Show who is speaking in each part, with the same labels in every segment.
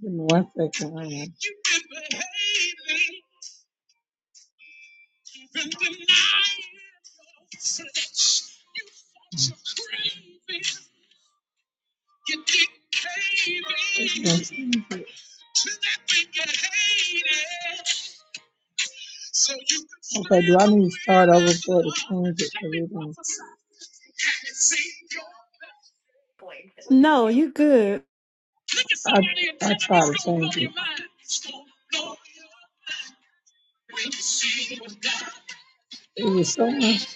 Speaker 1: Give me one second. hold on. It's gonna change it. Okay, do I need to start over for the change it
Speaker 2: No, you good.
Speaker 1: done- I, I try to change it. It was so much.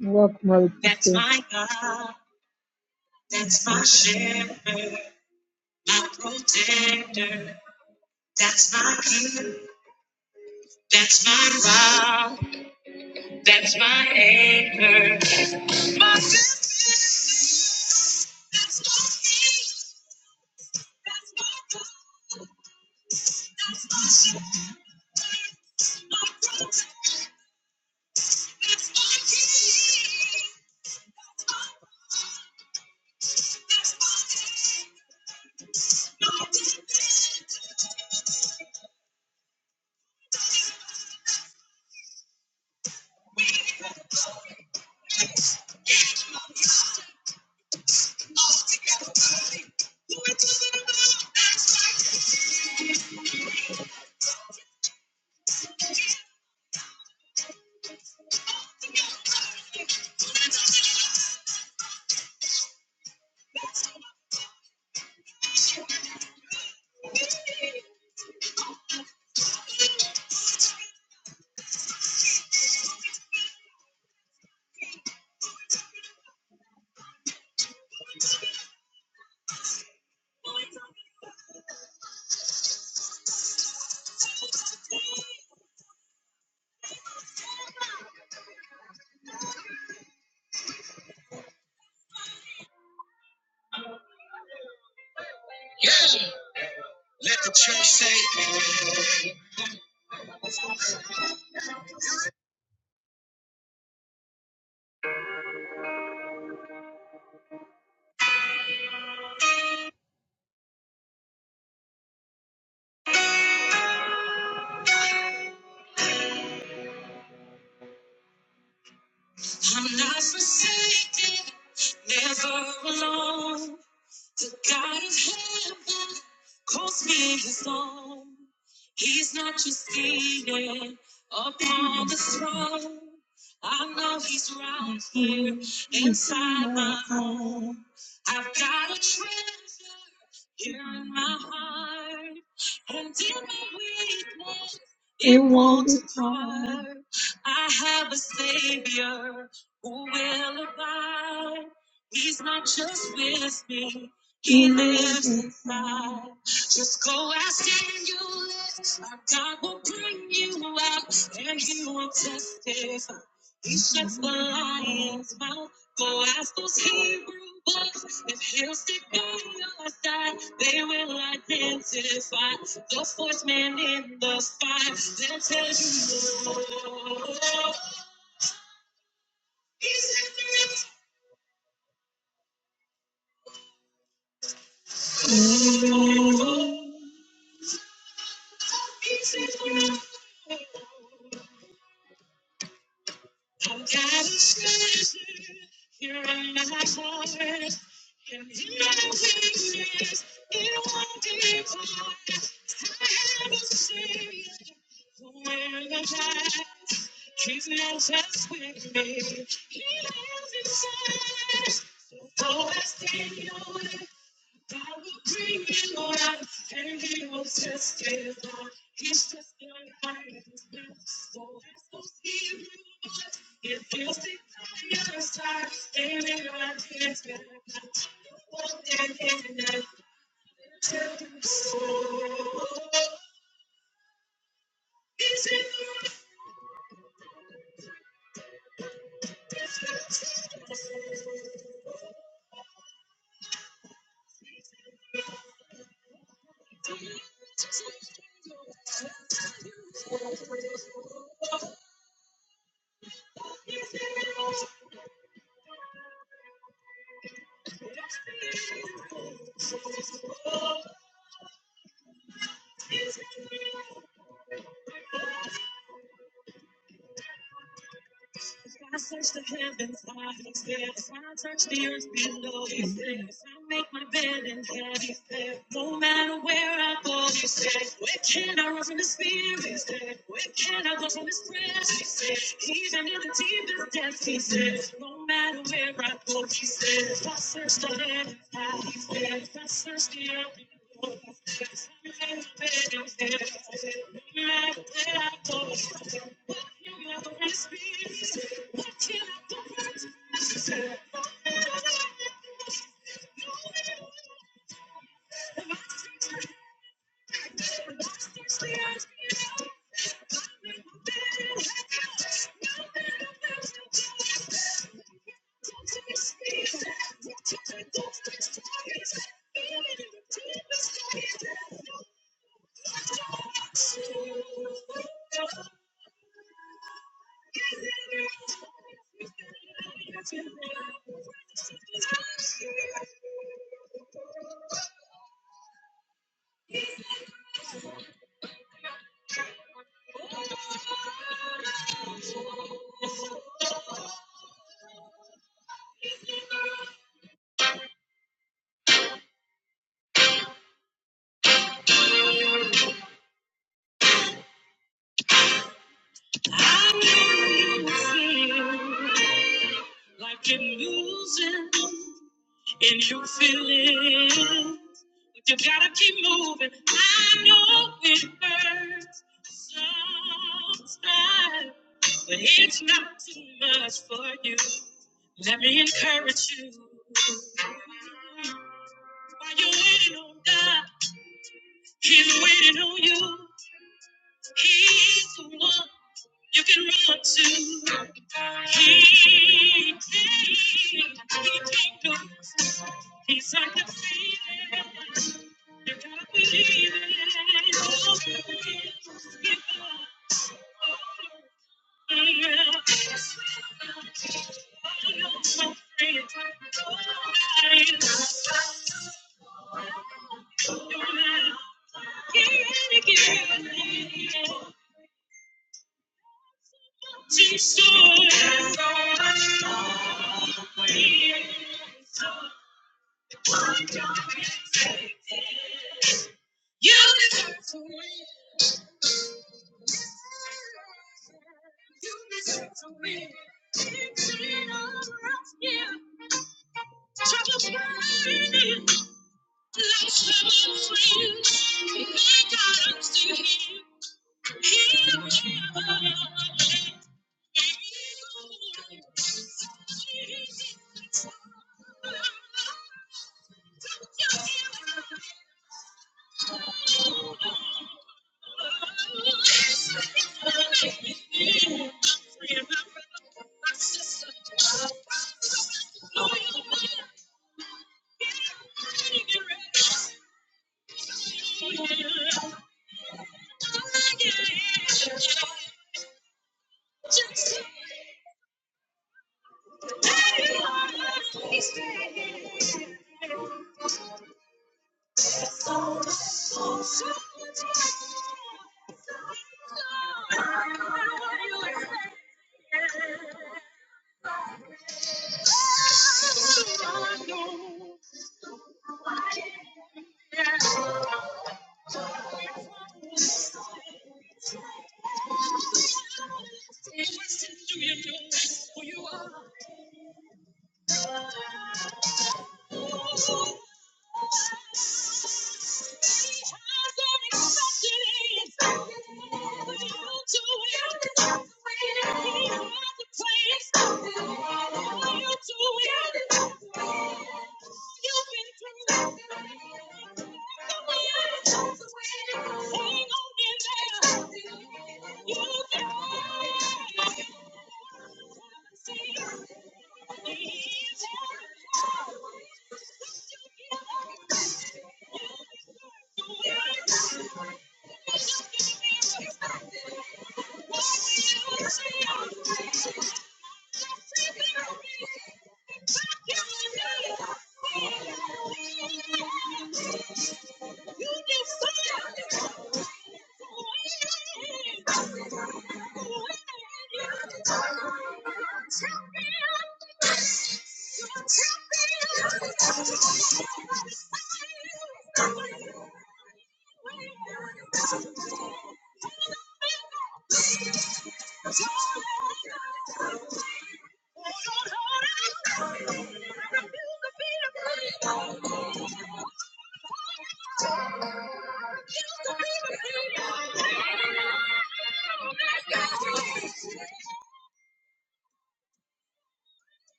Speaker 1: welcome, brother. Sister.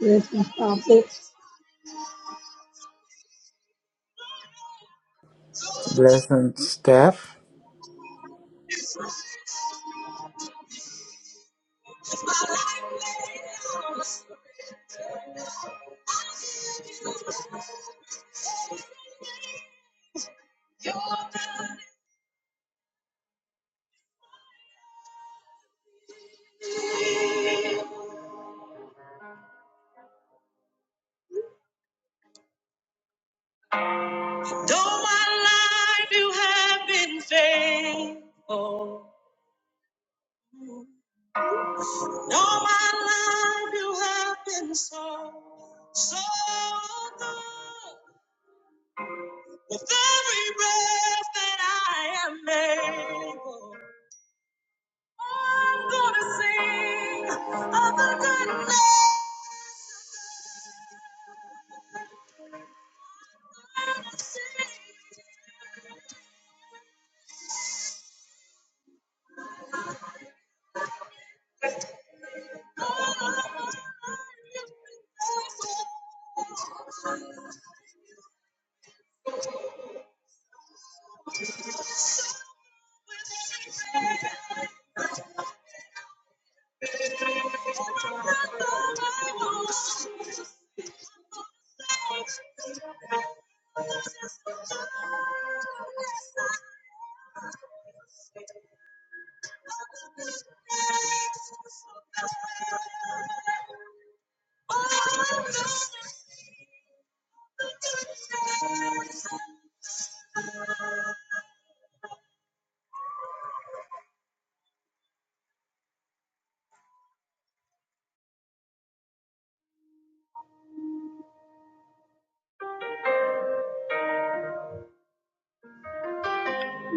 Speaker 1: Yes, Miss Thompson.
Speaker 3: Blessed Steph.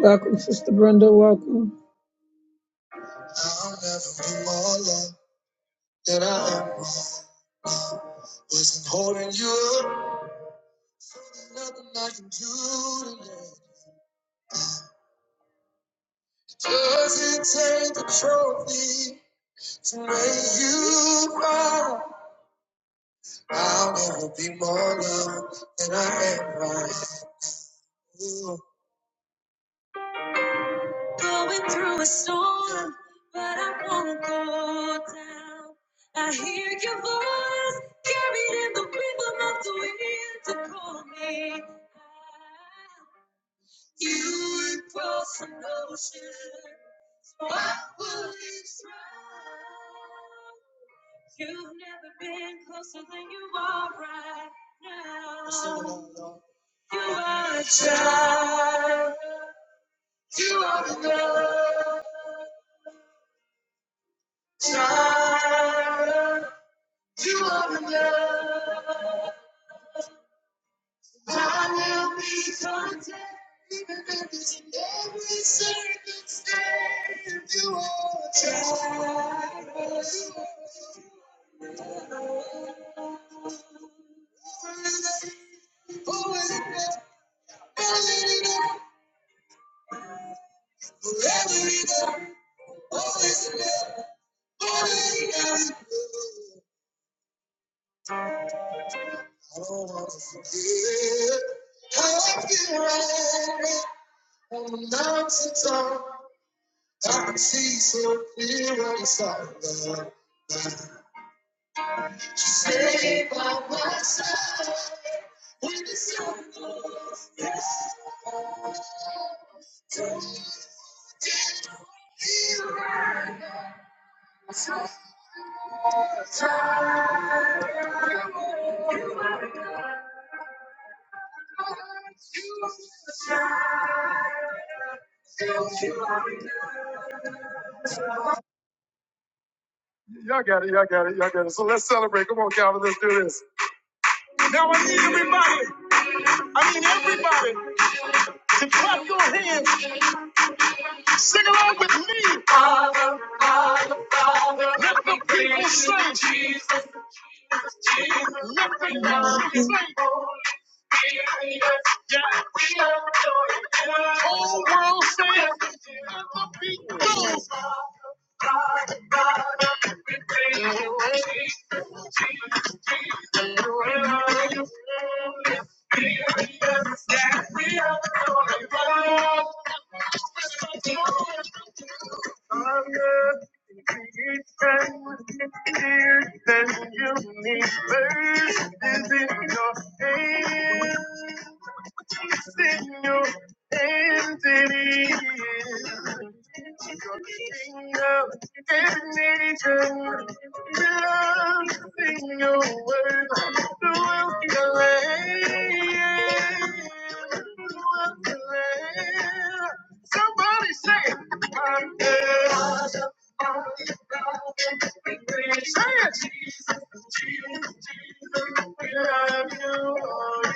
Speaker 1: Welcome, Sister Brenda. Welcome. Nothing I can do today. Doesn't take a trophy to make you cry? I'll never be more loved than I am right. now. You always, forever enough, always enough, always enough. I don't want to forget how I feel right now on the mountaintop. I see so clear on the Saved by my When it's over. Y'all got it, y'all got it, y'all got it. So let's say, come on, this. An angel dancing your word, the world can lay, the world can lay. Somebody say it. I'm there. Say it, We love you, Lord.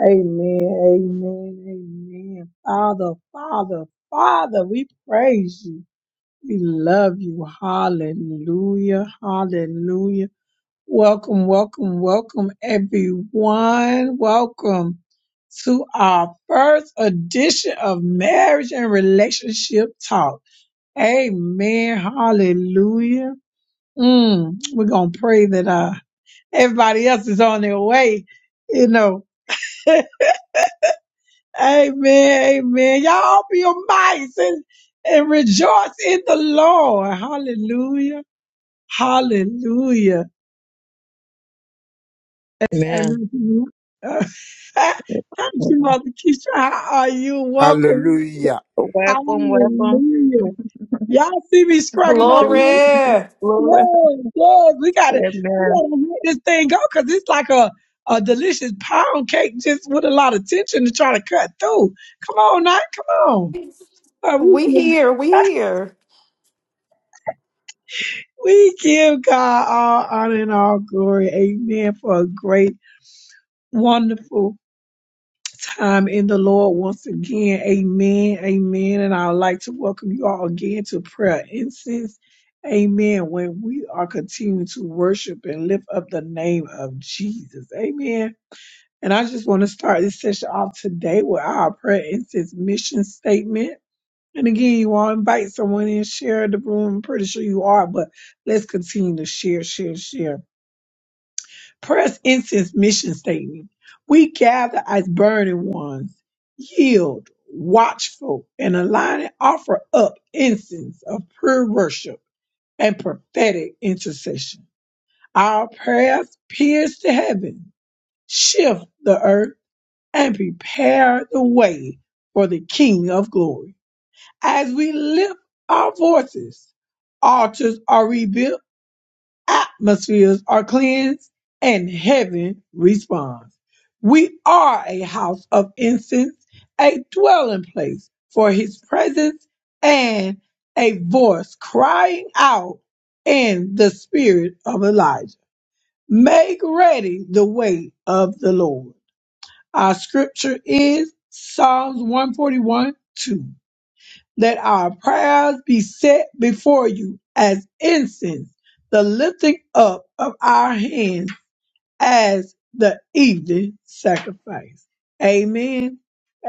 Speaker 1: Amen, amen, amen. Father, Father, Father, we praise you. We love you. Hallelujah, hallelujah. Welcome, welcome, welcome, everyone. Welcome to our first edition of Marriage and Relationship Talk. Amen. Hallelujah. Mm, we're going to pray that uh, everybody else is on their way, you know. amen. Amen. Y'all open your mics and, and rejoice in the Lord. Hallelujah. Hallelujah.
Speaker 4: Amen.
Speaker 1: Amen. Uh, Thank you,
Speaker 4: Lord,
Speaker 1: Mother Keisha. How are you? Welcome.
Speaker 3: Hallelujah.
Speaker 1: Hallelujah. Y'all see me struggling over here?
Speaker 2: Glory.
Speaker 1: Yes, yes, we gotta we gotta make this thing go because it's like a a delicious pound cake just with a lot of tension to try to cut through. Come on, now, come on. Uh, we,
Speaker 2: We
Speaker 1: give,
Speaker 2: here. We here.
Speaker 1: we give God all honor and all glory. Amen. For a great, wonderful time in the Lord once again. Amen. Amen. And I would like to welcome you all again to prayer incense. Amen. When we are continuing to worship and lift up the name of Jesus. Amen. And I just want to start this session off today with our prayer incense mission statement. And again, you all invite someone in, share the room. I'm pretty sure you are, but let's continue to share, share, share. Press Incense mission statement. We gather as burning ones, yield, watchful, and align and offer up incense of pure worship and prophetic intercession. Our prayers pierce the heaven, shift the earth, and prepare the way for the King of glory. As we lift our voices, altars are rebuilt atmospheres are cleansed and heaven responds. We are a house of incense, a dwelling place for his presence, and a voice crying out in the spirit of Elijah. Make ready the way of the Lord. Our scripture is Psalms one forty one two. Let our prayers be set before you as incense, the lifting up of our hands as the evening sacrifice. Amen.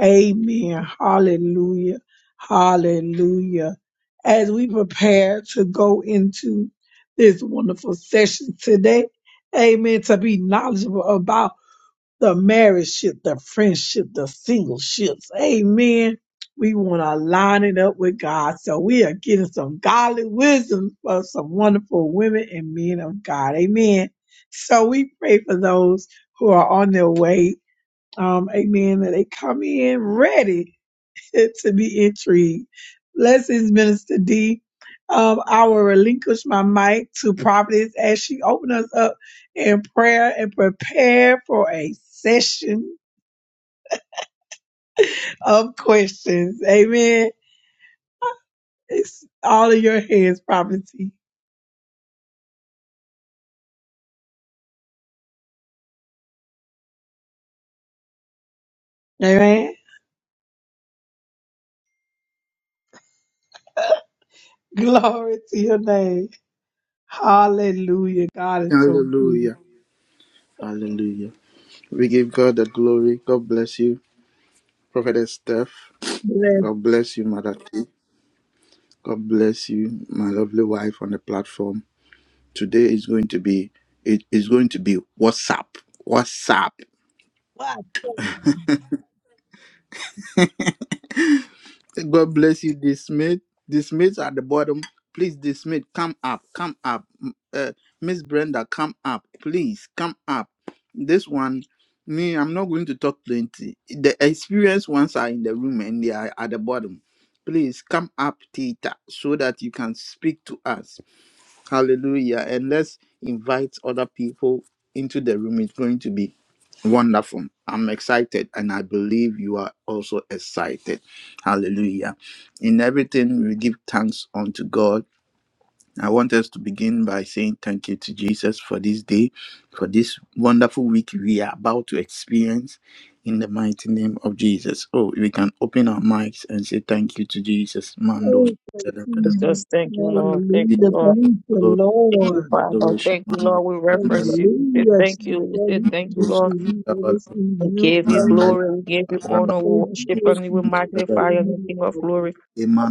Speaker 1: Amen. Hallelujah. Hallelujah. As we prepare to go into this wonderful session today, amen, to be knowledgeable about the marriage ship, the friendship, the single ships. Amen. We want to line it up with God. So we are getting some godly wisdom from some wonderful women and men of God. Amen. So we pray for those who are on their way. Um, amen. That they come in ready to be intrigued. Blessings, Minister D. Um, I will relinquish my mic to Providence as she opens us up in prayer and prepare for a session of questions. Amen. It's all in your hands, Providence. Amen. Glory to your name. Hallelujah. God is so good.
Speaker 3: Hallelujah. Hallelujah. We give God the glory. God bless you, Prophetess Steph.
Speaker 1: Bless.
Speaker 3: God bless you, Mother T. God bless you, my lovely wife on the platform. Today is going to be it is going to be WhatsApp. WhatsApp. God bless you, Dismith. Dismith at the bottom. Please, Dismith, come up, come up. M- Uh, Miss Brenda, come up. Please, come up. This one, me, I'm not going to talk plenty. The experienced ones are in the room and they are at the bottom. Please come up, Tita, so that you can speak to us. Hallelujah. And let's invite other people into the room. It's going to be wonderful. I'm excited, and I believe you are also excited. Hallelujah. In everything, we give thanks unto God. I want us to begin by saying thank you to Jesus for this day, for this wonderful week we are about to experience in the mighty name of Jesus. Oh, we can open our mics and say thank you to Jesus. Mando
Speaker 4: We just thank you, Lord. Thank you,
Speaker 1: Hallelujah.
Speaker 4: Lord.
Speaker 1: Thank the
Speaker 4: Thank
Speaker 1: Lord.
Speaker 4: you, Father.
Speaker 3: adoration
Speaker 4: Thank you, Lord. We
Speaker 3: mandala
Speaker 4: reference you. We say
Speaker 1: Hallelujah,
Speaker 4: thank you.
Speaker 1: Jesus.
Speaker 4: We say
Speaker 1: We
Speaker 4: thank you,
Speaker 1: thank you.
Speaker 4: Lord.
Speaker 1: We
Speaker 3: sandala
Speaker 1: everything
Speaker 4: We
Speaker 1: you
Speaker 4: give you
Speaker 1: have.
Speaker 3: mandala
Speaker 4: glory. We give you
Speaker 3: raba
Speaker 1: We
Speaker 4: honor.
Speaker 1: thank
Speaker 4: We
Speaker 1: you,
Speaker 4: worship
Speaker 1: Lord
Speaker 4: and we
Speaker 1: Jesus,
Speaker 3: sandala
Speaker 1: for the
Speaker 4: magnify you, the
Speaker 1: name of
Speaker 4: King of glory.
Speaker 1: God.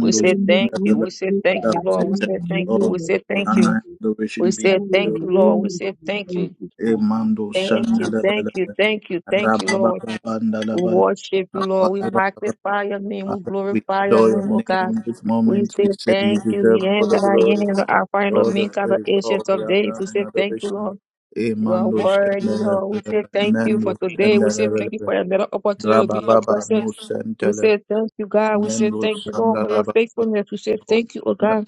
Speaker 4: We say
Speaker 1: And we
Speaker 4: thank you.
Speaker 1: do
Speaker 3: sandala
Speaker 4: We say
Speaker 1: thank
Speaker 4: thank you,
Speaker 1: God
Speaker 3: say
Speaker 1: in
Speaker 4: Lord. We
Speaker 1: the
Speaker 4: say
Speaker 3: thank you
Speaker 4: thank you.
Speaker 3: all
Speaker 4: We
Speaker 1: name of
Speaker 4: say
Speaker 3: and
Speaker 4: thank
Speaker 3: I
Speaker 4: you.
Speaker 1: Jesus.
Speaker 3: adoration
Speaker 4: We
Speaker 3: be
Speaker 4: say
Speaker 3: to
Speaker 4: thank you, Lord. We
Speaker 1: Hallelujah.
Speaker 4: say
Speaker 1: We
Speaker 4: thank
Speaker 1: Thank
Speaker 4: you.
Speaker 1: you, God.
Speaker 3: imando
Speaker 4: Thank you.
Speaker 3: sandala
Speaker 4: Thank you. Thank you. Thank you,
Speaker 3: raba
Speaker 4: Lord.
Speaker 3: bandala
Speaker 4: We
Speaker 3: bala
Speaker 4: worship you, Lord. We magnify your name. We
Speaker 3: Father, we
Speaker 4: glorify your
Speaker 3: adore
Speaker 4: name,
Speaker 3: your
Speaker 4: O God.
Speaker 3: name. This
Speaker 4: We
Speaker 3: moment we
Speaker 4: say
Speaker 3: say you
Speaker 4: thank you,
Speaker 3: deserve
Speaker 4: the
Speaker 3: all
Speaker 4: end
Speaker 3: the
Speaker 4: that I
Speaker 3: glory,
Speaker 4: am, the Alpha and
Speaker 3: all the
Speaker 4: Omega, the
Speaker 3: praise, all
Speaker 4: ancients
Speaker 3: the
Speaker 4: of days.
Speaker 3: honor
Speaker 4: We
Speaker 3: and
Speaker 4: say thank you,
Speaker 3: adoration.
Speaker 4: Lord. You are
Speaker 3: Imando
Speaker 4: worthy,
Speaker 3: sandala
Speaker 4: Lord. We say thank you for today. We say thank you
Speaker 3: mando
Speaker 4: for another opportunity to be your
Speaker 3: Rabababa
Speaker 4: presence.
Speaker 3: no
Speaker 4: We
Speaker 3: sentele
Speaker 4: say thank you, God. We say
Speaker 3: mendo
Speaker 4: thank you, Lord, for your
Speaker 3: sandaraba
Speaker 4: faithfulness. We say thank you, oh God,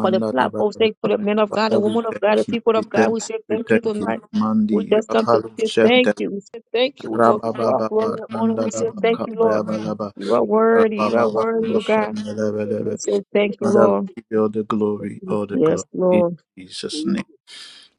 Speaker 4: for the platform, thank for the men of God,
Speaker 3: Father,
Speaker 4: the
Speaker 3: we
Speaker 4: women of God, the
Speaker 3: thank you,
Speaker 4: people
Speaker 3: we
Speaker 4: of God.
Speaker 3: thank
Speaker 4: We
Speaker 3: you,
Speaker 4: say
Speaker 3: we
Speaker 4: thank you
Speaker 3: thank you.
Speaker 4: tonight. We
Speaker 3: Mandi
Speaker 4: just come to
Speaker 3: Apollo
Speaker 4: say thank
Speaker 3: sentele
Speaker 4: you. We say thank you. We call you our
Speaker 3: Rabababa
Speaker 4: glory and honor. We say
Speaker 3: nandaraba
Speaker 4: thank you, Lord.
Speaker 3: kapayabalaba
Speaker 4: You are worthy. You are
Speaker 3: Rabababa
Speaker 4: worthy,
Speaker 3: no
Speaker 4: oh God.
Speaker 3: sentele
Speaker 4: We
Speaker 3: belebe.
Speaker 4: say thank you,
Speaker 3: Father, we
Speaker 4: Lord.
Speaker 3: give you all the glory, all the
Speaker 4: Yes,
Speaker 3: glory in
Speaker 4: Lord.
Speaker 3: Jesus' name.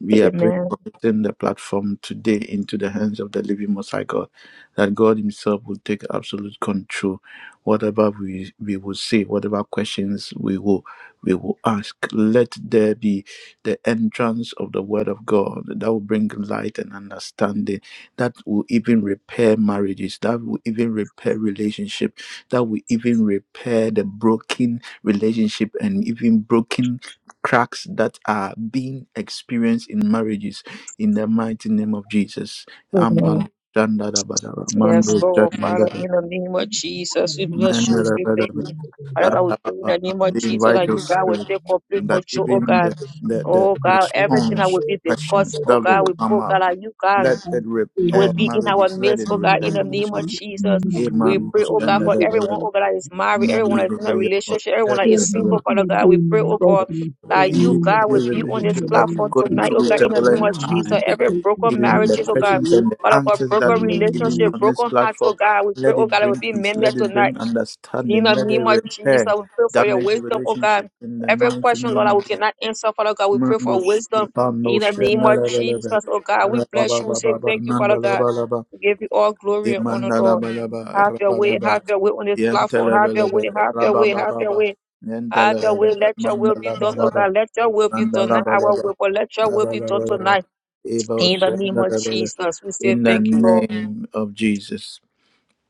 Speaker 3: We are praying
Speaker 4: Amen.
Speaker 3: for putting the platform today into the hands of the living Most High God, that God Himself will take absolute control. Whatever we, we will say, whatever questions we will we will ask, let there be the entrance of the Word of God that will bring light and understanding, that will even repair marriages, that will even repair relationship, that will even repair the broken relationship and even broken cracks that are being experienced in marriages in the mighty name of Jesus.
Speaker 4: Amen.
Speaker 3: Amen. Shandadabadaba,
Speaker 4: Yes,
Speaker 3: Mando
Speaker 4: Lord. Father,
Speaker 3: Shandadaba,
Speaker 4: in the name of Jesus, we
Speaker 1: Thank you,
Speaker 4: bless you. We say thank
Speaker 3: Mandadabadaba,
Speaker 4: you.
Speaker 1: Jesus. Thank
Speaker 4: Father God, we pray in
Speaker 3: Arababa.
Speaker 4: the name of
Speaker 3: We
Speaker 4: Jesus
Speaker 1: you,
Speaker 3: invite
Speaker 4: that
Speaker 3: your
Speaker 4: you, God,
Speaker 1: Jesus.
Speaker 4: will
Speaker 3: spirit
Speaker 4: take complete
Speaker 3: that
Speaker 4: control, oh
Speaker 3: even
Speaker 4: God.
Speaker 3: the,
Speaker 1: Thank you,
Speaker 3: the, the
Speaker 4: Oh
Speaker 1: Jesus.
Speaker 4: God, everything that
Speaker 3: response
Speaker 4: will be
Speaker 3: questions
Speaker 4: discussing, oh
Speaker 1: Thank
Speaker 3: that will
Speaker 4: God, we
Speaker 3: come
Speaker 4: pray,
Speaker 3: up,
Speaker 4: God, that you, God.
Speaker 1: you,
Speaker 3: let it
Speaker 1: God.
Speaker 4: will
Speaker 3: repair
Speaker 4: be in our
Speaker 3: marriages, let
Speaker 4: midst,
Speaker 3: it
Speaker 4: oh God,
Speaker 3: repair
Speaker 4: in the
Speaker 1: Amen.
Speaker 4: name of
Speaker 3: relationships.
Speaker 1: Amen.
Speaker 4: Jesus. We
Speaker 3: Amen.
Speaker 1: Amen.
Speaker 4: pray, oh God, for
Speaker 1: Amen.
Speaker 4: everyone,
Speaker 3: Shandadabadaba,
Speaker 4: oh
Speaker 1: Amen.
Speaker 4: God, that is married, everyone that is in a
Speaker 3: Mandadabadaba,
Speaker 4: relationship, everyone that is
Speaker 3: Shandadabadaba.
Speaker 4: single,
Speaker 1: children
Speaker 4: Father
Speaker 1: should be
Speaker 4: God. We pray,
Speaker 1: in
Speaker 4: oh
Speaker 3: uh,
Speaker 4: God,
Speaker 1: reference to
Speaker 4: that you,
Speaker 3: even
Speaker 1: name of
Speaker 4: God, will
Speaker 3: any
Speaker 4: be
Speaker 1: reference
Speaker 4: on
Speaker 1: in
Speaker 4: this
Speaker 3: relationship
Speaker 1: the
Speaker 3: that is
Speaker 1: name of
Speaker 4: platform
Speaker 3: going
Speaker 4: tonight, oh
Speaker 3: through
Speaker 4: God,
Speaker 1: Jesus.
Speaker 4: in the
Speaker 1: I'm
Speaker 4: name
Speaker 3: turbulent
Speaker 4: of
Speaker 1: not here
Speaker 4: Jesus.
Speaker 3: times,
Speaker 1: to
Speaker 4: Every
Speaker 1: take this
Speaker 4: broken
Speaker 3: even the
Speaker 4: marriages, oh God.
Speaker 3: questions
Speaker 1: money.
Speaker 3: and the
Speaker 4: Father God,
Speaker 3: answers that
Speaker 4: broken
Speaker 1: In
Speaker 3: will be given
Speaker 4: relationship,
Speaker 3: on this
Speaker 4: broken hearts,
Speaker 3: platform,
Speaker 4: oh God. We pray,
Speaker 3: let
Speaker 4: oh
Speaker 3: it
Speaker 4: God, that will
Speaker 3: bring
Speaker 4: be
Speaker 3: peace,
Speaker 4: mended
Speaker 3: let it
Speaker 4: tonight.
Speaker 3: bring
Speaker 4: In
Speaker 3: understanding,
Speaker 4: the
Speaker 3: let it
Speaker 4: name of Jesus,
Speaker 3: repair
Speaker 4: we pray for your
Speaker 3: damaged
Speaker 4: wisdom, oh
Speaker 3: relationship
Speaker 4: God.
Speaker 3: in the
Speaker 4: Every
Speaker 3: mighty
Speaker 4: question, Lord,
Speaker 3: name
Speaker 4: that
Speaker 3: of
Speaker 4: we
Speaker 3: the
Speaker 4: cannot answer, Father God, we pray
Speaker 3: Mando
Speaker 4: for wisdom.
Speaker 3: Shipando
Speaker 4: In the name of Jesus,
Speaker 3: Shenalabalaba,
Speaker 4: oh God, we bless you. We say
Speaker 3: Rabababa,
Speaker 4: thank you, Father God.
Speaker 3: Nandalabalaba,
Speaker 4: We give you all glory and honor, Lord.
Speaker 3: Imandalabalaba,
Speaker 4: Have your way, have
Speaker 3: Rabalaba,
Speaker 4: your way on this platform. Have your way,
Speaker 3: Yentalabalaba,
Speaker 4: have your way, have your
Speaker 3: Rabababa,
Speaker 4: way. Have your way.
Speaker 3: Yentalabalaba,
Speaker 4: Let your will be done, oh
Speaker 3: Mandalabalaba.
Speaker 4: God. Let your will be done. Not our
Speaker 3: Mandalabalaba.
Speaker 4: will, but let your will be done
Speaker 3: Abalabalaba.
Speaker 4: tonight.
Speaker 3: Ebo
Speaker 4: In the name of
Speaker 3: shandalabala.
Speaker 4: Jesus, we
Speaker 3: In
Speaker 4: say
Speaker 3: the
Speaker 4: thank you, Lord.
Speaker 3: name of Jesus.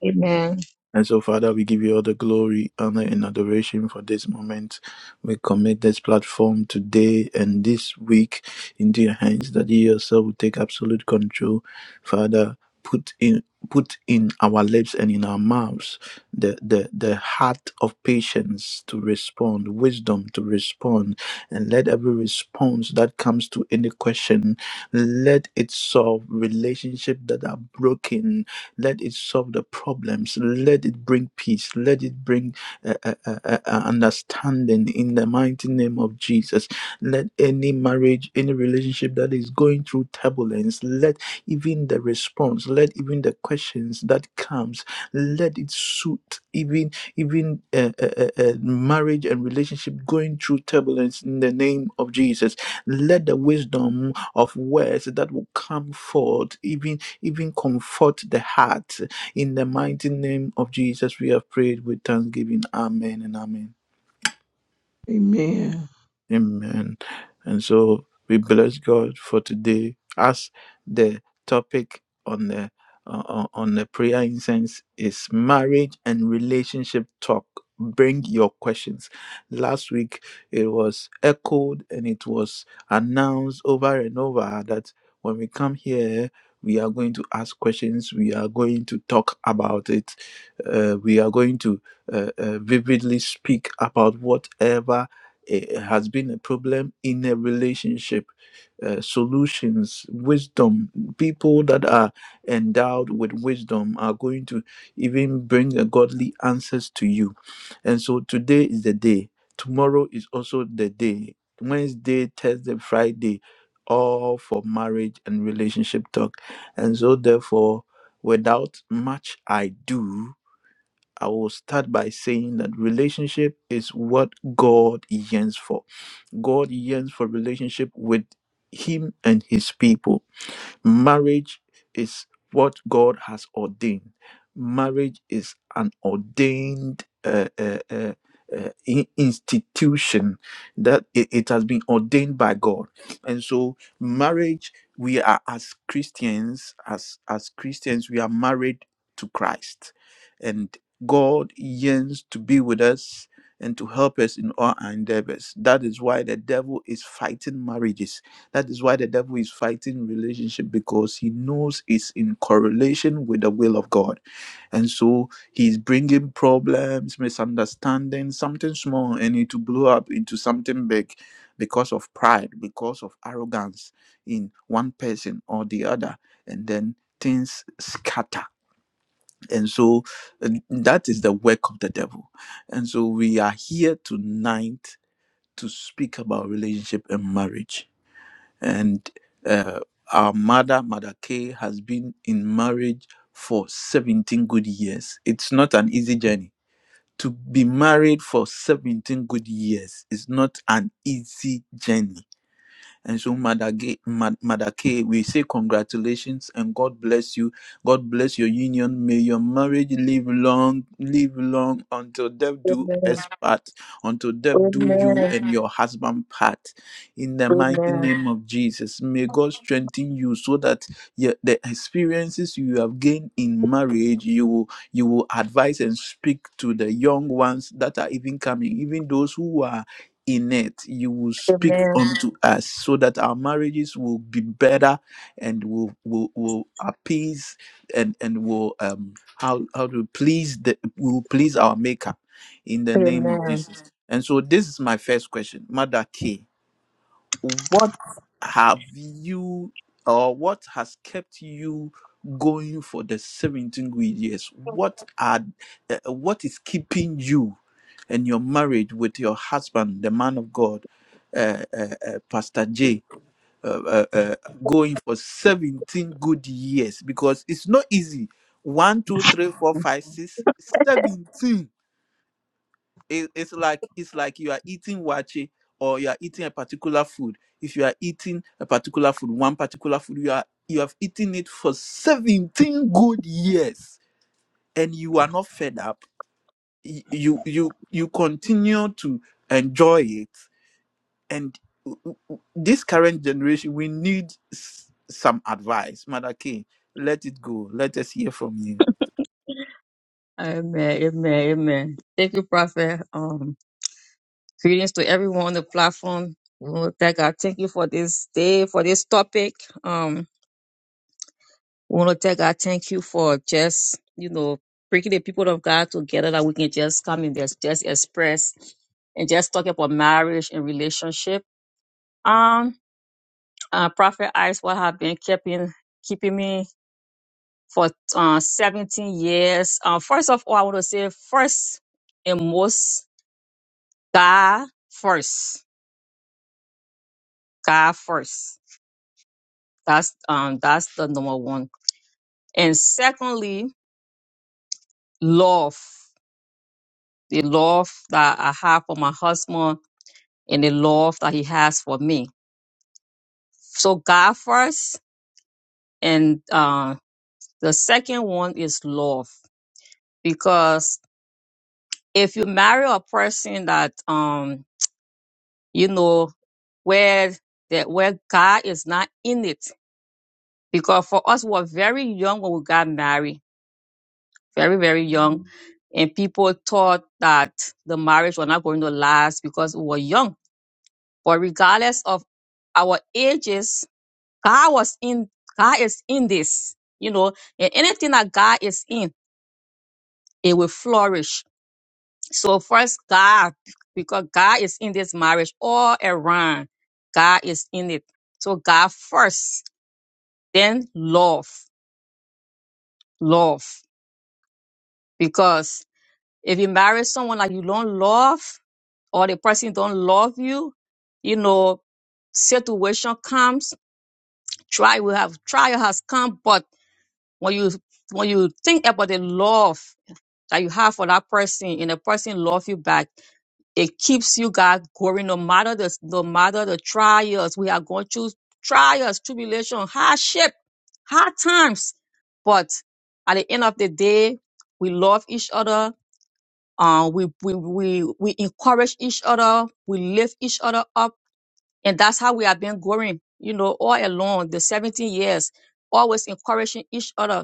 Speaker 4: Amen.
Speaker 3: And so, Father, we give you all the glory, honor, and adoration for this moment. We commit this platform today and this week into your hands that you yourself will take absolute control. Father, put in put in our lips and in our mouths the, the the heart of patience to respond wisdom to respond and let every response that comes to any question let it solve relationship that are broken let it solve the problems. Let it bring peace. Let it bring uh, uh, uh, uh, understanding in the mighty name of Jesus. Let any marriage, any relationship that is going through turbulence, let even the response, let even the questions that comes, let it suit even even uh, uh, uh, uh, marriage and relationship going through turbulence in the name of Jesus. Let the wisdom of words that will come forth, even even comfort the heart. In the mighty name of Jesus, we have prayed with thanksgiving. Amen and amen.
Speaker 1: Amen.
Speaker 3: Amen. And so we bless God for today. As the topic on the uh, uh, on the prayer incense is marriage and relationship talk. Bring your questions. Last week it was echoed and it was announced over and over that when we come here, we are going to ask questions. We are going to talk about it. Uh, we are going to uh, uh, vividly speak about whatever it has been a problem in a relationship uh, solutions wisdom people that are endowed with wisdom are going to even bring a godly answers to you and so today is the day tomorrow is also the day wednesday thursday friday all for marriage and relationship talk and so therefore without much i do i will start by saying that relationship is what god yearns for God yearns for relationship with him and his people. Marriage is what God has ordained. Marriage is an ordained uh, uh, uh, uh, in- institution that it, it has been ordained by God. And so, marriage, we are as Christians, as as Christians, we are married to Christ, and God yearns to be with us and to help us in all our endeavors. That is why the devil is fighting marriages that is why the devil is fighting relationship because he knows it's in correlation with the will of God. And so he's bringing problems, misunderstandings, something small, and it to blow up into something big because of pride, because of arrogance in one person or the other. And then things scatter. And so and that is the work of the devil. And so we are here tonight to speak about relationship and marriage and uh, our mother mother k has been in marriage for 17 good years it's not an easy journey to be married for 17 good years is not an easy journey and so, Madake, Mad- Madake, we say congratulations and God bless you. God bless your union. May your marriage live long, live long until death do us
Speaker 4: Amen.
Speaker 3: part, until death do you
Speaker 4: Amen.
Speaker 3: and your husband part. In the mighty
Speaker 4: Amen.
Speaker 3: name of Jesus, may God strengthen you so that your, the experiences you have gained in marriage, you will you will advise and speak to the young ones that are even coming, even those who are in it. You will speak
Speaker 4: Amen.
Speaker 3: unto us so that our marriages will be better and will will, will appease and and will um how how to please the will please our maker in the
Speaker 4: Amen.
Speaker 3: name of Jesus. And so this is my first question, Mother K what have you or what has kept you going for the 17 good years what are uh, what is keeping you and your marriage with your husband the man of god uh, uh, uh, pastor j uh, uh, uh, going for 17 good years because it's not easy One, two, three, four, five, six, seventeen it, it's like it's like you are eating wache or you are eating a particular food if you are eating a particular food one particular food you are you have eaten it for 17 good years and you are not fed up y- you you you continue to enjoy it and w- w- this current generation we need s- some advice mother K, let it go let us hear from you
Speaker 4: Amen. Amen. Amen. Thank you, Prophet. Um, greetings to everyone on the platform. We want to thank God. Thank you for this day, for this topic. Um, we want to thank God. Thank you for just, you know, bringing the people of God together that we can just come and just, just express and just talk about marriage and relationship. Um, uh, Prophet Icewell have been keeping keeping me for uh, 17 years. Uh, first of all, I want to say first and most God first, God first. That's um that's the number one. And secondly, love, the love that I have for my husband and the love that he has for me. So God first, and uh, the second one is love because if you marry a person that um you know where that where God is not in it, because for us we were very young when we got married, very very young, and people thought that the marriage was not going to last because we were young. But regardless of our ages, God was in God is in this, you know, and anything that God is in, it will flourish So first God, because God is in this marriage all around. God is in it. So God first, then love, love. Because if you marry someone like you don't love, or the person don't love you, you know, situation comes, trial will have trial has come, but when you when you think about the love that you have for that person and the person love you back, It keeps you, God, going no matter the no matter the trials. We are going through trials, tribulation, hardship, hard times. But at the end of the day, we love each other. Uh, we, we we we encourage each other. We lift each other up, and that's how we have been going. You know, all along the 17 years, always encouraging each other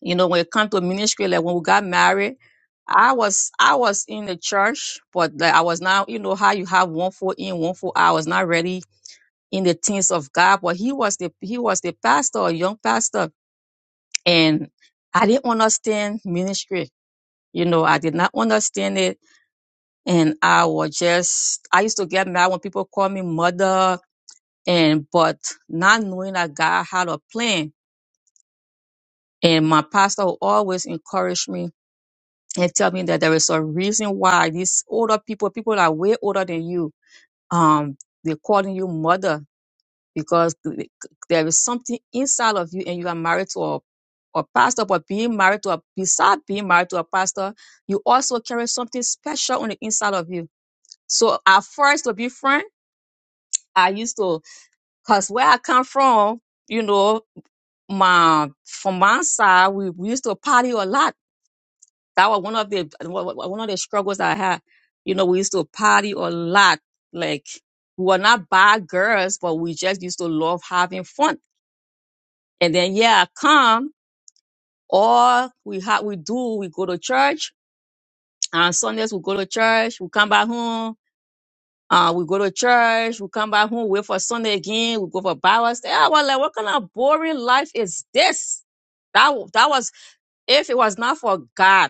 Speaker 4: you know, when it comes to ministry, like when we got married, I was I was in the church, but like I was not, you know, how you have one foot in, one foot out. I was not really in the things of God, but he was the he was the pastor, a young pastor, and I didn't understand ministry. You know, I did not understand it, and I was just I used to get mad when people call me mother, and but not knowing that God had a plan, and my pastor would always encourage me and tell me that there is a reason why these older people, people that are way older than you, um, they're calling you mother because th- there is something inside of you and you are married to a, a pastor, but being married to a, besides being married to a pastor, you also carry something special on the inside of you. So at first, to be frank, I used to, cause where I come from, you know, my, from my side, we, we used to party a lot that was one of the one of the struggles I had. You know, we used to party a lot. Like we were not bad girls, but we just used to love having fun. And then yeah, I come all we have, we do we go to church on Sundays. We go to church. We come back home. Uh, we go to church. We come back home. Wait for Sunday again. We go for Bible study. I was like, what kind of boring life is this? That wa- that was if it was not for God.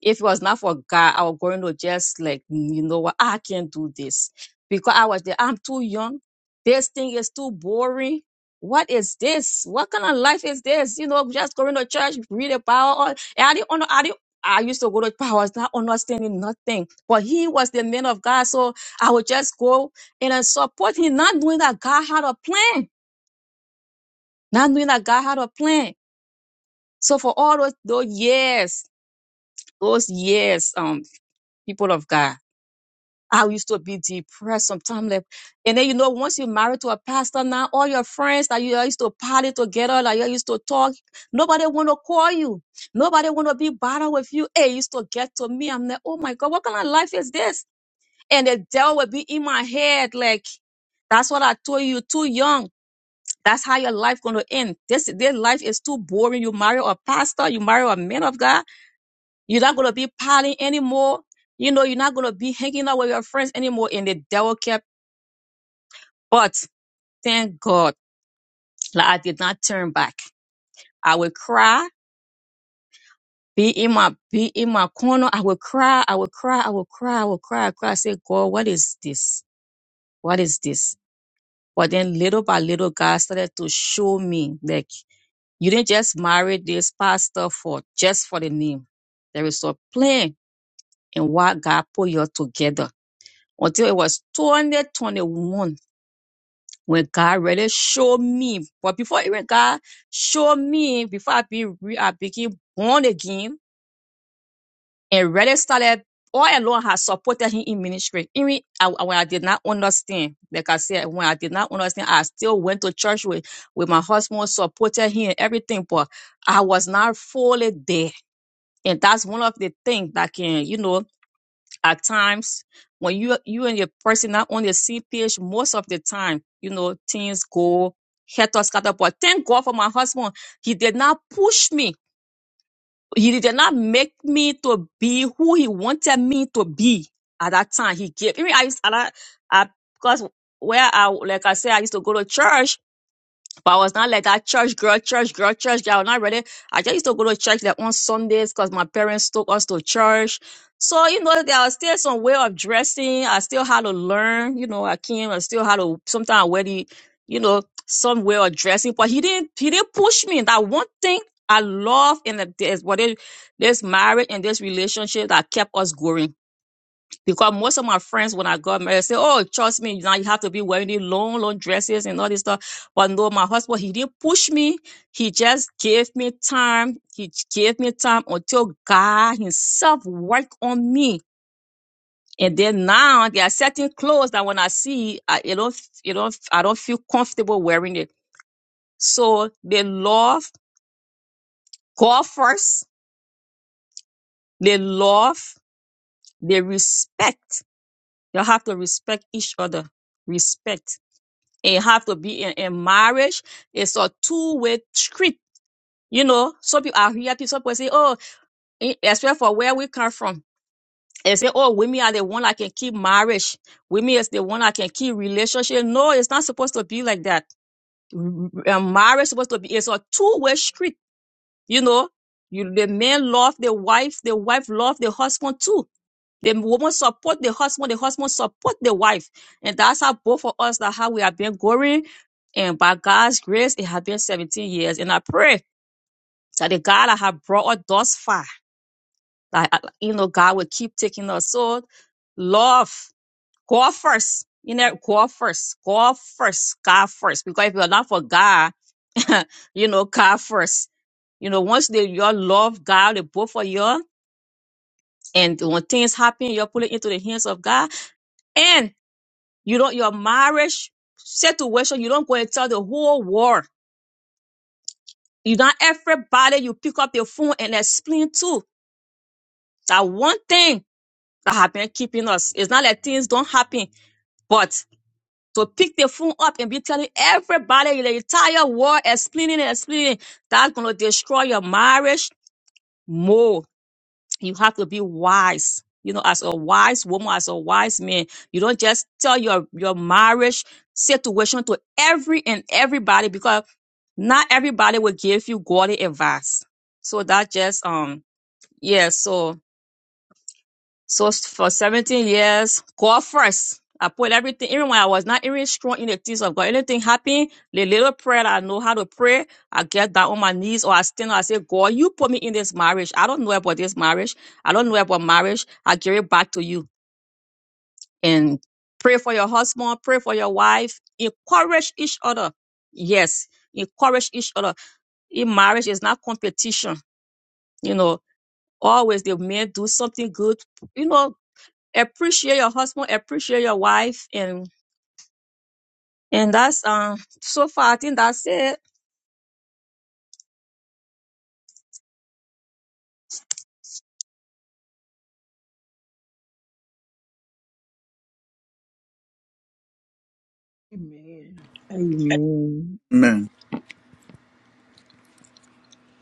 Speaker 4: If it was not for God, I was going to just like, "Mm, you know what, I can't do this because I was there. I'm too young. This thing is too boring. What is this? What kind of life is this? You know, just going to church, read the Bible. all- And I didn't, under- I didn't, I used to go to, I was not understanding nothing. But he was the man of God, so I would just go and I support him, not knowing that God had a plan, not knowing that God had a plan. So for all those, those years, those years, um, people of God. I used to be depressed sometimes. Like, and then you know, once you're married to a pastor now, all your friends that you all used to party together, like you all used to talk, nobody wanna call you. Nobody wanna be bothered with you. Hey, it used to get to me. I'm like, oh my God, what kind of life is this? And the devil will be in my head, like, that's what I told you, too young. That's how your life gonna end. This this life is too boring. You marry a pastor, you marry a man of God you're not going to be partying anymore. You know, you're not going to be hanging out with your friends anymore. And the devil kept, but thank God like I did not turn back. I would cry, be in my, be in my corner. I would cry, I would cry, I would cry, I would cry, I would cry. I said, God, what is this? What is this? But then little by little, God started to show me like, you didn't just marry this pastor for just for the name. There is a plan in what God put you together until it was 2021. when God really show me, but before even God show me, before I be re, I became born again and really started all along has supported him in ministry. Even I, I- when I did not understand, like I said, when I did not understand, I still went to church with, with my husband, supported him and everything, but I was not fully there. And that's one of the things that can, you know, at times when you you and your person not on the same page most of the time you know things go helter scatter but thank god for my husband he did not push me he did not make me to be who he wanted me to be at that time he gave me i used I, I because where i like i said i used to go to church but I was not like that church girl, church girl, church girl. I was not ready. I just used to go to church like on Sundays because my parents took us to church. So, you know, there was still some way of dressing. I still had to learn. You know, I came, I still had to sometimes wear the, you know, some way of dressing. But he didn't he didn't push me. That one thing I love in the, this what it- this marriage and this relationship that kept us going because most of my friends, when I got married, say, "Oh, trust me, now you have to be wearing these long, long dresses and all this stuff." But no, my husband, he didn't push me. He just gave me time. He gave me time until God Himself worked on me. And then now there are certain clothes that when I see, I it don't, it don't, I don't feel comfortable wearing it. So they love God first. They love. They respect. You have to respect each other. Respect. It have to be in, in marriage. It's a two-way street. You know, some people are here, people some people say, oh, eh, especially for where we come from. They say, oh, women are the one that can keep marriage. Women is the one that can keep relationship. No, it's not supposed to be like that. Mm, mm, marriage is supposed to be, it's a two-way street. You know, you, the man love the wife, the wife love the husband too. The woman support the husband, the husband support the wife. And that's how both of us that how we have been going. And by God's grace, it has been 17 years. And I pray that the God that have brought us thus far, that uh, you know, God will keep taking us. So love, God first. You know, God first. God first. God first. Because if you're not for God, you know, God first. You know, once they you all love God, they both for you, and when things happen, you all put it into the hands of God. You don't your marriage situation, you don't go and tell the whole world. You don't everybody you pick up your phone and explain to. That one thing that have been keeping us. It's not that things don't happen, but to pick the phone up and be telling everybody in the entire world explaining and explaining, that's gonna destroy your marriage more. you have to be wise. You know, as a wise woman, as a wise man, you don't just tell your your marriage situation to every and everybody because not everybody will give you godly advice. So that just um yeah. So so s- for 17 years, God first. I put everything, even when I was not even strong in the things of God, anything happen, the little prayer that I know how to pray, I get down on my knees or I stand up, I say, God, you put me in this marriage. I don't know about this marriage. I don't know about marriage. I give it back to you. And pray for your husband, pray for your wife, encourage each other. Yes, encourage each other. In marriage, it's not competition. You know, always the men do something good. You know, appreciate your husband, appreciate your wife, and and that's um so far I think that's it.
Speaker 1: Amen. Amen.
Speaker 3: Man,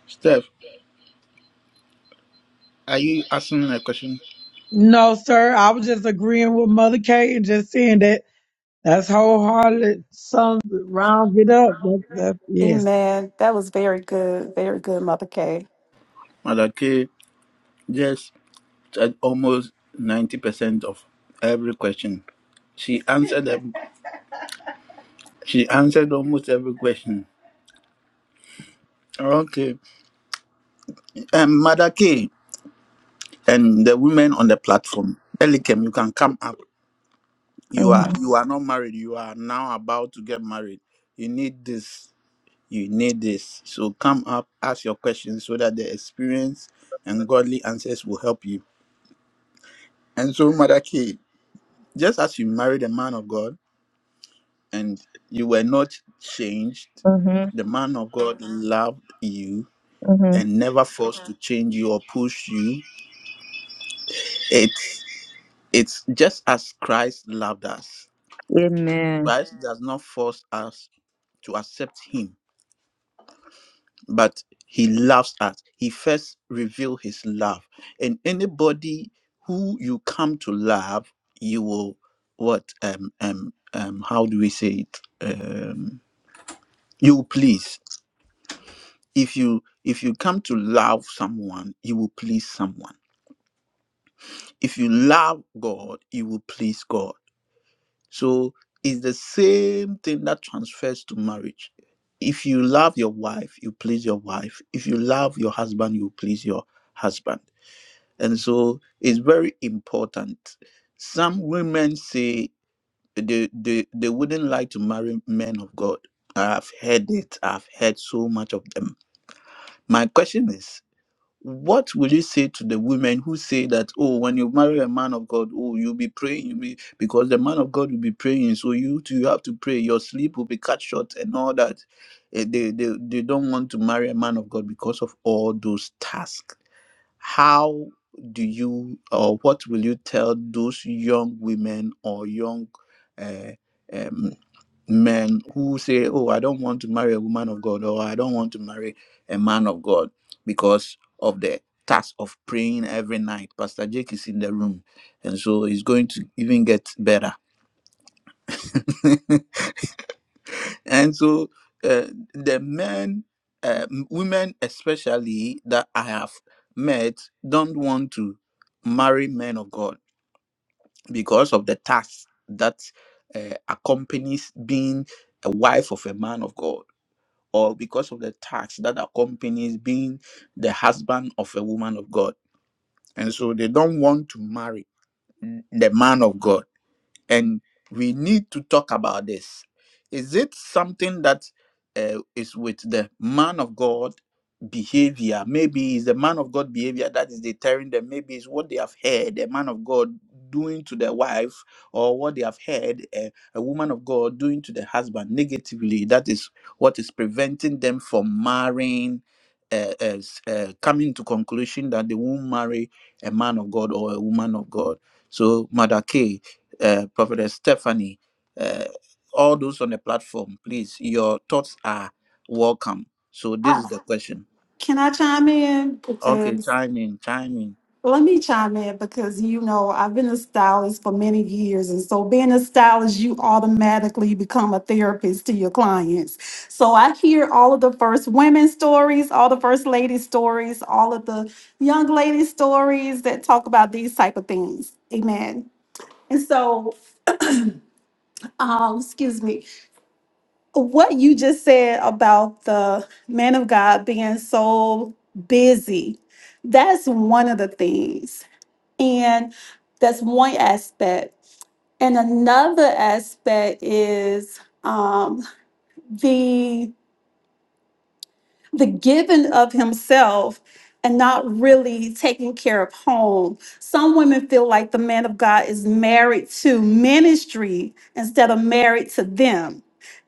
Speaker 3: Steph, are you asking a question?
Speaker 1: No, sir. I was just agreeing with Mother Kate and just saying that that's wholehearted. Sums it, rounds it up. That, that, yes.
Speaker 2: Amen. That was very good. Very good, Mother Kay.
Speaker 3: Mother K, yes. at almost 90% of every question. She answered them. She answered almost every question. Okay. Um, Mother K and the women on the platform. Elikem, you can come up. You
Speaker 4: Mm-hmm,
Speaker 3: are you are not married. You are now about to get married. You need this. You need this. So come up, ask your questions so that the experience and godly answers will help you. And so, Mother K, just as you married a man of God. and you were not changed.
Speaker 4: mm-hmm,
Speaker 3: The man of God loved you
Speaker 4: mm-hmm.
Speaker 3: and never forced to change you or push you. It it's just as Christ loved us.
Speaker 4: Amen.
Speaker 3: Christ does not force us to accept him, but he loves us. He first revealed his love. And anybody who you come to love, you will what um um um how do we say it? Um you will please. if you if you come to love someone you will please someone if you love god you will please god so it's the same thing that transfers to marriage if you love your wife you please your wife if you love your husband you please your husband and so it's very important some women say they they, they wouldn't like to marry men of god i've heard it i've heard so much of them my question is what will you say to the women who say that oh when you marry a man of god oh you'll be praying you'll be, because the man of god will be praying so you too you have to pray your sleep will be cut short and all that Eh, they, they they don't want to marry a man of god because of all those tasks how do you or what will you tell those young women or young uh, um, men who say oh i don't want to marry a woman of god or i don't want to marry a man of god because of the task of praying every night pastor jake is in the room and so it's going to even get better And so uh, the men, uh, m- women especially that I have met, don't want to marry men of God because of the tax that uh, accompanies being a wife of a man of God, or because of the tax that accompanies being the husband of a woman of God. And so they don't want to marry the man of God and we need to talk about this. Is it something that uh, is with the man of God behavior? Maybe it's the man of God behavior that is deterring them. Maybe it's what they have heard a man of God doing to their wife, or what they have heard a, a woman of God doing to the husband negatively. That is what is preventing them from marrying. Uh, as uh, coming to conclusion that they won't marry a man of God or a woman of God. So, Mother K, uh, Prophetess Stephanie, uh, all those on the platform, please, your thoughts are welcome. So this is
Speaker 2: Uh,
Speaker 3: the question.
Speaker 2: Can I chime in?
Speaker 3: Okay,
Speaker 2: Because
Speaker 3: chime in, chime in.
Speaker 2: let me chime in because you know I've been a stylist for many years. And so being a stylist, you automatically become a therapist to your clients. So I hear all of the first women stories, all the first lady stories, all of the young lady stories that talk about these type of things. Amen. And so um, excuse me, what you just said about the man of God being so busy, that's one of the things. And that's one aspect. And another aspect is um, the the giving of himself and not really taking care of home. Some women feel like the man of God is married to ministry instead of married to them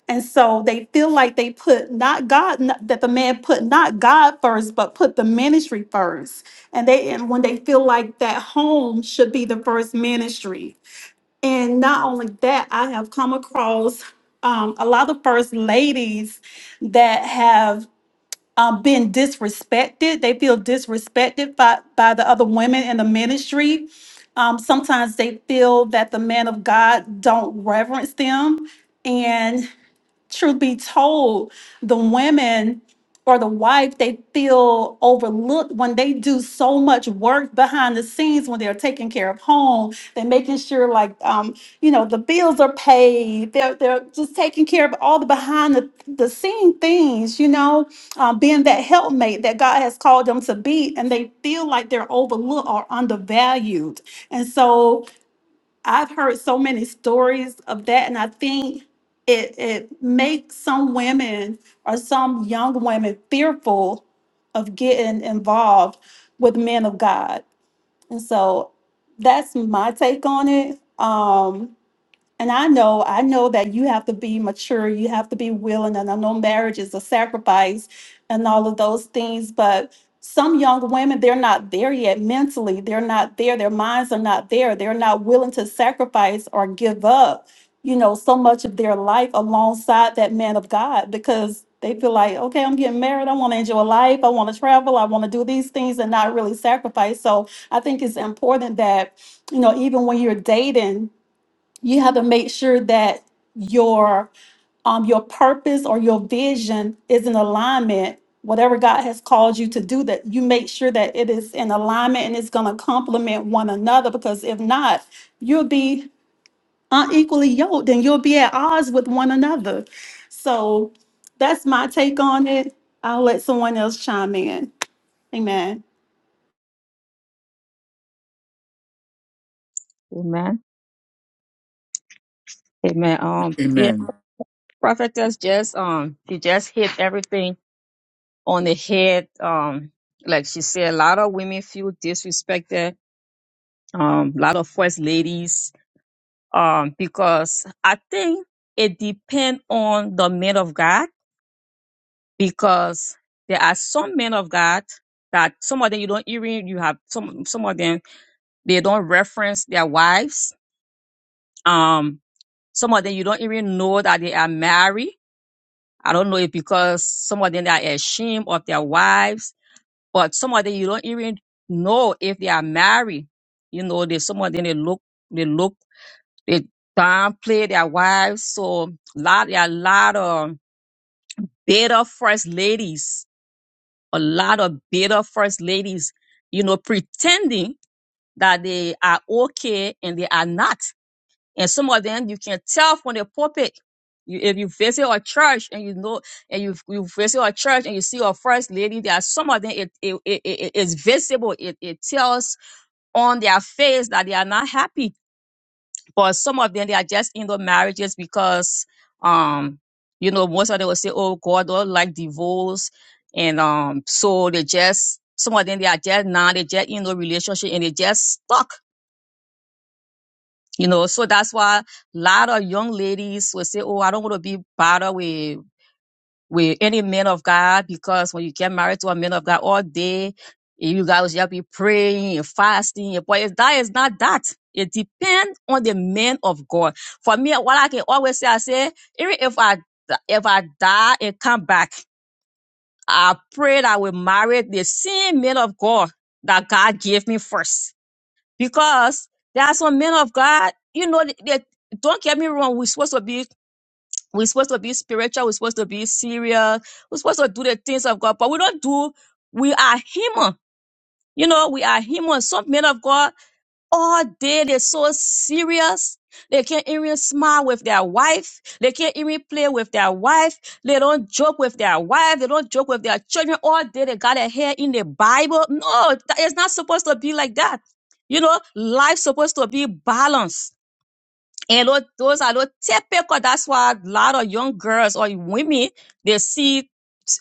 Speaker 2: And so they feel like they put not God, not- that the man put not God first, but put the ministry first. And they, and when they feel like that home should be the first ministry. And not only that, I have come across um, a lot of first ladies that have um, been disrespected. They feel disrespected by, by the other women in the ministry. Um, sometimes they feel that the man of God don't reverence them and truth be told, the women or the wife, they feel overlooked when they do so much work behind the scenes when they're taking care of home. They're making sure, like, um, you know, the bills are paid. They're, they're just taking care of all the behind the, the scene things, you know, um, being that helpmate that God has called them to be. And they feel like they're overlooked or undervalued. And so I've heard so many stories of that, and I think it it makes some women or some young women fearful of getting involved with men of God. And so that's my take on it. Um, and I know, I know that you have to be mature, you have to be willing, and I know marriage is a sacrifice and all of those things, but some young women, they're not there yet mentally. They're not there. Their minds are not there. They're not willing to sacrifice or give up, you know, so much of their life alongside that man of God because they feel like, okay, I'm getting married. I want to enjoy life. I want to travel. I want to do these things and not really sacrifice. So I think it's important that, you know, even when you're dating, you have to make sure that your um your purpose or your vision is in alignment whatever god has called you to do that you make sure that it is in alignment and it's going to complement one another because if not you'll be unequally yoked and you'll be at odds with one another so that's my take on it i'll let someone else chime in amen
Speaker 4: Amen. Amen. Um yeah,
Speaker 3: Amen.
Speaker 4: prophetess just um she just hit everything on the head. Um like she said, a lot of women feel disrespected, um, a lot of first ladies, um, because I think it depends on the man of God because there are some men of God that some of them you don't even you have some some of them they don't reference their wives. Um, some of them you don't even know that they are married. I don't know if because some of them they are ashamed of their wives, but some of them you don't even know if they are married. You know, they some of them they look they look they downplay their wives. So lot there are a lot of bitter first ladies a lot of bitter first ladies, you know, pretending that they are okay and they are not. And some of them you can tell from the pulpit. You, if you visit a church and you know, and you you visit a church and you see a first lady, there are some of them it it, it, it- it's visible. It it tells on their face that they are not happy but some of them they are just in the marriages because um you know most of them will say, Oh God don't like divorce and um so they just some of them they are just now they just in the relationship and they just stuck. You know, so that's why a lot of young ladies will say, Oh, I don't want to be bothered with with any man of God because when you get married to a man of God all day, you guys just be praying and fasting. But it- that is not that. It depends on the man of God. For me, what I can always say, I say, even if I if I die and come back, I pray that I will marry the same man of God that God gave me first. Because there are some men of God, you know, they, they- don't get me wrong, we're supposed to be we're supposed to be spiritual. We're supposed to be serious. We're supposed to do the things of God, but we don't do. We are human. You know, we are human. Some men of God, all day they're so serious. They can't even smile with their wife. They can't even play with their wife. They don't joke with their wife. They don't joke with their children. All day they got their hair in the Bible. No, that- it's not supposed to be like that. You know, life's supposed to be balanced and those, those are those typical. That's why a lot of young girls or women they see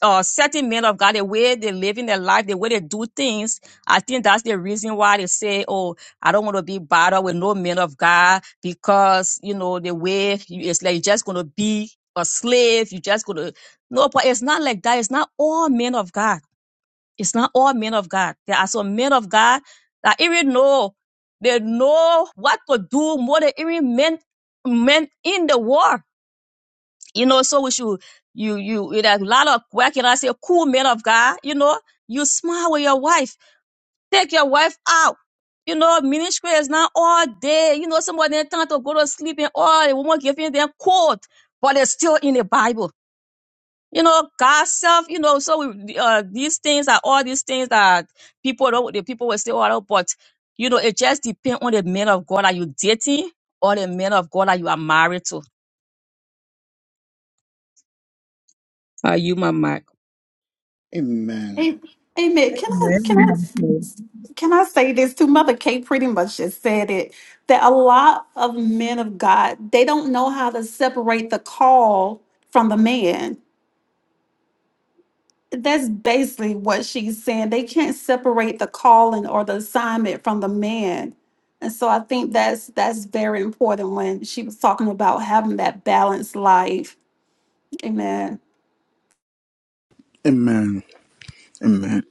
Speaker 4: uh, certain men of God the way they live in their life, the way they do things. I think that's the reason why they say, "Oh, I don't want to be bothered with no men of God because you know the way you, it's like you're just going to be a slave. You're just going to no." But it's not like that. It's not all men of God. It's not all men of God. There are some men of God that even know they know what to do more than even men men in the war. You know, so we should you you you there's a lot of where can I say cool men of God, you know, you smile with your wife, take your wife out. You know, ministry is not all day. You know, somebody time to go to sleep and all the woman giving them quote, but it's still in the Bible you know, gossip, you know, so uh, these things are all these things that people don't, the people will say, all out, but you know, it just depends on the man of God that you dating or the man of God that you are married to. Are you my mic?
Speaker 3: Amen.
Speaker 2: A- amen can i can i
Speaker 1: Amen. Mother Kay.
Speaker 2: Can I say this too? Mother Kate pretty much just said it that a lot of men of God, they don't know how to separate the call from the man. That's basically what she's saying. They can't separate the calling or the assignment from the man. And so I think that's that's very important when she was talking about having that balanced life. Amen.
Speaker 3: Amen. Amen.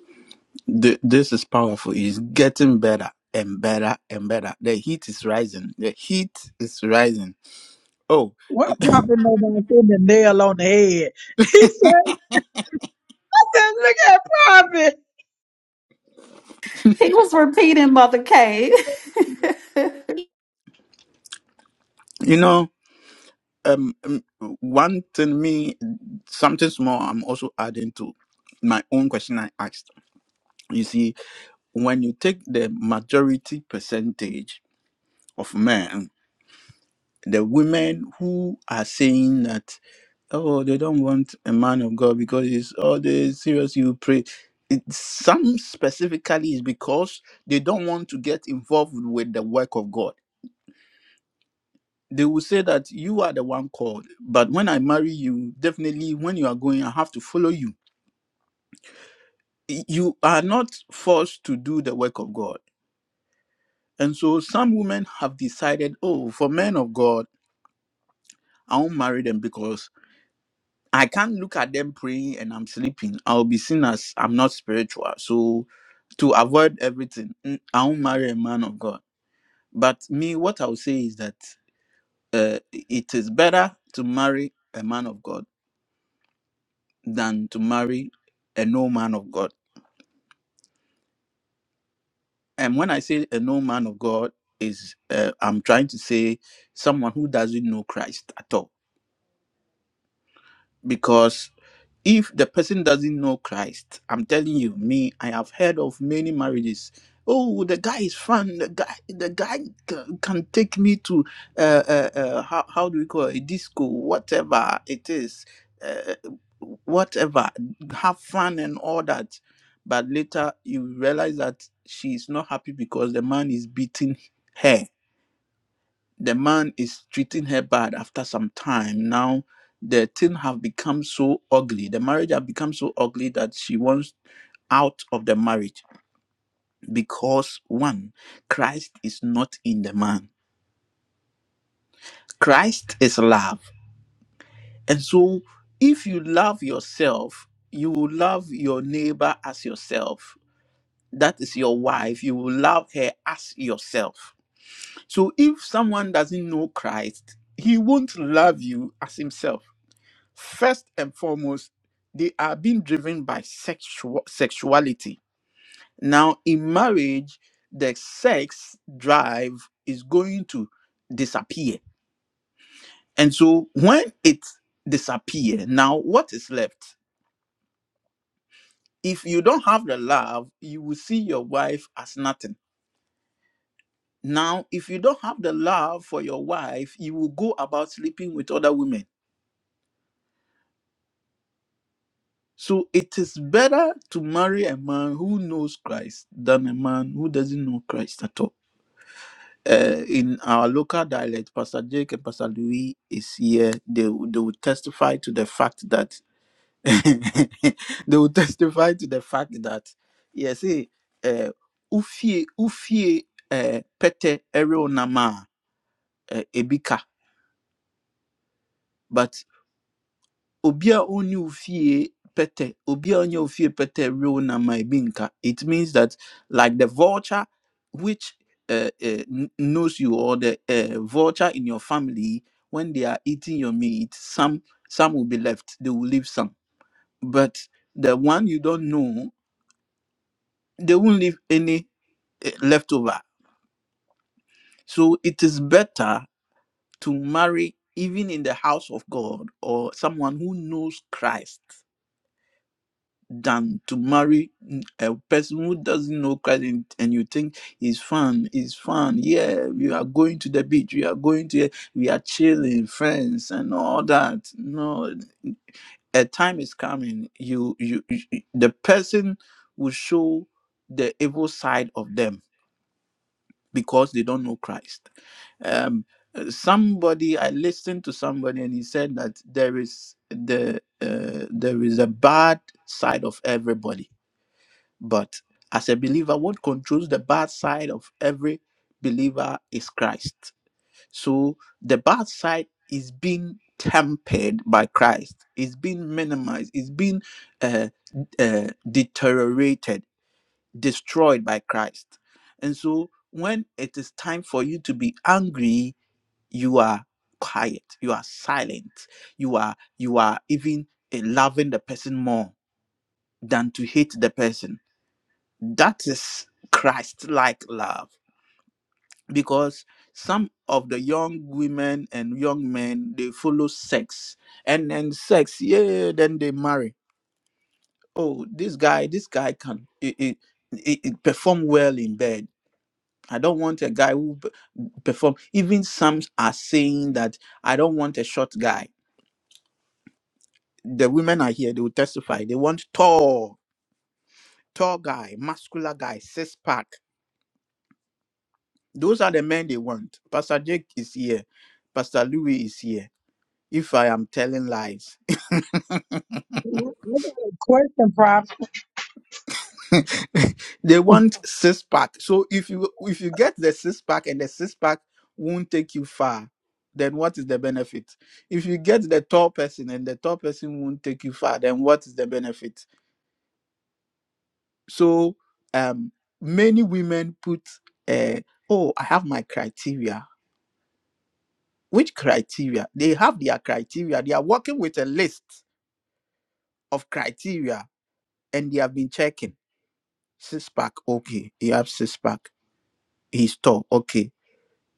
Speaker 3: Th- this is powerful. It's getting better and better and better. The heat is rising. The heat is rising. Oh,
Speaker 1: What prophet nobody put the nail on the head? He said, he said look at prophet.
Speaker 2: He was repeating Mother Kate. a
Speaker 3: you know, um, um, one thing, me, something small, I'm also adding to my own question I asked. You see, when you take the majority percentage of men, the women who are saying that, oh, they don't want a man of God because it's all the serious you pray. It, some specifically is because they don't want to get involved with the work of God. They will say that you are the one called, but when I marry you, definitely when you are going, I have to follow you. Y- You are not forced to do the work of God. And so some women have decided, oh, for men of God, I won't marry them because I can't look at them praying and I'm sleeping. I'll be seen as I'm not spiritual. So to avoid everything, mm, I won't marry a man of God. But me, what I'll say is that uh, it is better to marry a man of God than to marry a no man of God. And when I say a no man of God, is uh, I'm trying to say someone who doesn't know Christ at all. because. if the person doesn't know Christ, I'm telling you, me, I have heard of many marriages. Oh, the guy is fun. The guy, the guy c- can take me to uh, uh, uh how how do we call it? A disco, whatever it is, uh, whatever. Have fun and all that, but later you realize that she is not happy because the man is beating her the man is treating her bad after some time now the thing have become so ugly the marriage have become so ugly that she wants out of the marriage because one christ is not in the man christ is love and so if you love yourself you will love your neighbor as yourself that is your wife you will love her as yourself so if someone doesn't know christ he won't love you as himself First and foremost, they are being driven by sexual sexuality. Now, in marriage, the sex drive is going to disappear. And so when it disappear, now what is left? If you don't have the love, you will see your wife as nothing. Now, if you don't have the love for your wife, you will go about sleeping with other women So it is better to marry a man who knows Christ than a man who doesn't know Christ at all. Uh, in our local dialect, Pastor Jake and Pastor Louis is here. They, will- they will testify to the fact that they will testify to the fact that yes, eh, uh, ufie ufie uh, pete ere onama uh, ebika. But obi a ɔnni wo fie obi a ɔnyɛ wo fie pɛtɛ na ma ebi it means that like the vulture which uh, uh, kn- knows you or the uh, vulture in your family when they are eating your meat some some will be left they will leave some but the one you don't know they won't leave any eh, left So it is better to marry even in the house of God or someone who knows Christ than to marry mm, a person who doesn't know Christ and, and you think it's fun, it's fun. Yeah, we are going to the beach, we are going to, we are chilling, friends, and all that. No, a time is coming. You, you, you the person will show the evil side of them because they don't know Christ. Um, uh, somebody, I listened to somebody, and he said that there is the uh, there is a bad side of everybody but as a believer, what controls the bad side of every believer is Christ. So the bad side is being tempered by Christ, it's being minimized, it's being uh, uh, deteriorated, destroyed by Christ. And so when it is time for you to be angry, you are quiet, you are silent, you are you are even eh, loving the person more than to hate the person that is Christ like love because some of the young women and young men they follow sex and then sex yeah then they marry oh this guy this guy can it, it, it, it perform well in bed i don't want a guy who p- perform even some are saying that i don't want a short guy the women are here they will testify they want tall tall guy muscular guy six pack Those are the men they want. Pastor Jake is here. Pastor Louis is here. If I am telling lies,
Speaker 1: I got a question, prophet.
Speaker 3: they want six pack. So if you if you get the six pack and the six pack won't take you far, then what is the benefit? If you get the tall person and the tall person won't take you far, then what is the benefit? So um, many women put, uh, oh, I have my criteria. Which criteria? They have their criteria. They are working with a list of criteria and they have been checking six pack okay he has six pack he's tall okay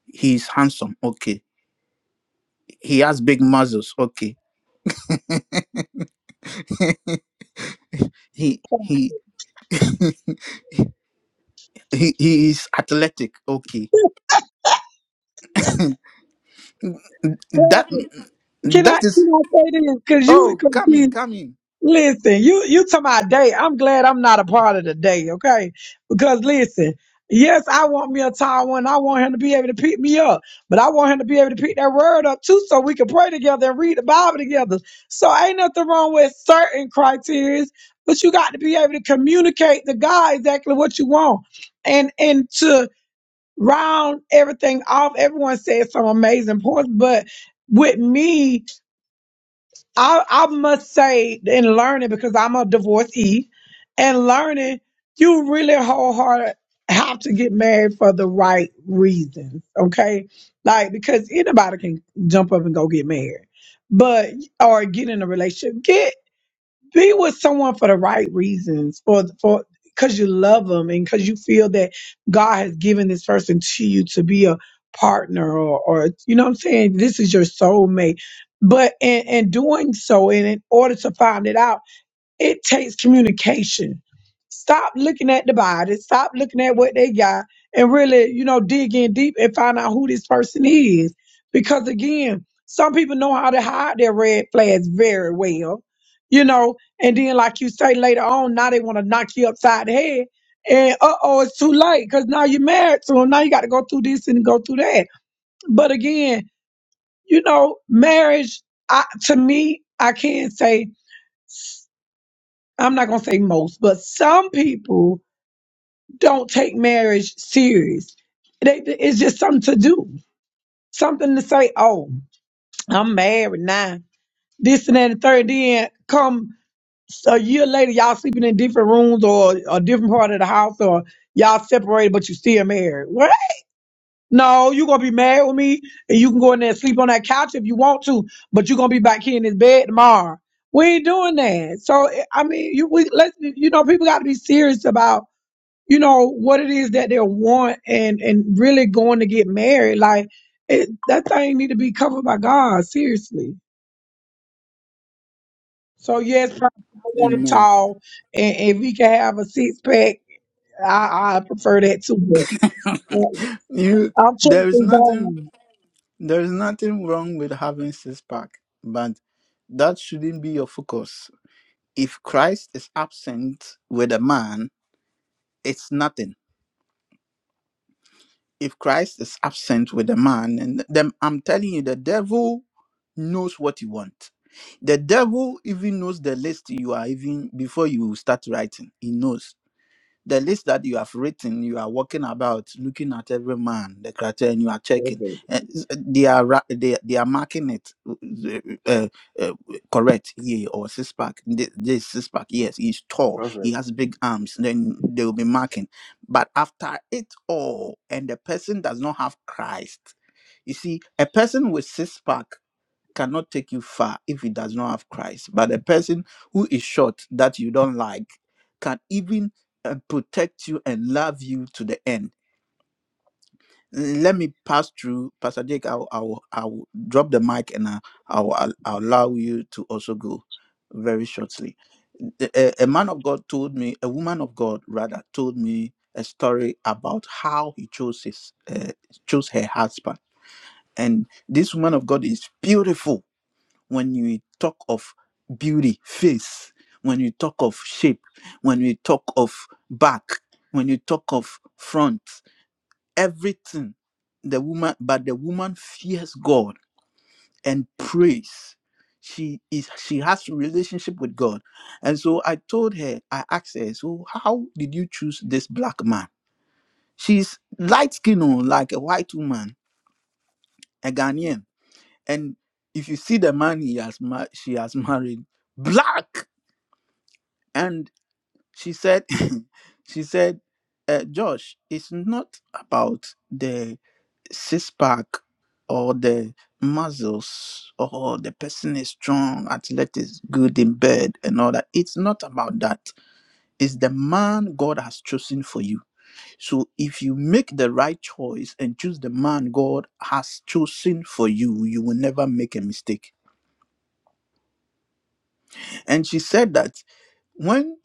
Speaker 3: he's handsome okay he has big muscles okay he he he, he is athletic okay
Speaker 1: Can I
Speaker 3: that
Speaker 1: can
Speaker 3: that
Speaker 1: I
Speaker 3: is
Speaker 1: say this? Cause you
Speaker 3: oh
Speaker 1: cause
Speaker 3: come in
Speaker 1: see,
Speaker 3: come in
Speaker 1: listen, you you to my day. I'm glad I'm not a part of the day, okay? Because listen, yes, I want me a tall one. I want him to be able to pick me up, but I want him to be able to pick that word up too, so we can pray together and read the Bible together. So ain't nothing wrong with certain criteria, but you got to be able to communicate to God exactly what you want, and and to round everything off. Everyone said some amazing points, but with me I, I must say, in learning, because I'm a divorcee, and learning, you really wholehearted have to get married for the right reasons, okay? Like, because anybody can jump up and go get married, but, or get in a relationship. get be with someone for the right reasons for for because you love them and because you feel that god has given this person to you to be a partner or or you know what i'm saying this is your soulmate but in, in doing so and in order to find it out it takes communication. Stop looking at the body, stop looking at what they got, and really, you know, dig in deep and find out who this person is. Because again, some people know how to hide their red flags very well, you know, and then, like you say later on, now they want to knock you upside the head. And uh oh, it's too late because now you're married to them. Now you got to go through this and go through that. But again, you know, marriage, I, to me, I can say I'm not gonna say most, but some people don't take marriage serious. They, it's just something to do, something to say. Oh, I'm married now. This and that and the third. Then come a year later, y'all sleeping in different rooms or a different part of the house, or y'all separated, but you still married. What? No, you gonna be married with me, and you can go in there and sleep on that couch if you want to, but you gonna be back here in this bed tomorrow. We ain't doing that. So I mean, you we let you know people got to be serious about you know what it is that they want and and really going to get married like it, that thing need to be covered by god seriously so yes i want him
Speaker 3: amen
Speaker 1: tall and if he can have a six-pack i i prefer that too but uh,
Speaker 3: you
Speaker 1: i'm
Speaker 3: there is
Speaker 1: trusting
Speaker 3: nothing
Speaker 1: god
Speaker 3: there is nothing wrong with having six pack but that shouldn't be your focus If Christ is absent with a man, it's nothing. If Christ is absent with a man, and then I'm telling you, the devil knows what you want. The devil even knows the list you are even before you start writing. He knows. the list that you have written, you are walking about looking at every man, the criteria, and you are checking.
Speaker 5: Perfect.
Speaker 3: And s- they are ra- they, they are marking it uh, uh, uh, correct, yeah, or six pack. Th- This six pack, yes, he's tall, he
Speaker 5: Perfect.
Speaker 3: has big arms. Then they will be marking. But after it all, and the person does not have Christ, you see, a person with six pack cannot take you far if it does not have Christ. But the person who is short that you don't like can even uh, protect you and love you to the end. L- Let me pass through, Pastor Jake. I'll, I'll, I'll drop the mic and I'll, I'll, I'll I'll allow you to also go very shortly. A, a a man of God told me, a woman of God rather, told me a story about how he chose his, uh, chose her husband. And this woman of God is beautiful when you talk of beauty, face, when you talk of shape, when you talk of back, when you talk of front, everything. The woman, but the woman fears God and prays. She is she has relationship with God. And so I told her, I asked her, so how did you choose this black man? She's light skinned, like a white woman, a Ghanaian. And if you see the man he has mar- she has married, black. and she said she said uh, josh it's not about the six pack or the muscles or the person is strong athlete is good in bed and all that it's not about that it's the man god has chosen for you so if you make the right choice and choose the man god has chosen for you you will never make a mistake and she said that when.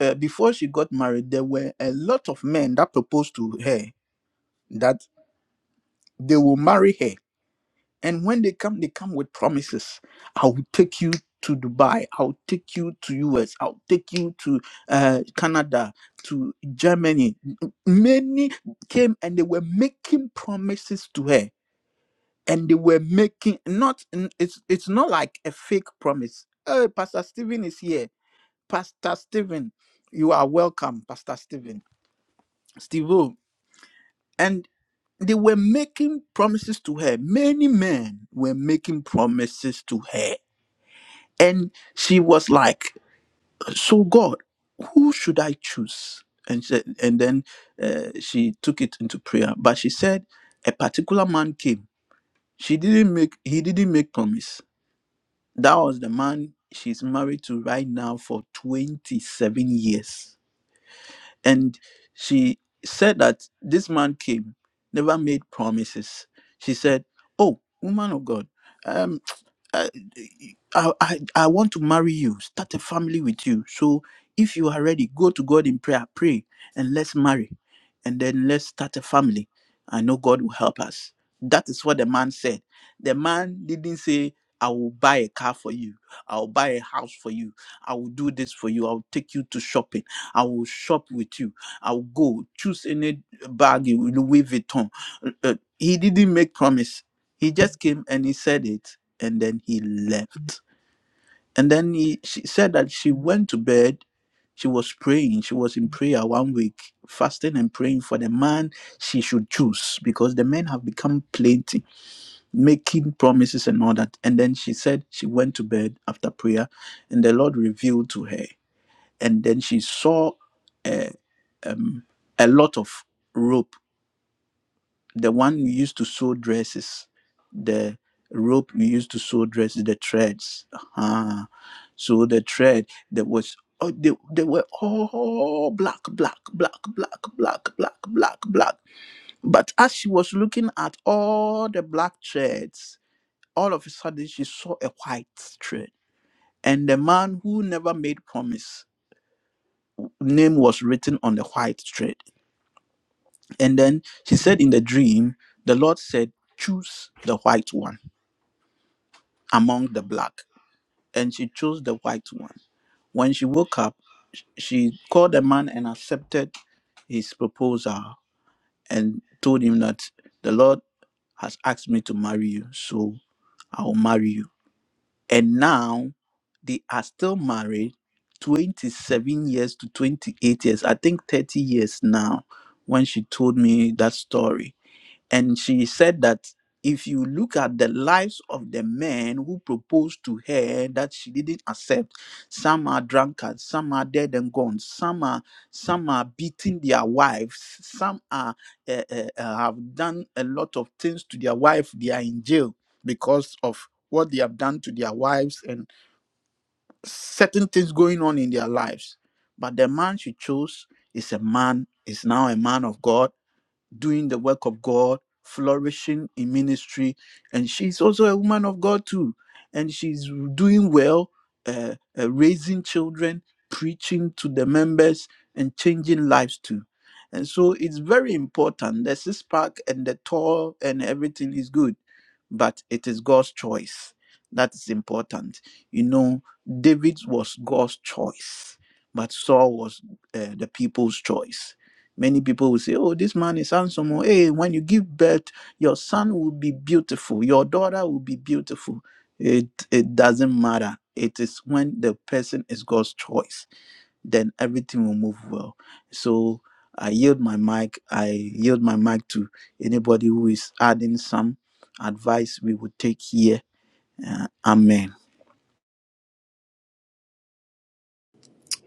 Speaker 3: uh, before she got married, there were a lot of men that proposed to her that they will marry her. And when they come, they come with promises. I will take you to Dubai. I'll take you to US. I'll take you to uh, Canada, to Germany. Many came and they were making promises to her. And they were making not. It's it's not like a fake promise. Oh, Pastor Stephen is here. Pastor Stephen, you are welcome, Pastor Stephen. Steve and they were making promises to her. Many men were making promises to her. And she was like, So, God, who should I choose? And, she, and then uh, she took it into prayer. But she said, A particular man came. She didn't make, he didn't make promise. That was the man she's married to right now for 27 years And she said that this man came, never made promises. She said, Oh, woman of God. um, I, I, I I want to marry you, start a family with you. So if you are ready, go to God in prayer, pray, and let's marry. And then let's start a family. I know God will help us. That is what the man said. The man didn't say, I will buy a car for you. I will buy a house for you. I will do this for you. I will take you to shopping. I will shop with you. I will go choose any bag, Louis Vuitton. Uh, uh, He didn't make promise. He just came and he said it and then he left. And then he, she said that she went to bed. She was praying. She was in prayer one week, fasting and praying for the man she should choose because the men have become plenty, making promises and all that. And then she said she went to bed after prayer, and the Lord revealed to her. And then she saw a, um, a lot of rope the one we used to sew dresses, the rope we used to sew dresses, the threads. uh So the thread that was oh, they, they were all black, black, black, black, black, black, black, black. But as she was looking at all the black threads, all of a sudden she saw a white thread. And the man who never made promise, name was written on the white thread. And then she said in the dream, the Lord said, Choose the white one among the black, and she chose the white one. When she woke up, she called the man and accepted his proposal and told him that the Lord has asked me to marry you, so I will marry you. And now they are still married 27 years to 28 years, I think 30 years now, when she told me that story and she said that if you look at the lives of the men who proposed to her that she didn't accept, some are drunkards, some are dead and gone, some are some are beating their wives, some are uh, uh, uh, have done a lot of things to their wife. They are in jail because of what they have done to their wives and certain things going on in their lives. But the man she chose is a man, is now a man of God doing the work of God, flourishing in ministry, and she's also a woman of God too, and she's doing well, uh, uh, raising children, preaching to the members, and changing lives too. And so it's very important. The six pack and the tall and everything is good but it is God's choice. That is important. You know, David was God's choice, but Saul was uh, the people's choice. Many people will say, Oh, this man is handsome. Oh, Hey, when you give birth, your son will be beautiful, your daughter will be beautiful. It, it doesn't matter. It is when the person is God's choice then everything will move well. So I yield my mic. I yield my mic to anybody who is adding some advice we would take here. Uh, amen.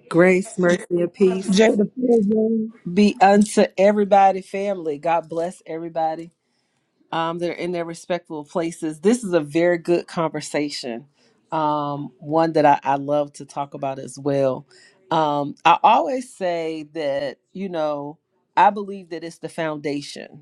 Speaker 6: Grace, mercy, and
Speaker 1: pastor
Speaker 6: peace
Speaker 1: jake the floor is yours.
Speaker 6: be unto everybody, family. God bless everybody. Um, they're in their respectful places. This is a very good conversation. Um, one that I, I love to talk about as well. Um, I always say that, you know, I believe that it's the foundation.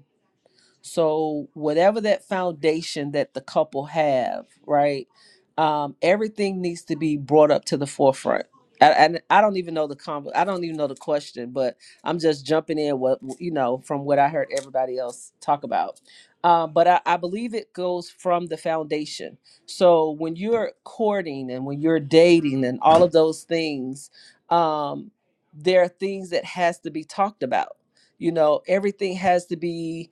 Speaker 6: So whatever that foundation that the couple have, right? Um, everything needs to be brought up to the forefront. And I, I, don't even know the combo. I don't even know the question, but I'm just jumping in what you know from what I heard everybody else talk about. Um, but I, I believe it goes from the foundation. So when you're courting and when you're dating and all of those things, um, there are things that has to be talked about. You know, everything has to be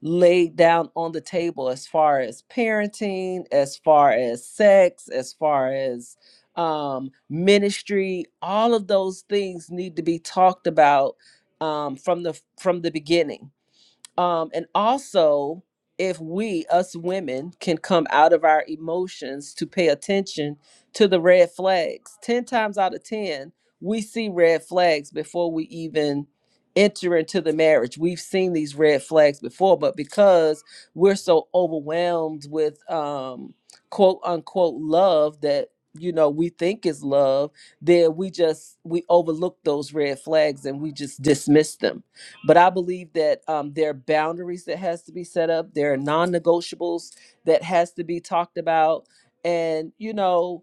Speaker 6: laid down on the table as far as parenting, as far as sex, as far as um, ministry. All of those things need to be talked about um, from the from the beginning um, and also if we us women can come out of our emotions to pay attention to the red flags 10 times out of 10 we see red flags before we even enter into the marriage we've seen these red flags before but because we're so overwhelmed with um quote unquote love that you know we think is love then we just we overlook those red flags and we just dismiss them but i believe that um, there are boundaries that has to be set up there are non-negotiables that has to be talked about and you know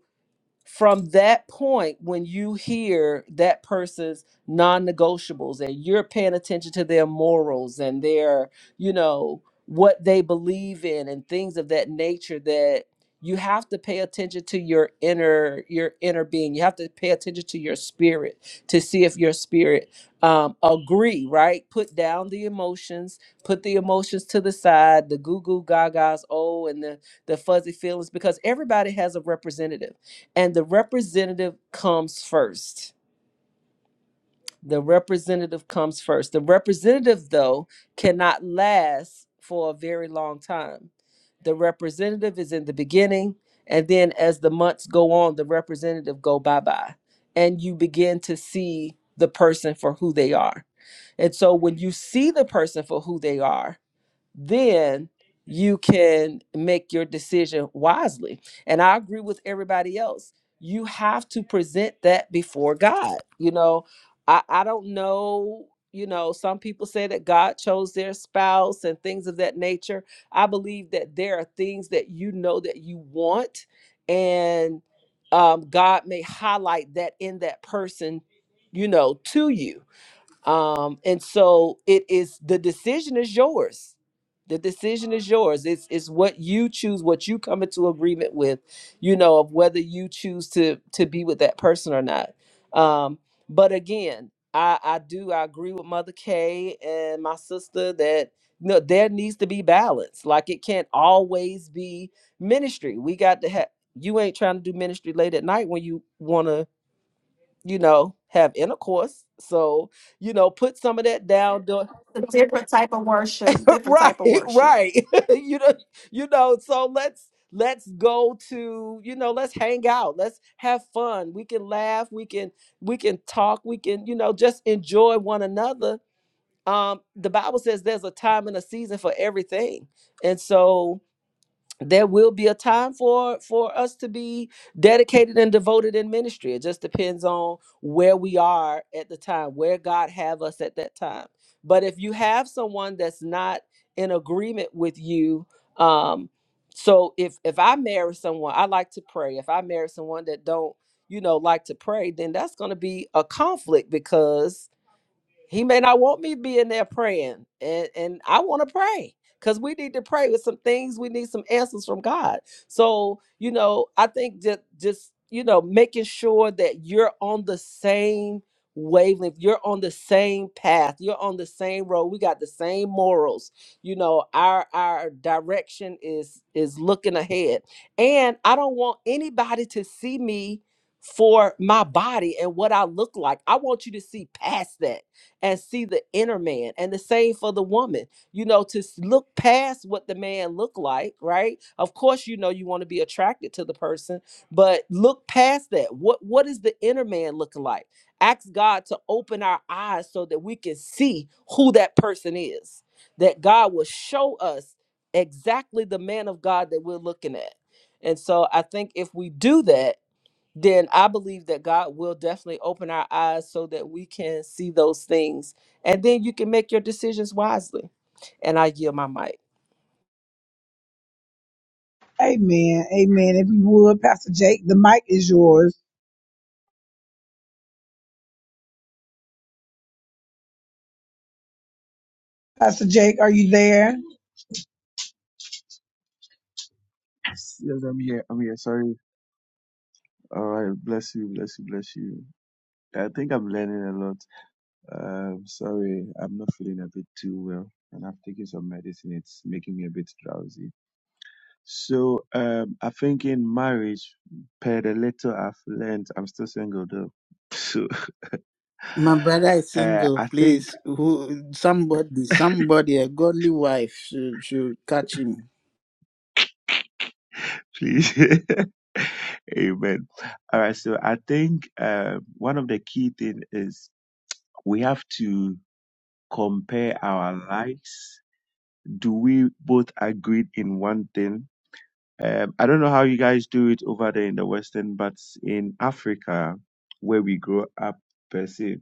Speaker 6: from that point when you hear that person's non-negotiables and you're paying attention to their morals and their you know what they believe in and things of that nature that you have to pay attention to your inner your inner being you have to pay attention to your spirit to see if your spirit um, agree right put down the emotions put the emotions to the side the goo goo gagas oh and the the fuzzy feelings because everybody has a representative and the representative comes first. The representative comes first. The representative, though, cannot last for a very long time. The representative is in the beginning, and then as the months go on, the representative go bye bye, and you begin to see the person for who they are. And so when you see the person for who they are, then you can make your decision wisely. And I agree with everybody else. You have to present that before God. You know, I, I don't know. You know, some people say that God chose their spouse and things of that nature. I believe that there are things that you know that you want, and um, God may highlight that in that person, you know, to you um and so it is the decision is yours the decision is yours it's it's what you choose what you come into agreement with you know of whether you choose to to be with that person or not um but again i i do i agree with mother k and my sister that no there needs to be balance like it can't always be ministry we got to have you ain't trying to do ministry late at night when you want to you know, have intercourse. So, you know, put some of that down. Doing,
Speaker 2: different type of worship, different
Speaker 6: right,
Speaker 2: type of worship.
Speaker 6: right. you know, you know. So let's let's go to you know let's hang out. Let's have fun. We can laugh. We can we can talk. We can you know just enjoy one another. Um, the Bible says there's a time and a season for everything, and so there will be a time for for us to be dedicated and devoted in ministry it just depends on where we are at the time where god have us at that time but if you have someone that's not in agreement with you um so if if i marry someone i like to pray if i marry someone that don't you know like to pray then that's going to be a conflict because he may not want me being there praying, and and I want to pray because we need to pray with some things. We need some answers from God. So you know, I think that just you know, making sure that you're on the same wavelength, you're on the same path, you're on the same road. We got the same morals. You know, our our direction is is looking ahead, and I don't want anybody to see me for my body and what I look like. I want you to see past that and see the inner man. And the same for the woman, you know, to s- look past what the man looked like, right? Of course, you know you want to be attracted to the person, but look past that. What what is the inner man looking like? Ask God to open our eyes so that we can see who that person is. That God will show us exactly the man of God that we're looking at. And so I think if we do that, then I believe that God will definitely open our eyes so that we can see those things. And then you can make your decisions wisely. And I yield my mic.
Speaker 1: amen amen if you would pastor jake the mic is yours pastor jake are you there
Speaker 5: Yes, yes, I'm here. I'm here. Sorry. All right. Bless you. Bless you. Bless you. I think I'm learning a lot. Um, sorry. I'm not feeling a bit too well. And I've taken some medicine. It's making me a bit drowsy. So, um, I think in marriage, per the little I've learned, I'm still single though. So,
Speaker 3: My brother is
Speaker 5: uh,
Speaker 3: single,
Speaker 5: I think,
Speaker 3: please. Who somebody, somebody, a godly wife should should catch him.
Speaker 5: please. Amen. All right. So I think, uh, one of the key thing is we have to compare our likes. Do we both agree in one thing? Um, I don't know how you guys do it over there in the Western, but in Africa, where we grow up, per se,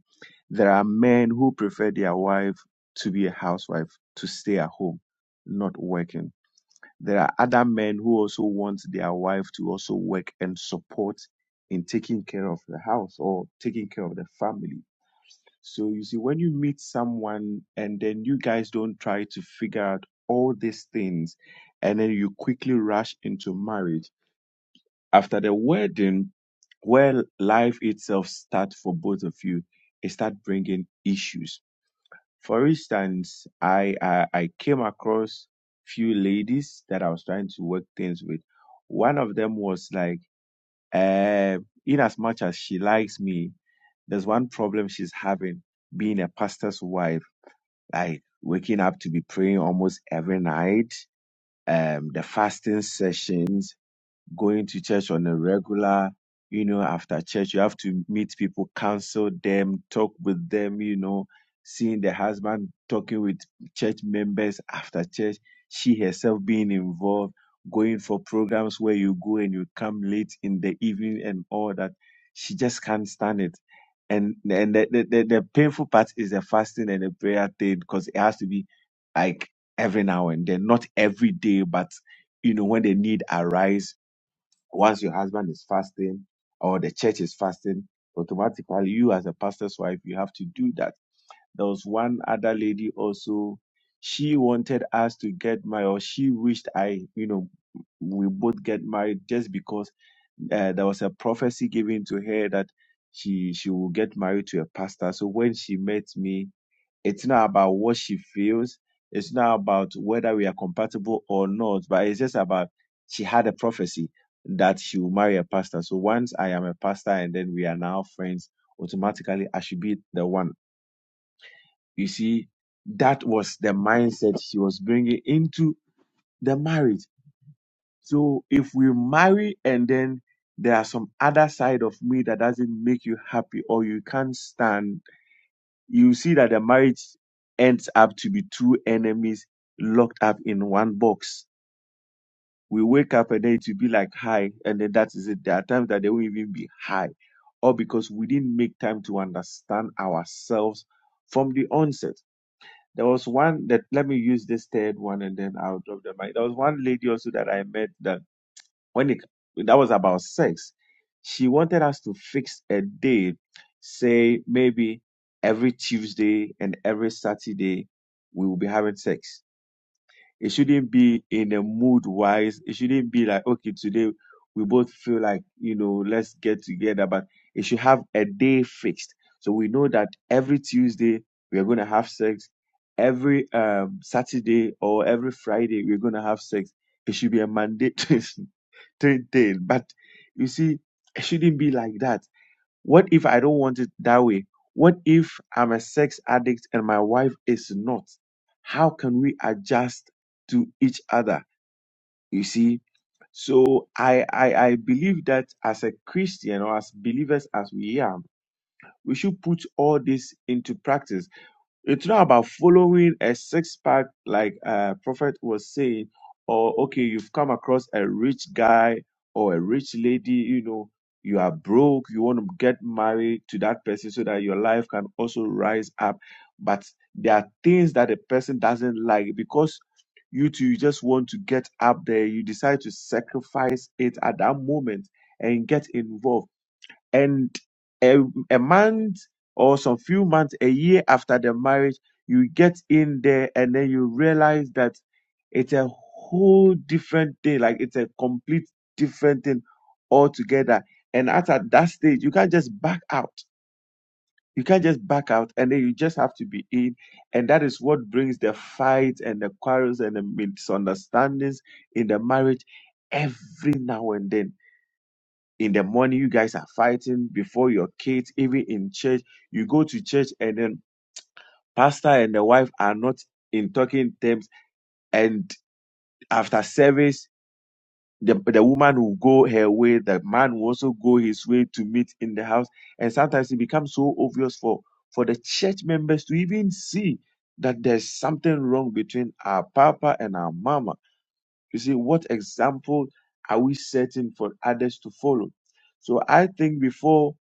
Speaker 5: there are men who prefer their wife to be a housewife, to stay at home, not working. There are other men who also want their wife to also work and support in taking care of the house or taking care of the family so you see, when you meet someone and then you guys don't try to figure out all these things, and then you quickly rush into marriage after the wedding, where life itself starts for both of you, it start bringing issues. For instance, I, I I came across few ladies that I was trying to work things with. One of them was like, uh, in as much as she likes me, there's one problem she's having being a pastor's wife like waking up to be praying almost every night, um, the fasting sessions, going to church on a regular, you know, after church, you have to meet people, counsel them, talk with them, you know, seeing the husband talking with church members after church, she herself being involved, going for programs where you go and you come late in the evening and all that. She just can't stand it. And and the, the, the, the painful part is the fasting and the prayer thing because it has to be like every now and then, not every day, but you know, when the need arise once your husband is fasting or the church is fasting, automatically you as a pastor's wife, you have to do that. There was one other lady also, she wanted us to get married, or she wished I, you know, we both get married just because uh, there was a prophecy given to her that she she will get married to a pastor. So when she met me, it's not about what she feels. It's not about whether we are compatible or not, but it's just about she had a prophecy that she will marry a pastor. So once I am a pastor and then we are now friends, automatically I should be the one. You see, that was the mindset she was bringing into the marriage. So if we marry and then there are some other side of me that doesn't make you happy or you can't stand you see that the marriage ends up to be two enemies locked up in one box. We wake up and then it will be like high, and then that is it. There are times that they won't even be high, or because we didn't make time to understand ourselves from the onset. There was one that let me use this third one and then I'll drop the mic. There was one lady also that I met that when it that was about sex, she wanted us to fix a day, say maybe every Tuesday and every Saturday we will be having sex. It shouldn't be in a mood wise. It shouldn't be like, okay, today we both feel like, you know, let's get together, but it should have a day fixed. So we know that every Tuesday we are going to have sex. Every um, Saturday or every Friday we're going to have sex. It should be a mandatory thing. But you see, it shouldn't be like that what if I don't want it that way? What if I'm a sex addict and my wife is not? How can we adjust to each other? You see? So I, I I believe that as a Christian or as believers as we are, we should put all this into practice it's not about following a six pack like uh prophet was saying or okay you've come across a rich guy or a rich lady you know you are broke you want to get married to that person so that your life can also rise up but there are things that a person doesn't like because you two you just want to get up there you decide to sacrifice it at that moment and get involved and a, a month or some few months, a year after the marriage, you get in there and then you realize that it's a whole different thing. Like it's a complete different thing altogether. And at that that stage, you can't just back out. You can't just back out, and then you just have to be in. And that is what brings the fight and the quarrels and the misunderstandings in the marriage every now and then in the morning you guys are fighting before your kids even in church you go to church and then pastor and the wife are not in talking terms and after service the, the woman will go her way the man will also go his way to meet in the house and sometimes it becomes so obvious for for the church members to even see that there's something wrong between our papa and our mama you see what example are we setting for others to follow so i think before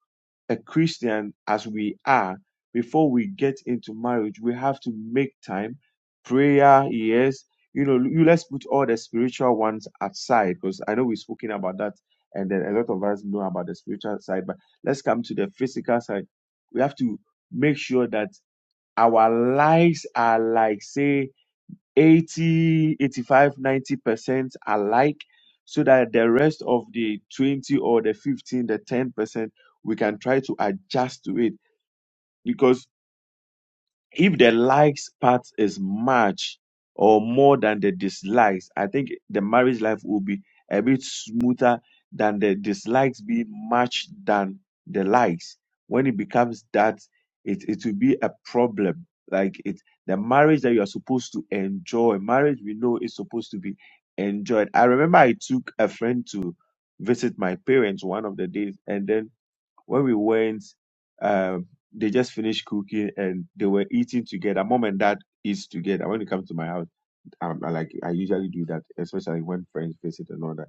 Speaker 5: a Christian as we are, before we get into marriage, we have to make time, prayer, yes. You know, you let's put all the spiritual ones aside because I know we've spoken about that, and then a lot of us know about the spiritual side, but let's come to the physical side. We have to make sure that our lives are like, say, Eighty, eighty-five, ninety percent alike so that the rest of the 20 or the 15, the 10%, we can try to adjust to it if the likes part is much or more than the dislikes, I think the marriage life will be a bit smoother than the dislikes being much than the likes. When it becomes that, it, it will be a problem. Like it, the marriage that you are supposed to enjoy, marriage we know is supposed to be enjoyed. I remember I took a friend to visit my parents one of the days, and then when we went, um, they just finished cooking and they were eating together. Mom and dad eats together. When they come to my house, um, I like I usually do that, especially when friends visit and all that.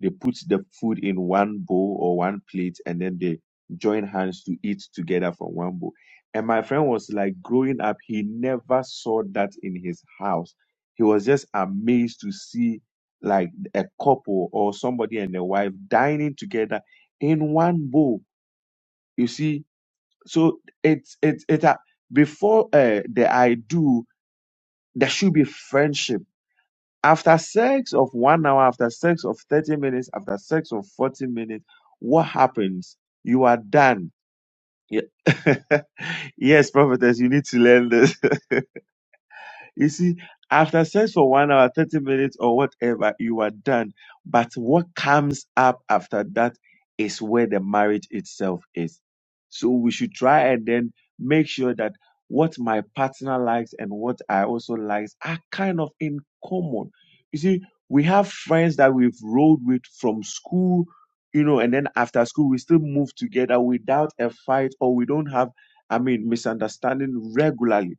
Speaker 5: They put the food in one bowl or one plate and then they join hands to eat together from one bowl. And my friend was like, growing up, he never saw that in his house. He was just amazed to see like a couple or somebody and their wife dining together in one bowl you see, so it's it's it. a- Before uh, the I do, there should be friendship. After sex of one hour, after sex of thirty minutes, after sex of forty minutes, what happens? You are done. Ye- yes, prophetess, you need to learn this. You see, after sex for one hour, 30 minutes, or whatever, you are done. But what comes up after that is where the marriage itself is. So we should try and then make sure that what my partner likes and what I also likes are kind of in common. You see, we have friends that we've rode with from school, you know, and then after school we still move together without a fight or we don't have, I mean, misunderstanding regularly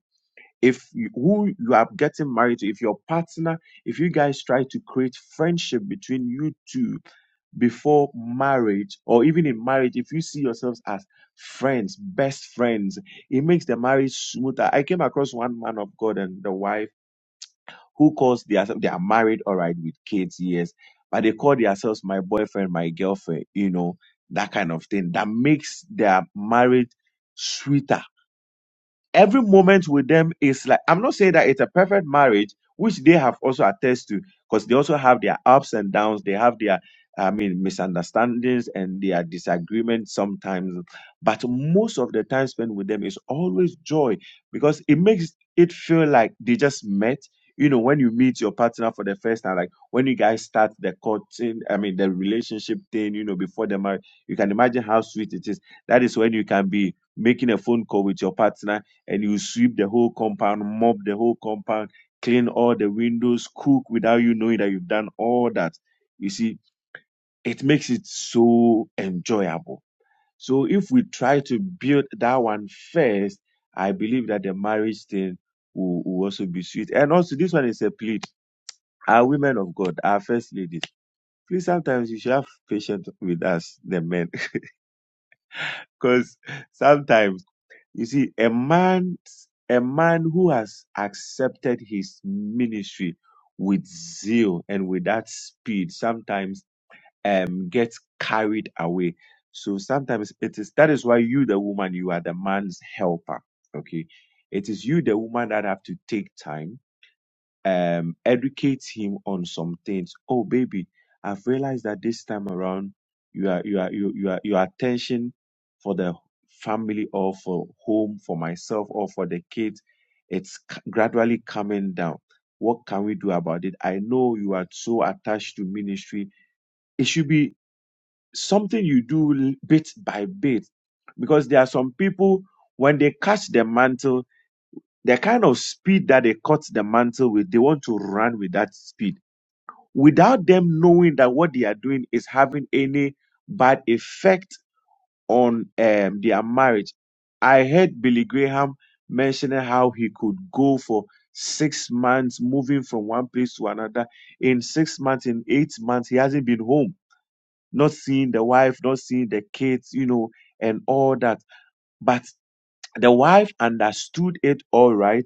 Speaker 5: if you, who you are getting married to, if your partner, if you guys try to create friendship between you two before marriage or even in marriage, if you see yourselves as friends, best friends, it makes the marriage smoother. I came across one man of God and the wife who calls themselves they are married, all right, with kids, yes, but they call themselves my boyfriend, my girlfriend, you know, that kind of thing that makes their marriage sweeter every moment with them is like i'm not saying that it's a perfect marriage which they have also attest to because they also have their ups and downs they have their i mean misunderstandings and their disagreements sometimes but most of the time spent with them is always joy because it makes it feel like they just met you know when you meet your partner for the first time like when you guys start the courting i mean the relationship thing you know before the marriage you can imagine how sweet it is that is when you can be making a phone call with your partner and you sweep the whole compound, mop the whole compound, clean all the windows, cook without you knowing that you've done all that. You see, it makes it so enjoyable. So if we try to build that one first, I believe that the marriage thing will, will also be sweet. And also, this one is a plea. Our women of God, our first ladies, please sometimes you should have patience with us, the men, because sometimes. You see, a man, a man who has accepted his ministry with zeal and with that speed sometimes um gets carried away. So sometimes it is that is why you, the woman, you are the man's helper. Okay. It is you, the woman, that have to take time um educate him on some things oh baby i've realized that this time around you are you are you, you are your attention for the family or for home for myself or for the kids it's c- gradually coming down what can we do about it i know you are so attached to ministry it should be something you do l- bit by bit because there are some people when they catch the mantle the kind of speed that they cut the mantle with, they want to run with that speed without them knowing that what they are doing is having any bad effect on um, their marriage. I heard Billy Graham mentioning how he could go for six months moving from one place to another. In six months, in eight months, he hasn't been home, not seeing the wife, not seeing the kids, you know, and all that. But the wife understood it all right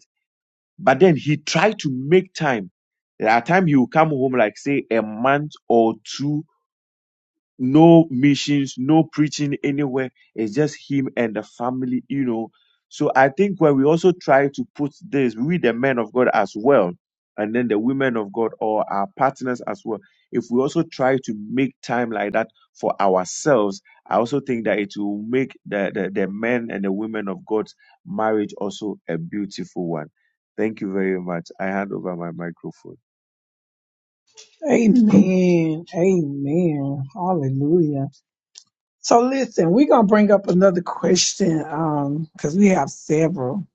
Speaker 5: but then he tried to make time. At times he will come home like say a month or two no missions, no preaching anywhere. It's just him and the family, you know. So I think when we also try to put this, we the men of God as well, and then the women of God or our partners as well. If we also try to make time like that for ourselves, I also think that it will make the, the, the men and the women of God's marriage also a beautiful one. Thank you very much. I hand over my microphone.
Speaker 1: amen amen hallelujah So listen, we're gonna bring up another question um because we have several.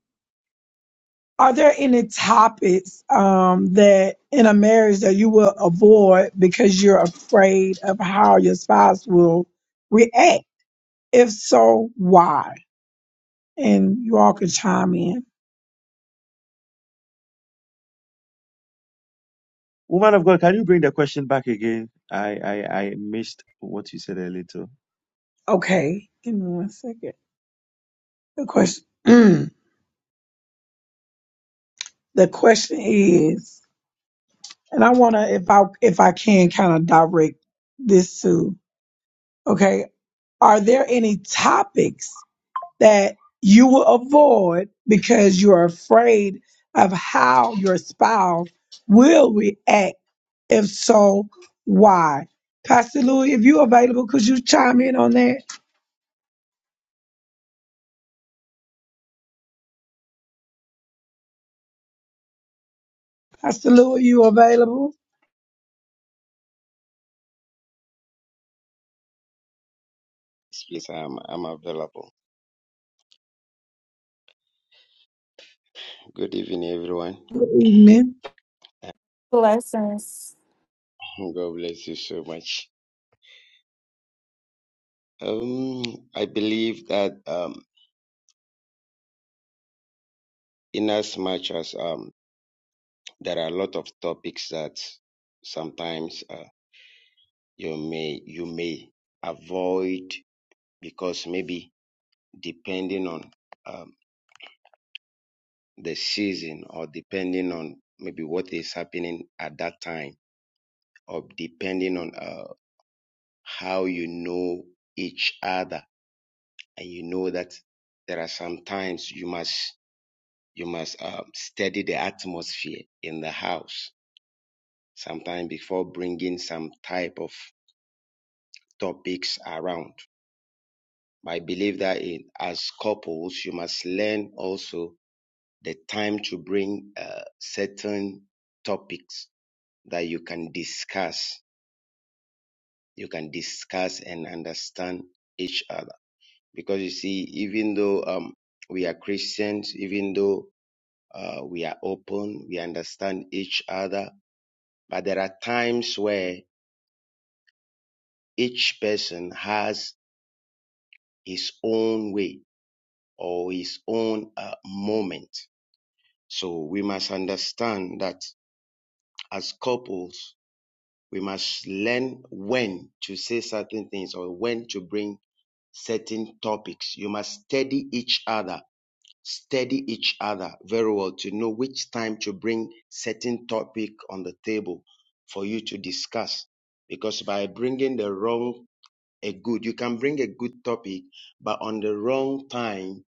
Speaker 1: Are there any topics um that in a marriage that you will avoid because you're afraid of how your spouse will react? If so, why? And you all can chime in.
Speaker 5: Woman of God, can you bring the question back again? I, I, I missed what you said a little.
Speaker 1: Okay, give me one second. The question the question is, and I wanna if I if I can kind of direct this to okay, are there any topics that you will avoid because you're afraid of how your spouse will react. If so, why? Pastor Louis, if you're available, could you chime in on that? Pastor Louis, you available?
Speaker 7: Please, I'm, I'm available. Good evening, everyone.
Speaker 1: Good evening.
Speaker 2: Blessings.
Speaker 7: God bless you so much. Um, I believe that um, in as much as um, there are a lot of topics that sometimes uh, you may you may avoid because maybe depending on um, the season or depending on maybe what is happening at that time or depending on uh, how you know each other and you know that there are some times you must you must um, steady the atmosphere in the house sometime before bringing some type of topics around i believe that in, as couples you must learn also the time to bring uh, certain topics that you can discuss you can discuss and understand each other because you see even though um, we are christians even though Uh, we are open. We understand each other. But there are times where each person has his own way or his own uh, moment. So we must understand that as couples, we must learn when to say certain things or when to bring certain topics. You must study each other study each other very well to know which time to bring certain topic on the table for you to discuss. Because by bringing the wrong, a good, you can bring a good topic, but on the wrong time,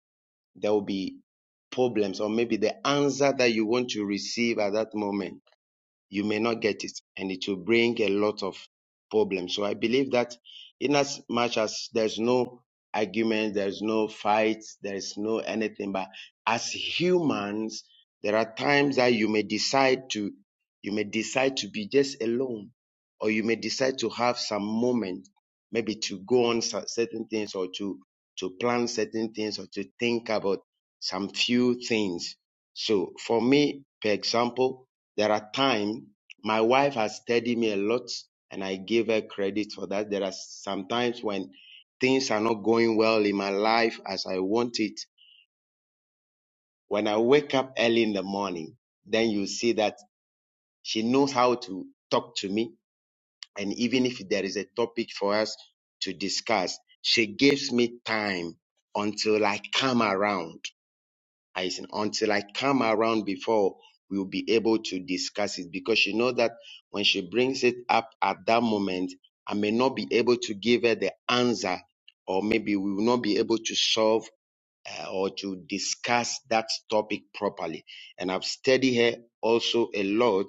Speaker 7: there will be problems or maybe the answer that you want to receive at that moment you may not get it and it will bring a lot of problems. So I believe that in as much as there's no argument, there's no fight, there's no anything, but as humans, there are times that you may decide to, you may decide to be just alone or you may decide to have some moment, maybe to go on cer- certain things or to, to plan certain things or to think about some few things. So for me, for example, there are times my wife has steadied me a lot, and I give her credit for that. There are sometimes when things are not going well in my life as I want it. When I wake up early in the morning, then you see that she knows how to talk to me. And even if there is a topic for us to discuss, she gives me time until I come around. I said, until I come around before we'll be able to discuss it because she knows that when she brings it up at that moment, I may not be able to give her the answer, or maybe we will not be able to solve uh, or to discuss that topic properly. And I've studied her also a lot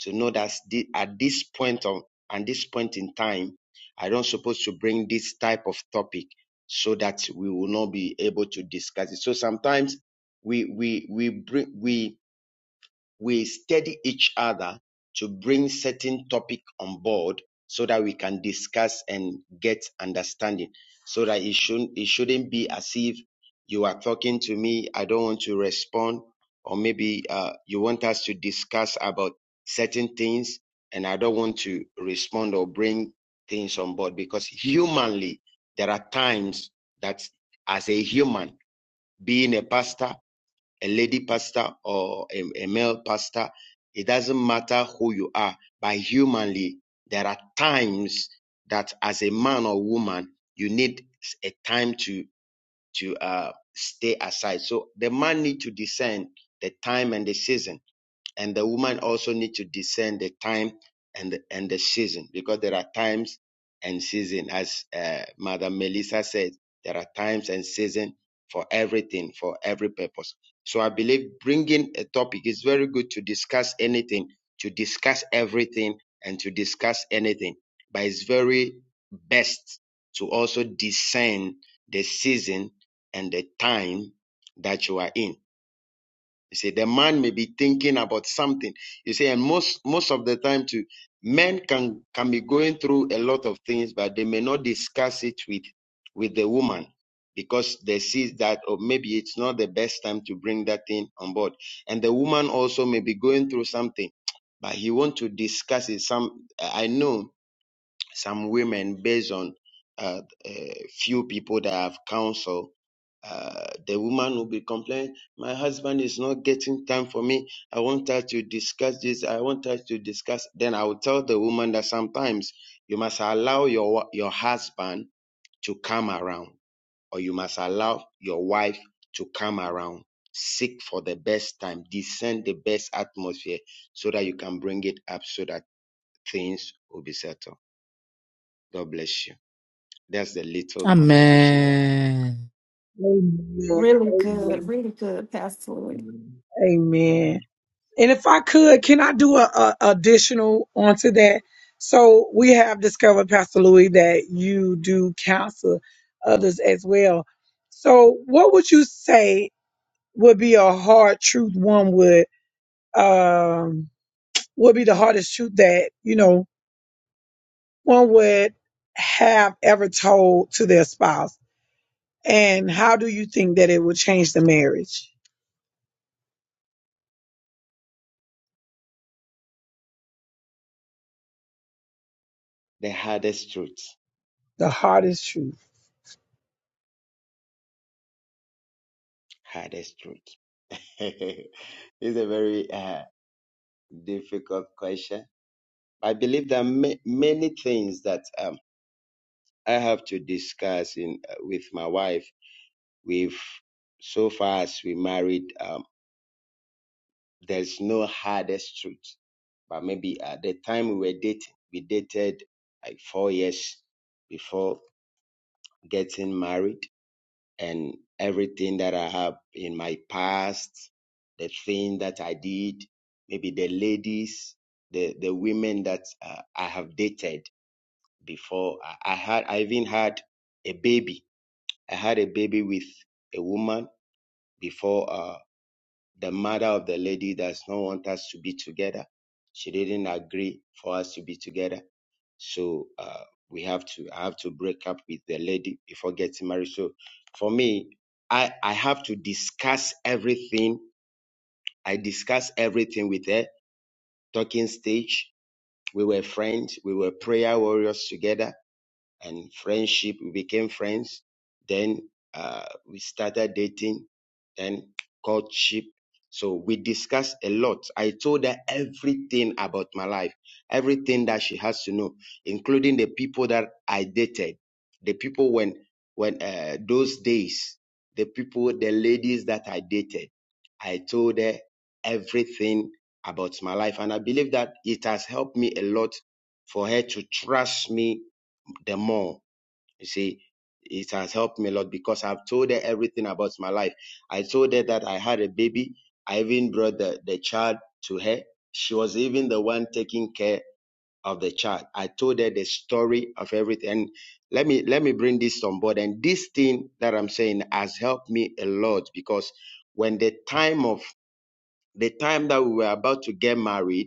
Speaker 7: to know that thi- at this point of at this point in time, I don't suppose to bring this type of topic so that we will not be able to discuss it. So sometimes we we we bring we we study each other to bring certain topic on board so that we can discuss and get understanding so that it shouldn't it shouldn't be as if you are talking to me i don't want to respond or maybe uh, you want us to discuss about certain things and i don't want to respond or bring things on board because humanly there are times that as a human being a pastor a lady pastor or a, a male pastor, it doesn't matter who you are, but humanly, there are times that as a man or woman, you need a time to to uh, stay aside. So the man need to discern the time and the season and the woman also need to discern the time and the, and the season because there are times and season as uh, mother melissa said there are times and season for everything for every purpose so i believe bringing a topic is very good to discuss anything to discuss everything and to discuss anything but it's very best to also discern the season and the time that you are in you see, the man may be thinking about something. You see, and most most of the time too, men can can be going through a lot of things, but they may not discuss it with with the woman because they see that or maybe it's not the best time to bring that thing on board. And the woman also may be going through something, but he want to discuss it. Some I know some women based on uh, a few people that have counsel. Uh, the woman will be complaining, My husband is not getting time for me. I want her to discuss this. I want her to discuss. Then I will tell the woman that sometimes you must allow your, wa- your husband to come around, or you must allow your wife to come around. Seek for the best time, discern the best atmosphere so that you can bring it up so that things will be settled. God bless you. That's the little contribution that I have.
Speaker 3: Amen.
Speaker 1: Amen.
Speaker 2: Really good,
Speaker 1: Amen.
Speaker 2: really good, Pastor Louis.
Speaker 1: Amen. And if I could, can I do a, a additional onto that? So we have discovered, Pastor Louis, that you do counsel others as well. So what would you say would be a hard truth one would um would be the hardest truth that, you know, one would have ever told to their spouse? And how do you think that it will change the marriage?
Speaker 7: The hardest truth,
Speaker 1: The hardest truth.
Speaker 7: hardest truth. it's a very uh, difficult question. I believe there are ma- many things that um, I have to discuss in uh, with my wife. We've so far as we married, um, there's no hardest truth. But maybe at the time we were dating, we dated like four years before getting married and everything that I have in my past, the thing that I did, maybe the ladies, the, the women that uh, I have dated before. I, I had, I even had a baby. I had a baby with a woman before. uh, the mother of the lady does not want us to be together. She didn't agree for us to be together. So uh, we have to I have to break up with the lady before getting married. So for me, I I have to discuss everything. I discuss everything with her. Talking stage. We were friends. We were prayer warriors together and friendship. We became friends. Then uh, we started dating, then courtship. So we discussed a lot. I told her everything about my life, everything that she has to know, including the people that I dated, the people when when uh, those days, the people, the ladies that I dated. I told her everything about my life, and I believe that it has helped me a lot for her to trust me the more you see, it has helped me a lot because I've told her everything about my life. I told her that I had a baby. I even brought the, the child to her. She was even the one taking care of the child. I told her the story of everything. And let me let me bring this on board. And this thing that I'm saying has helped me a lot because when the time of the time that we were about to get married,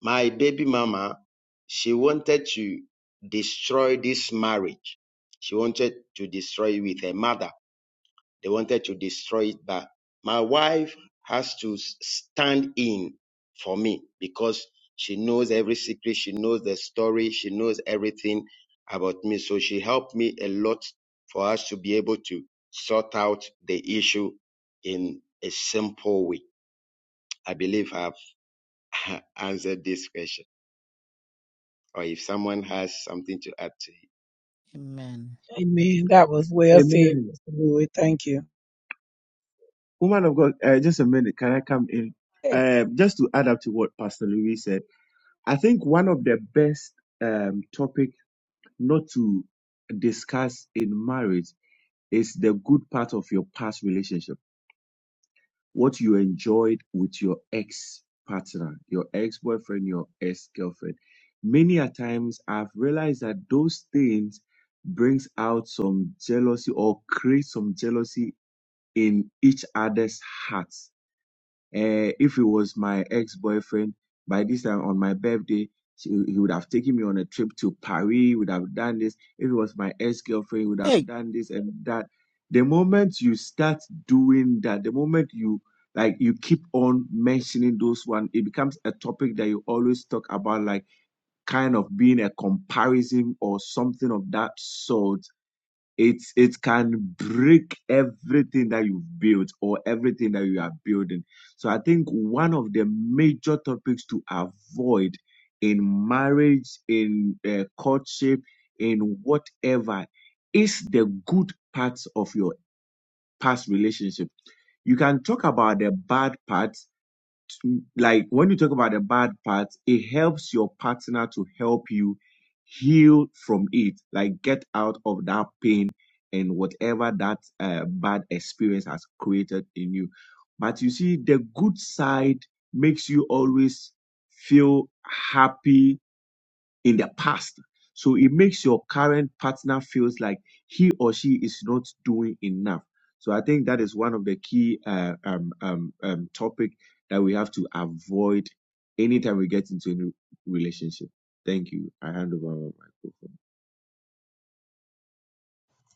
Speaker 7: my baby mama, she wanted to destroy this marriage. She wanted to destroy it with her mother. They wanted to destroy it, but my wife has to s- stand in for me because she knows every secret. She knows the story. She knows everything about me. So she helped me a lot for us to be able to sort out the issue in a simple way. I believe I've answered this question. or if someone has something to add to it.
Speaker 3: Amen.
Speaker 1: Amen. That was well said,
Speaker 5: Amen.
Speaker 1: Mr. Louis. Thank you.
Speaker 5: Woman of God, uh, just a minute. Can I come in? Uh, just to add up to what Pastor Louis said, I think one of the best um, topic not to discuss in marriage is the good part of your past relationship. what you enjoyed with your ex partner, your ex boyfriend, your ex girlfriend. Many a times I've realized that those things brings out some jealousy or create some jealousy in each other's hearts uh, if it was my ex boyfriend, by this time on my birthday, she, he would have taken me on a trip to Paris, would have done this. If it was my ex girlfriend, would have
Speaker 3: Hey,
Speaker 5: done this and that. The moment you start doing that, the moment you like you keep on mentioning those one, it becomes a topic that you always talk about, like kind of being a comparison or something of that sort it it can break everything that you've built or everything that you are building. So I think one of the major topics to avoid in marriage, in uh, courtship, in whatever is the good parts of your past relationship. You can talk about the bad parts like when you talk about the bad part, it helps your partner to help you heal from it, like get out of that pain and whatever that uh, bad experience has created in you. But you see, the good side makes you always feel happy in the past. So it makes your current partner feels like he or she is not doing enough. So I think that is one of the key uh, um, um, um, topic that we have to avoid anytime we get into a new relationship. Thank you. I hand over my microphone.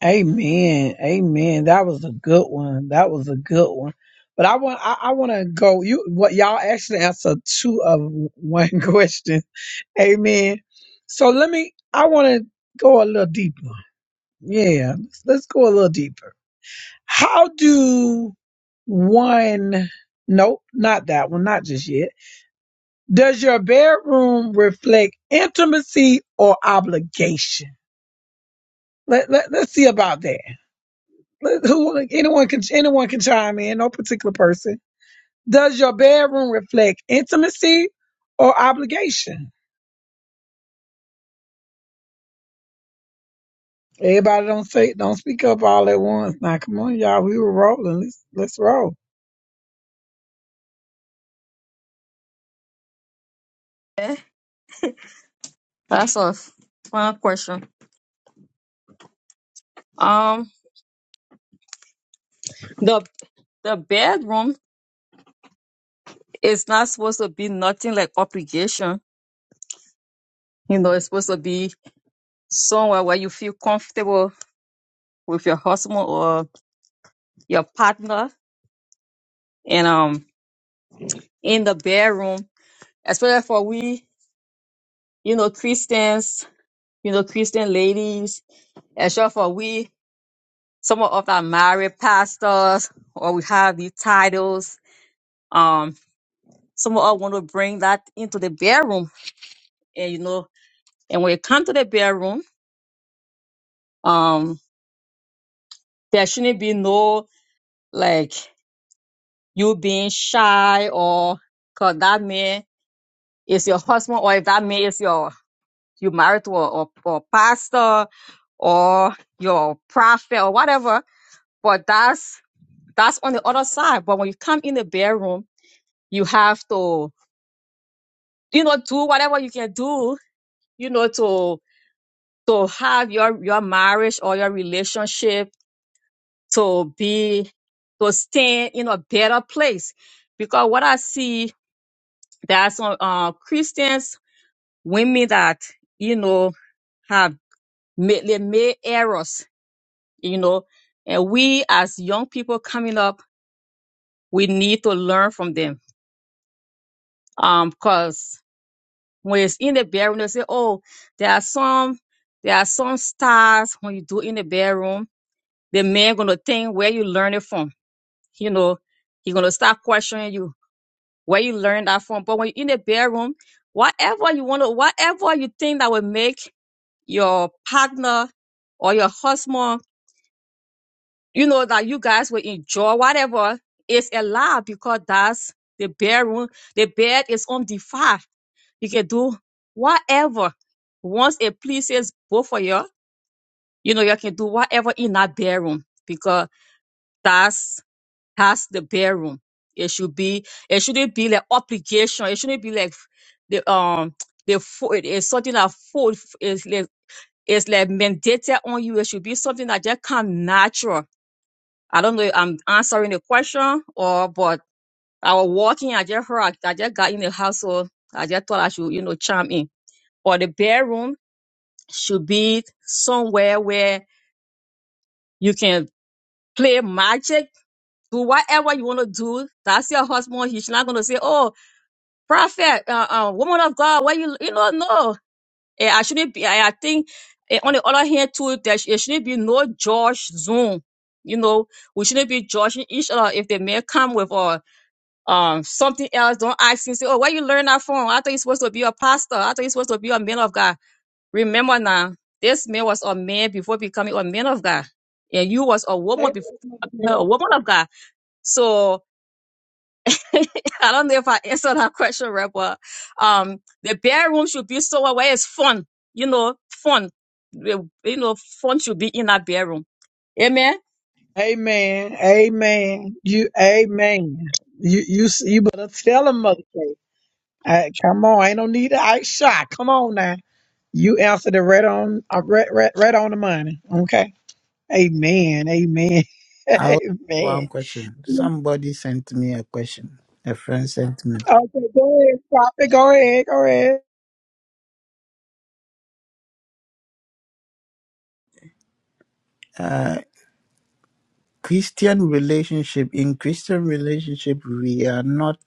Speaker 1: Amen. Amen. That was a good one. That was a good one. But I want I, I want to go you what y'all actually answered two of one question. Amen. So let me, I want to go a little deeper. Yeah, let's, let's go a little deeper. How do one, nope, not that one, not just yet. Does your bedroom reflect intimacy or obligation? Let, let, let's see about that. Let- who, anyone can, anyone can chime in, no particular person. Does your bedroom reflect intimacy or obligation? Everybody don't say don't speak up all at once. Now come on, y'all. We were rolling. Let's let's roll.
Speaker 4: Eh, That's a fun question. Um, the the bedroom is not supposed to be nothing like obligation. You know, it's supposed to be somewhere where you feel comfortable with your husband or your partner. And um, in the bedroom, especially for we you know, Christians, you know, Christian ladies, and sure for we, some of our married pastors, or we have these titles, um, some of us want to bring that into the bedroom, and you know, and when it comes to the bedroom, um, there shouldn't be no like you being shy or cause that man is your husband, or if that man is your you married to a, a a pastor or your prophet or whatever, but that's That's on the other side. But when you come in the bedroom, you have to, you know, do whatever you can do, you know, to to have your your marriage or your relationship to be to stand in a better place. Because what I see that's on uh, Christians, women that, you know, have made they made errors, you know, and we as young people coming up, we need to learn from them. um, because. when it's in the bedroom, they say, oh, there are some there are some stars when you do in the bedroom. The man gonna think where you learn it from. You know, he gonna start questioning you where you learn that from. But when you're in the bedroom, whatever you wanna, whatever you think that will make your partner or your husband, you know, that you guys will enjoy, whatever, is allowed because that's the bedroom. The bed is undefined You can do whatever. Once it pleases both of you, you know, you can do whatever in that bedroom because that's that's the bedroom. It should be it shouldn't be like obligation. It shouldn't be like the um the fo- it is something that food is like it's like mandated on you. It should be something that just come natural. I don't know if I'm answering the question or but I was walking, I just heard I just got in the house, so I just thought I should, you know, chime in. Or the bedroom should be somewhere where you can play magic, do whatever you want to do. That's your husband. He's not going to say, "Oh, prophet, uh, uh, woman of God, why you you know no." Eh, I shouldn't be. I, I think eh, on the other hand too, there sh- it shouldn't be no judge zone. You know, we shouldn't be judging each other. If the man come with uh, um something else, don't ask him. Say, "Oh, where you learn that from?" I thought you're supposed to be a pastor. I thought you're supposed to be a man of God Remember now, this man was a man before becoming a man of God, and you was a woman before a
Speaker 1: Amen.
Speaker 4: woman of God. So I don't know if I answered that question right, but um, the bedroom should be somewhere where it's fun. You know, fun. You know, fun should be in that bedroom. Amen.
Speaker 1: Amen. Amen. You amen. You you s- you better tell them, mother. Kay. Hey, come on, ain't no need to ice shot. Come on now. You answered it right on uh, right, right, right on the money. Okay. Amen. Amen.
Speaker 3: I have one
Speaker 1: amen.
Speaker 3: question. Somebody sent me a question. A friend sent me.
Speaker 1: Okay, go ahead, stop it. Go ahead, go ahead.
Speaker 3: Uh, Christian relationship in Christian relationship we are not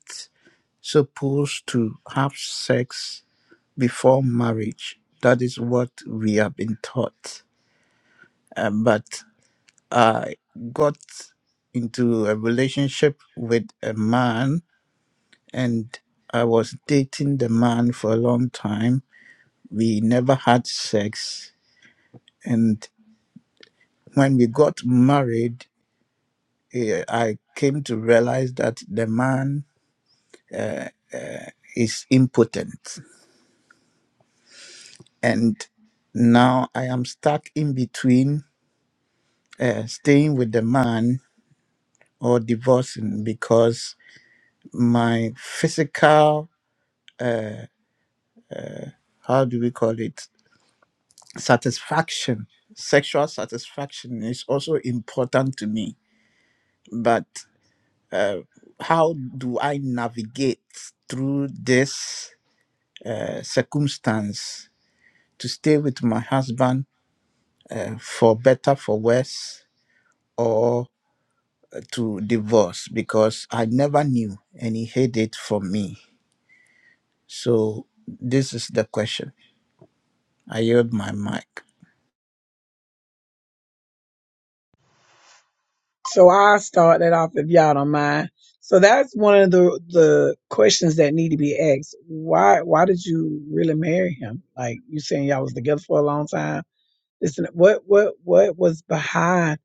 Speaker 3: supposed to have sex before marriage. That is what we have been taught. Uh, but I got into a relationship with a man and I was dating the man for a long time. We never had sex and when we got married, eh, I came to realize that the man is impotent And now I am stuck in between uh, staying with the man or divorcing because my physical, how do we call it, satisfaction, sexual satisfaction is also important to me. But uh, how do I navigate through this uh, circumstance to stay with my husband uh, for better, for worse? or? to divorce because I never knew and he hid it from me. So this is the question. I yield my mic.
Speaker 1: So I'll start that off if y'all don't mind. So that's one of the the questions that need to be asked. Why why did you really marry him? Like you saying y'all was together for a long time. Listen, what what what was behind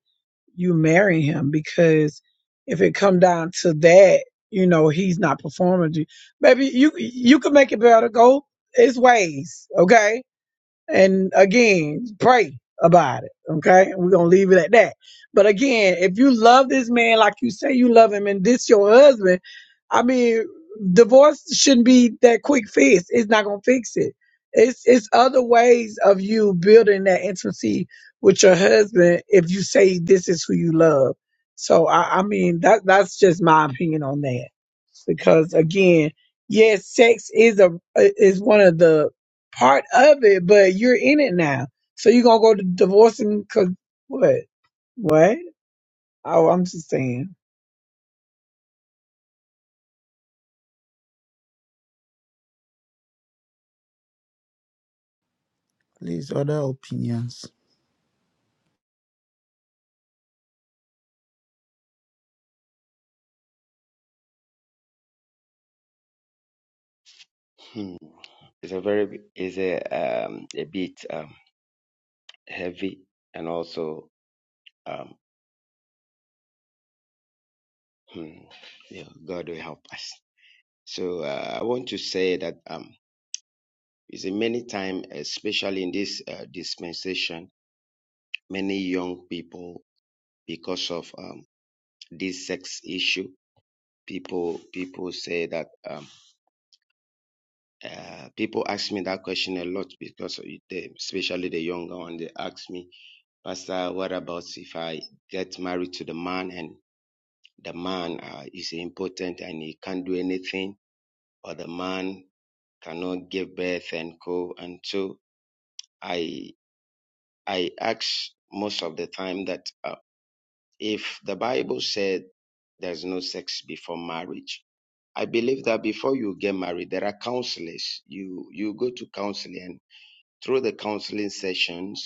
Speaker 1: you marrying him? Because if it come down to that, you know he's not performing. to Maybe you you could make it better. Go his ways, okay? And again, pray about it. Okay. We're going to leave it at that. But again, if you love this man like you say you love him and this your husband, I mean, divorce shouldn't be that quick fix. It's not going to fix it. It's, it's other ways of you building that intimacy with your husband if you say this is who you love. So I, I mean that that's just my opinion on that because again, yes, sex is a is one of the part of it, but you're in it now. So you're gonna go to divorcing cause what? What? Oh, I'm just saying.
Speaker 3: Please, other opinions.
Speaker 7: Hmm. It's a very it's a um a bit um heavy and also um hmm, yeah, God will help us. So uh, I want to say that um is many time especially in this uh, dispensation many young people because of um this sex issue people people say that um uh, people ask me that question a lot because of it, they, especially the younger one they ask me Pastor, what about if I get married to the man and the man uh, is impotent and he can't do anything, or the man cannot give birth and co? And so I I ask most of the time that uh, if the Bible said there's no sex before marriage, I believe that before you get married, there are counselors. You you go to counseling and through the counseling sessions,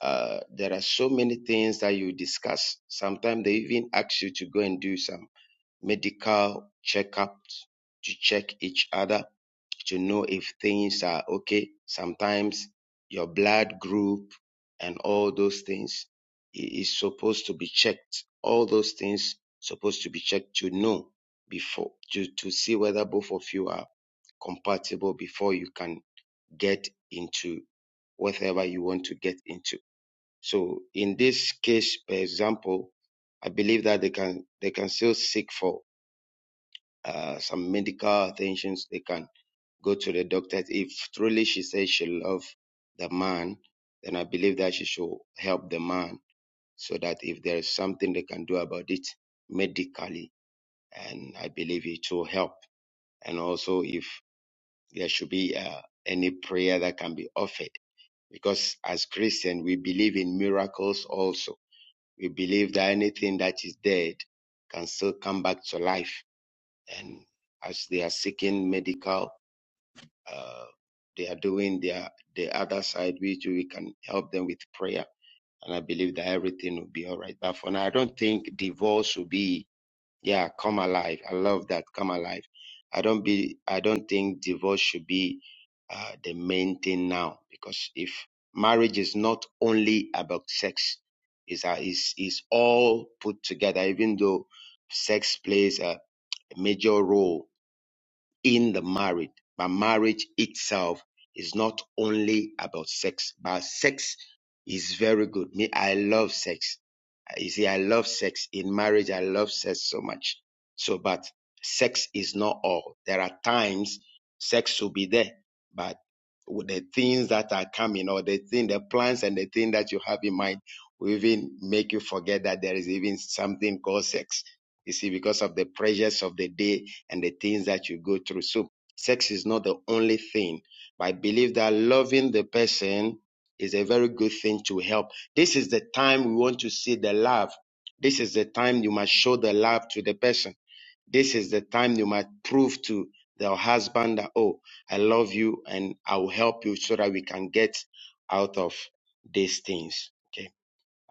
Speaker 7: uh, there are so many things that you discuss. Sometimes they even ask you to go and do some medical checkups to check each other to know if things are okay. Sometimes your blood group and all those things is supposed to be checked. All those things supposed to be checked to know before to, to see whether both of you are compatible before you can get into whatever you want to get into so in this case, for example, I believe that they can they can still seek for uh, some medical attentions. They can go to the doctor if truly she says she loves the man. Then I believe that she should help the man so that if there is something they can do about it medically, and I believe it will help. And also if there should be uh, any prayer that can be offered, because as Christians we believe in miracles also We believe that anything that is dead can still come back to life. And as they are seeking medical, uh, they are doing their the other side, which we can help them with prayer. And I believe that everything will be all right. But for now, I don't think divorce will be yeah, come alive. I love that. Come alive. I don't be. I don't think divorce should be uh, the main thing now because if marriage is not only about sex, is uh, is is all put together. Even though sex plays a major role in the marriage, but marriage itself is not only about sex. But sex is very good. Me, I love sex you see, I love sex. In marriage, I love sex so much. So, but sex is not all. There are times sex will be there, but with the things that are coming or the thing, the plans and the thing that you have in mind will even make you forget that there is even something called sex. You see, because of the pressures of the day and the things that you go through. So sex is not the only thing, but I believe that loving the person is a very good thing to help this is the time we want to see the love. This is the time you must show the love to the person. This is the time you must prove to the husband that, oh, I love you and I will help you so that we can get out of these things. Okay.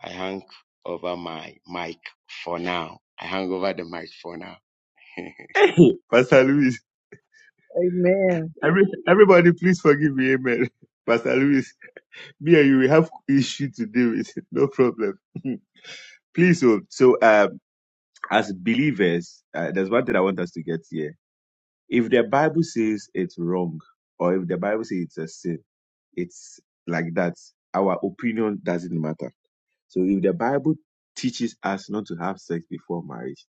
Speaker 7: I hang over my mic for now. I hang over the mic for now.
Speaker 5: Hey, Pastor Louis,
Speaker 1: Amen.
Speaker 5: every, everybody, please forgive me. Amen. Pastor Louis, me and you we have issue to deal with. No problem. please, so, so um, as believers, uh, there's one thing I want us to get here. If the Bible says it's wrong, or if the Bible says it's a sin, it's like that. Our opinion doesn't matter. So if the Bible teaches us not to have sex before marriage,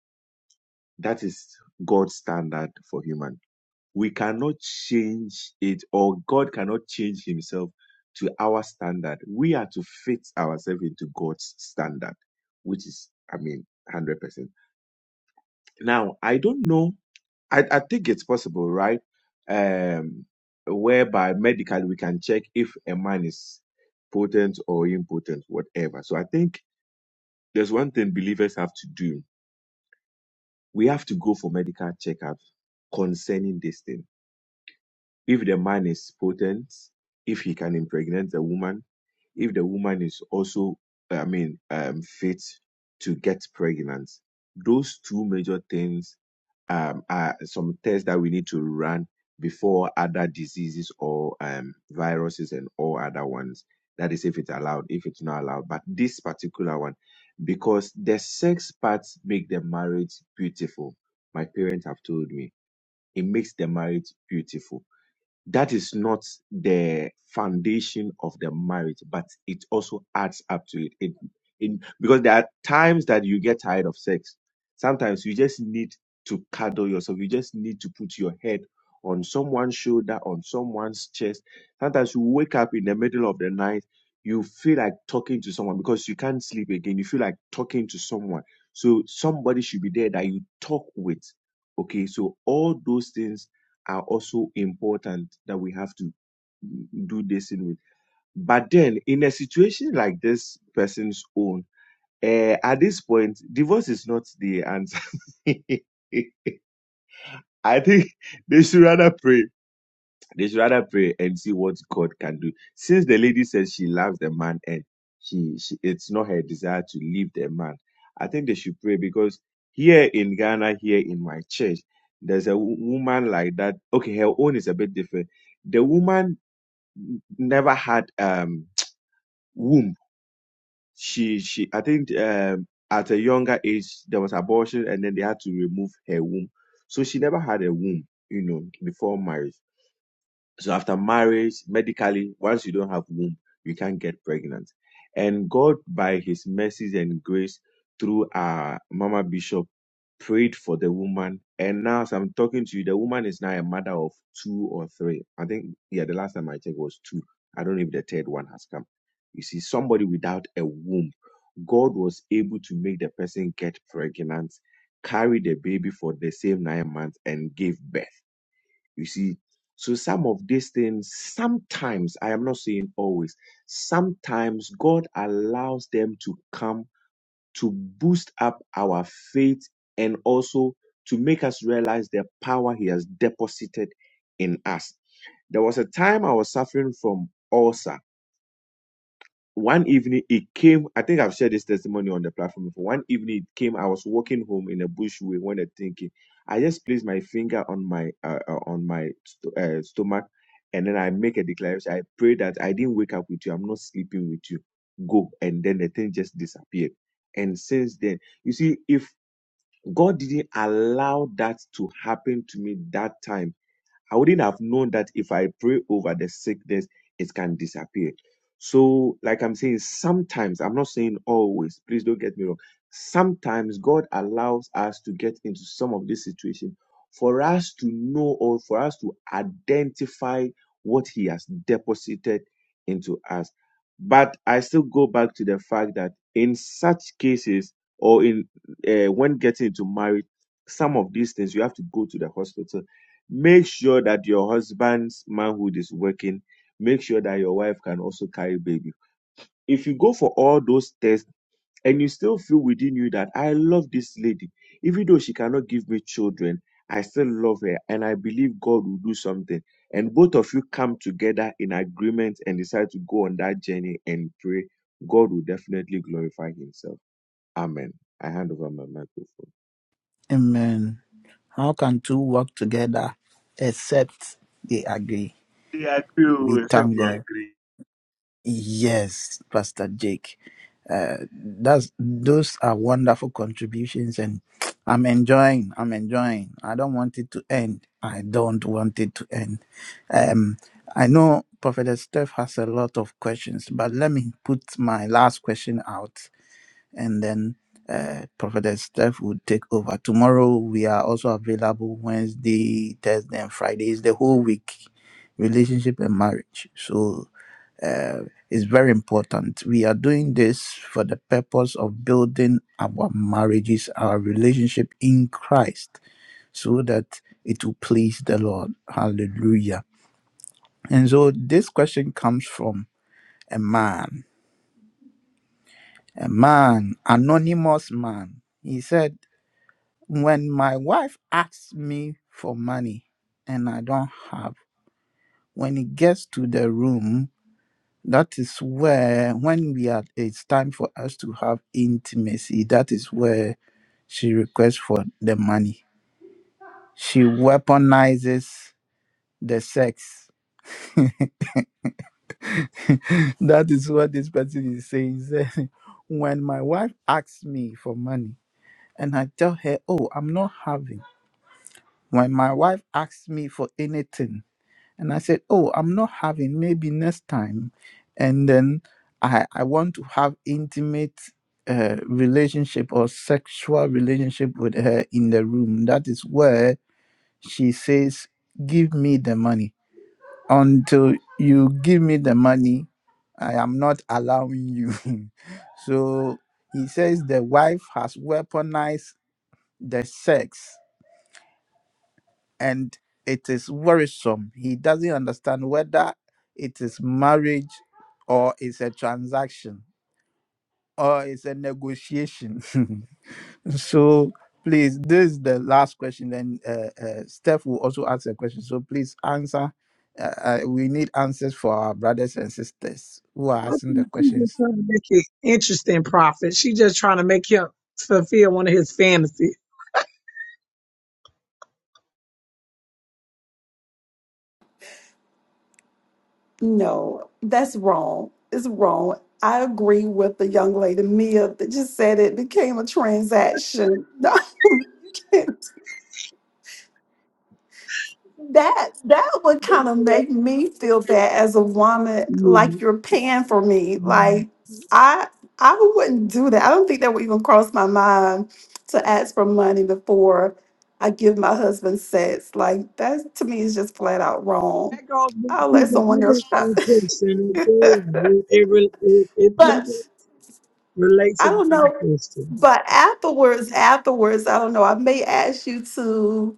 Speaker 5: that is God's standard for human. We cannot change it, or God cannot change Himself to our standard. We are to fit ourselves into God's standard, which is, I mean, 100%. Now, I don't know I, I think it's possible, right? Um, whereby medically we can check if a man is potent or impotent, whatever. So I think there's one thing believers have to do. We have to go for medical checkup concerning this thing if the man is potent, if he can impregnate the woman, if the woman is also, I mean, um, fit to get pregnant, those two major things um, are some tests that we need to run before other diseases or um, viruses and all other ones. That is, if it's allowed, if it's not allowed. But this particular one, because the sex parts make the marriage beautiful. My parents have told me it makes the marriage beautiful that is not the foundation of the marriage, but it also adds up to it. it in, because there are times that you get tired of sex. Sometimes you just need to cuddle yourself. You just need to put your head on someone's shoulder, on someone's chest. Sometimes you wake up in the middle of the night, you feel like talking to someone because you can't sleep again. You feel like talking to someone. So somebody should be there that you talk with. Okay, so all those things are also important that we have to do this in with. But then, in a situation like this person's own, uh, at this point, divorce is not the answer. I think they should rather pray. They should rather pray and see what God can do. Since the lady says she loves the man and she, she it's not her desire to leave the man, I think they should pray because here in Ghana, here in my church, there's a wo- woman like that. Okay, her own is a bit different. The woman n- never had um womb. She she I think um at a younger age there was abortion and then they had to remove her womb. So she never had a womb, you know, before marriage so after marriage, medically, once you don't have womb, you can't get pregnant. And God, by His mercies and grace, through our Mama Bishop, prayed for the woman. And now, as I'm talking to you, the woman is now a mother of two or three. I think, yeah, the last time I checked was two. I don't know if the third one has come. You see, somebody without a womb, God was able to make the person get pregnant, carry the baby for the same nine months, and give birth you see, so some of these things, sometimes, I am not saying always, sometimes God allows them to come to boost up our faith and also to make us realize the power He has deposited in us. There was a time I was suffering from ulcer one evening it came i think i've shared this testimony on the platform before one evening it came i was walking home in a bush way when i thinking i just placed my finger on my uh, uh, on my st- uh, stomach and then i make a declaration i pray that i didn't wake up with you i'm not sleeping with you go and then the thing just disappeared and since then you see if god didn't allow that to happen to me that time I wouldn't have known that if I pray over the sickness, it can disappear. So, like I'm saying, sometimes, I'm not saying always, please don't get me wrong. Sometimes God allows us to get into some of this situation for us to know or for us to identify what He has deposited into us. But I still go back to the fact that in such cases, or in uh, when getting into marriage, some of these things you have to go to the hospital Make sure that your husband's manhood is working. Make sure that your wife can also carry baby. If you go for all those tests and you still feel within you that I love this lady, even though she cannot give me children, I still love her and I believe God will do something. And both of you come together in agreement and decide to go on that journey and pray, God will definitely glorify Himself. Amen. I hand over my microphone.
Speaker 3: Amen. How can two work together except they agree? We thank God. Yes, Pastor Jake. Uh, that's those are wonderful contributions, and I'm enjoying. I'm enjoying. I don't want it to end. I don't want it to end. Um, I know Prophet Steph has a lot of questions, but let me put my last question out, and then uh, Prophet Steph will take over. Tomorrow we are also available Wednesday, Thursday, and Fridays the whole week, relationship and marriage. So uh, is very important. We are doing this for the purpose of building our marriages, our relationship in Christ, so that it will please the Lord. Hallelujah. And so this question comes from a man, a man, anonymous man. He said, When my wife asks me for money and I don't have, when it gets to the room, That is where, when we are, it's time for us to have intimacy. That is where she requests for the money. She weaponizes the sex. that is what this person is saying. He said, when my wife asks me for money and I tell her, oh, I'm not having, when my wife asks me for anything, And I said, Oh, I'm not having, maybe next time. And then I, I want to have intimate uh, relationship or sexual relationship with her in the room. That is where she says, Give me the money. Until you give me the money, I am not allowing you. so he says the wife has weaponized the sex and it is worrisome. He doesn't understand whether it is marriage or it's a transaction or it's a negotiation. so please, this is the last question. Then uh, uh, Steph will also ask a question. So please answer. Uh, uh, we need answers for our brothers and sisters who are
Speaker 1: I
Speaker 3: asking the
Speaker 1: think she's just
Speaker 3: questions.
Speaker 1: trying to make it interesting, Prophet. She just trying to make him fulfill one of his fantasies.
Speaker 2: No, that's wrong. It's wrong. I agree with the young lady Mia that just said it became a transaction. No, that that would kind of make me feel bad as a woman like you're paying for me like i i wouldn't do that i don't think that would even cross my mind to ask for money before i give my husband sex like that to me is just flat out wrong
Speaker 1: That goes back
Speaker 2: i'll
Speaker 1: to
Speaker 2: let
Speaker 1: the
Speaker 2: someone
Speaker 1: other
Speaker 2: else try.
Speaker 1: uh, question. It, it, re- it, it
Speaker 2: but
Speaker 1: really relates to
Speaker 2: I
Speaker 1: the
Speaker 2: don't
Speaker 1: other
Speaker 2: know,
Speaker 1: question.
Speaker 2: but afterwards, afterwards, I don't know. I may ask you to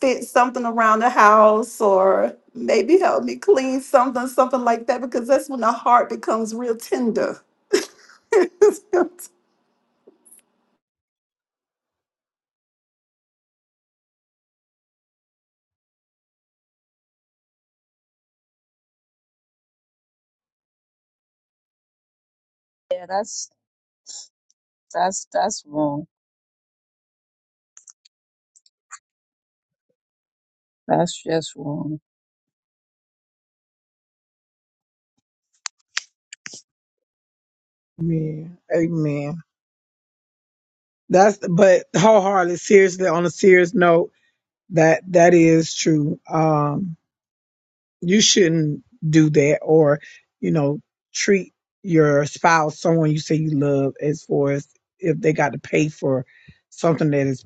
Speaker 2: fit something around the house or maybe help me clean something, something like that, because that's when the heart becomes real tender.
Speaker 4: Yeah, that's that's that's wrong. That's just wrong.
Speaker 1: Man, amen. That's but wholeheartedly, seriously, on a serious note, that that is true. Um you shouldn't do that or you know treat your spouse someone you say you love as far as if they got to pay for something that is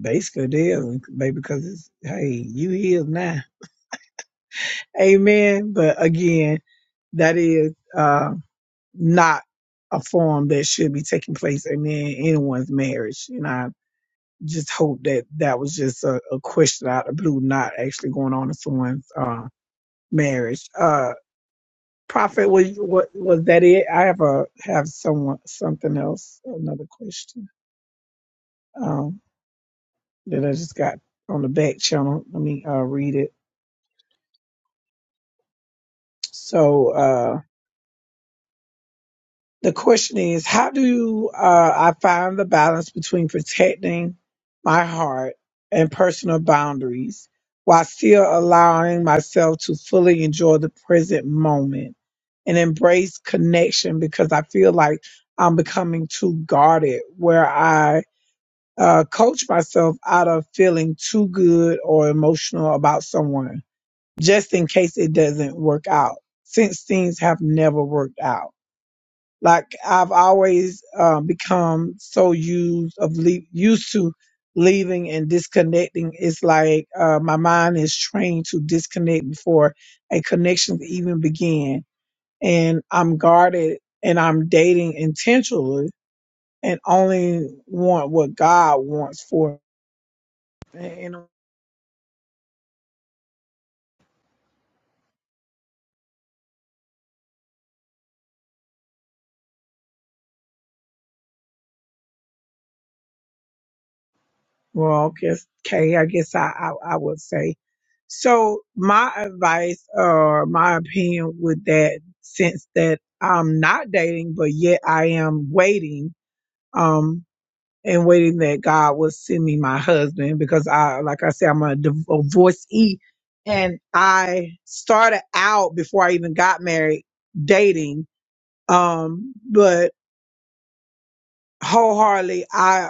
Speaker 1: basically theirs baby because it's hey you here now amen but again that is uh not a form that should be taking place in anyone's marriage and i just hope that that was just a, a question out of the blue not actually going on in someone's uh marriage Uh, Prophet, was was, was that it? I have a have someone something else, another question um, that I just got on the back channel. Let me uh, read it. So uh, the question is, how do uh, I find the balance between protecting my heart and personal boundaries while still allowing myself to fully enjoy the present moment and embrace connection? Because I feel like I'm becoming too guarded, where I uh, coach myself out of feeling too good or emotional about someone just in case it doesn't work out since things have never worked out. Like I've always uh, become so used of le- used to leaving and disconnecting. It's like uh, my mind is trained to disconnect before a connection even begin, and I'm guarded and I'm dating intentionally and only want what God wants for me Well, okay, okay, I guess I, I, I would say. So my advice or my opinion with that, since that I'm not dating, but yet I am waiting, um, and waiting that God will send me my husband because I, like I said, I'm a div- a divorcee and I started out before I even got married dating. Um, but wholeheartedly I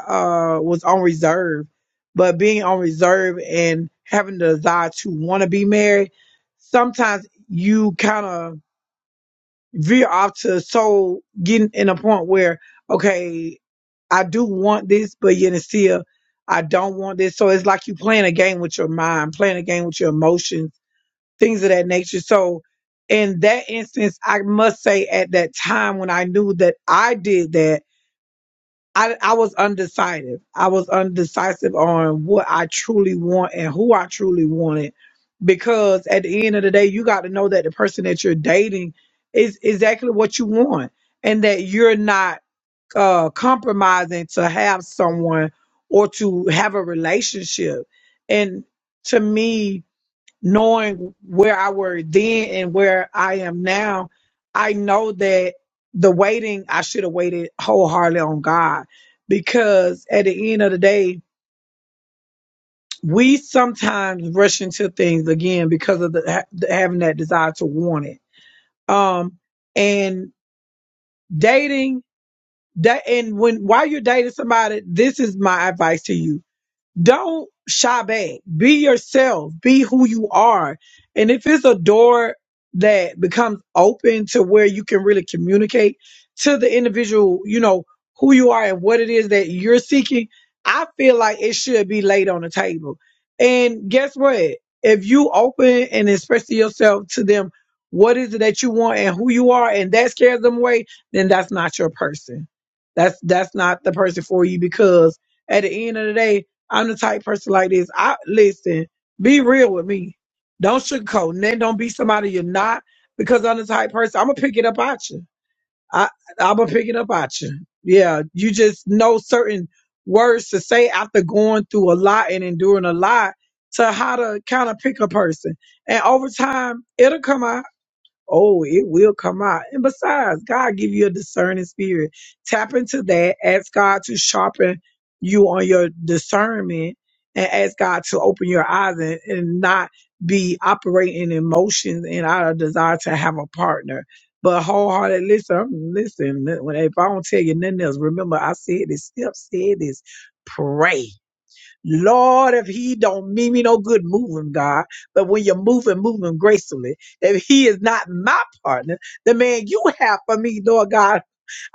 Speaker 1: uh was on reserve, but being on reserve and having the desire to want to be married, sometimes you kind of veer off to so getting in a point where okay, I do want this, but yet and still I don't want this. So it's like you playing a game with your mind, playing a game with your emotions, things of that nature. So in that instance, I must say at that time when I knew that I did that I, I was undecided. I was undecisive on what I truly want and who I truly wanted. Because at the end of the day, you got to know that the person that you're dating is exactly what you want and that you're not uh, compromising to have someone or to have a relationship. And to me, knowing where I were then and where I am now, I know that the waiting, I should have waited wholeheartedly on God because at the end of the day, we sometimes rush into things again because of the, ha- the- having that desire to want it. Um, and dating that, and when, while you're dating somebody, this is my advice to you don't shy back. Be yourself. Be who you are. And if it's a door that becomes open to where you can really communicate to the individual, you know, who you are and what it is that you're seeking, I feel like it should be laid on the table. And guess what? If you open and express to yourself to them what is it that you want and who you are and that scares them away, then that's not your person. That's that's not the person for you because at the end of the day, I'm the type person like this. I listen, be real with me. Don't sugarcoat. And then don't be somebody you're not because I'm the type person I'm gonna pick it up at you. I I'm gonna pick it up at you. Yeah, you just know certain words to say after going through a lot and enduring a lot to how to kind of pick a person. And over time, it'll come out Oh, it will come out. And besides, God give you a discerning spirit. Tap into that. Ask God to sharpen you on your discernment and ask God to open your eyes and, and not be operating in emotions and out of desire to have a partner. But wholehearted, listen, I'm- listen, when if I don't tell you nothing else, remember I said this, Steph said this, pray Lord, if he don't mean me no good, move him, God. But when you move him, move him gracefully. If he is not my partner, the man you have for me, Lord God,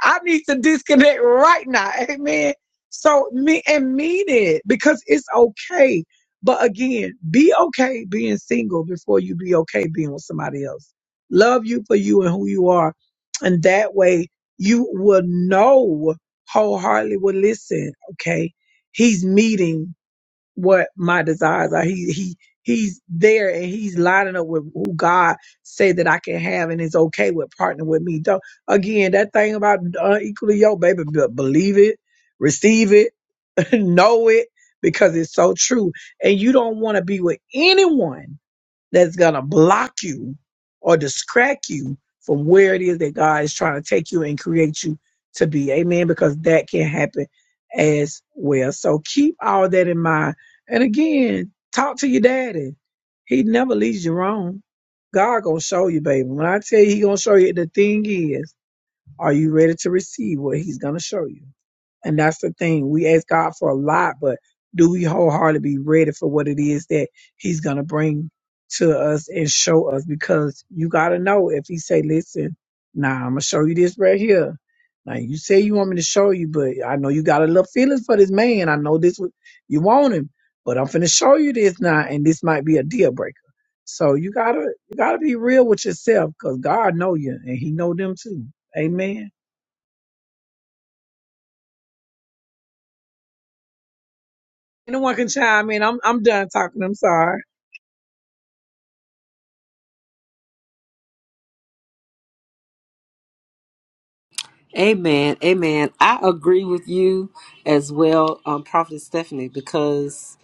Speaker 1: I need to disconnect right now. Amen. So me and mean it because it's okay. But again, be okay being single before you be okay being with somebody else. Love you for you and who you are. And that way you will know wholeheartedly will listen. Okay. He's meeting what my desires are. He he he's there and he's lining up with who God say that I can have and is okay with partnering with me. Don't again that thing about uh, equally yo baby be- believe it, receive it, know it because it's so true. And you don't want to be with anyone that's going to block you or distract you from where it is that God is trying to take you and create you to be. Amen. Because that can happen as well. So keep all that in mind. And again, talk to your daddy. He never leads you wrong. God gonna show you, baby. When I tell you he gonna show you, the thing is, are you ready to receive what he's gonna show you? And that's the thing. We ask God for a lot, but do we wholeheartedly be ready for what it is that He's gonna bring to us and show us? Because you gotta know if He say, "Listen, now I'm gonna show you this right here." Now you say you want me to show you, but I know you got a little feelings for this man. I know this was- you want him, but I'm finna show you this now, and this might be a deal breaker. So you gotta you gotta be real with yourself, cause God know you and He know them too. Amen. No one can chime in. I'm I'm done talking. I'm sorry.
Speaker 6: Amen. Amen. I agree with you as well, um, Prophet Stephanie, because,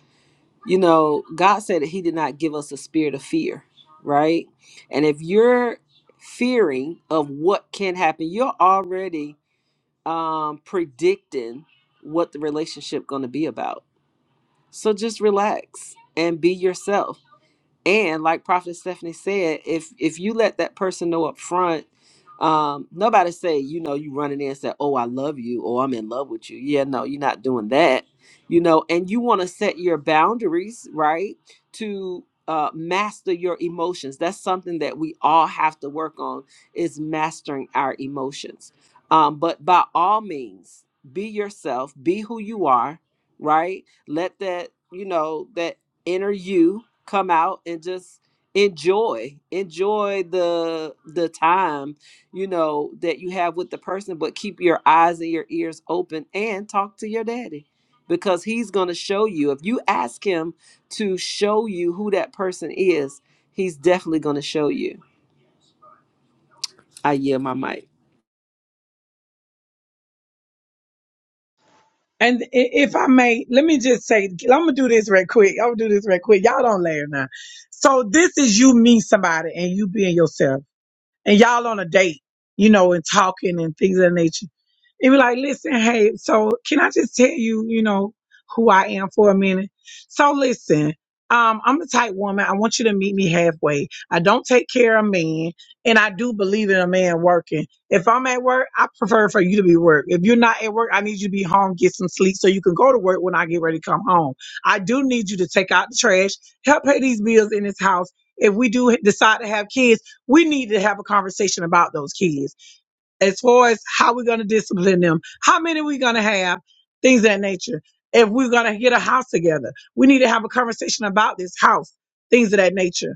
Speaker 6: you know, God said that He did not give us a spirit of fear, right? And if you're fearing of what can happen, you're already um, predicting what the relationship going to be about So just relax and be yourself. And like Prophet Stephanie said, if if you let that person know up front, um, nobody say, you know, you running in and say, Oh, I love you or I'm in love with you. Yeah, no, you're not doing that. You know, and you want to set your boundaries, right? To uh, master your emotions. That's something that we all have to work on is mastering our emotions. Um, but by all means, be yourself, be who you are, right? Let that, you know, that inner you come out and just enjoy enjoy the the time you know that you have with the person but keep your eyes and your ears open and talk to your daddy because he's going to show you if you ask him to show you who that person is he's definitely going to show you i yield my mic
Speaker 1: And i- if I may, let me just say, I'm gonna do this real quick. I'm gonna do this real quick. Y'all don't laugh now. So this is you meet somebody and you being yourself. and y'all on a date, you know, and talking and things of that nature. They be like, listen, hey, so can I just tell you, you know, who I am for a minute? So listen, um, I'm a type woman. I want you to meet me halfway. I don't take care of men, and I do believe in a man working. If I'm at work, I prefer for you to be at work. If you're not at work, I need you to be home, get some sleep, so you can go to work when I get ready to come home. I do need you to take out the trash, help pay these bills in this house. If we do decide to have kids we need to have a conversation about those kids as far as how we're going to discipline them, how many we're going to have, things of that nature. If we're going to get a house together, we need to have a conversation about this house, things of that nature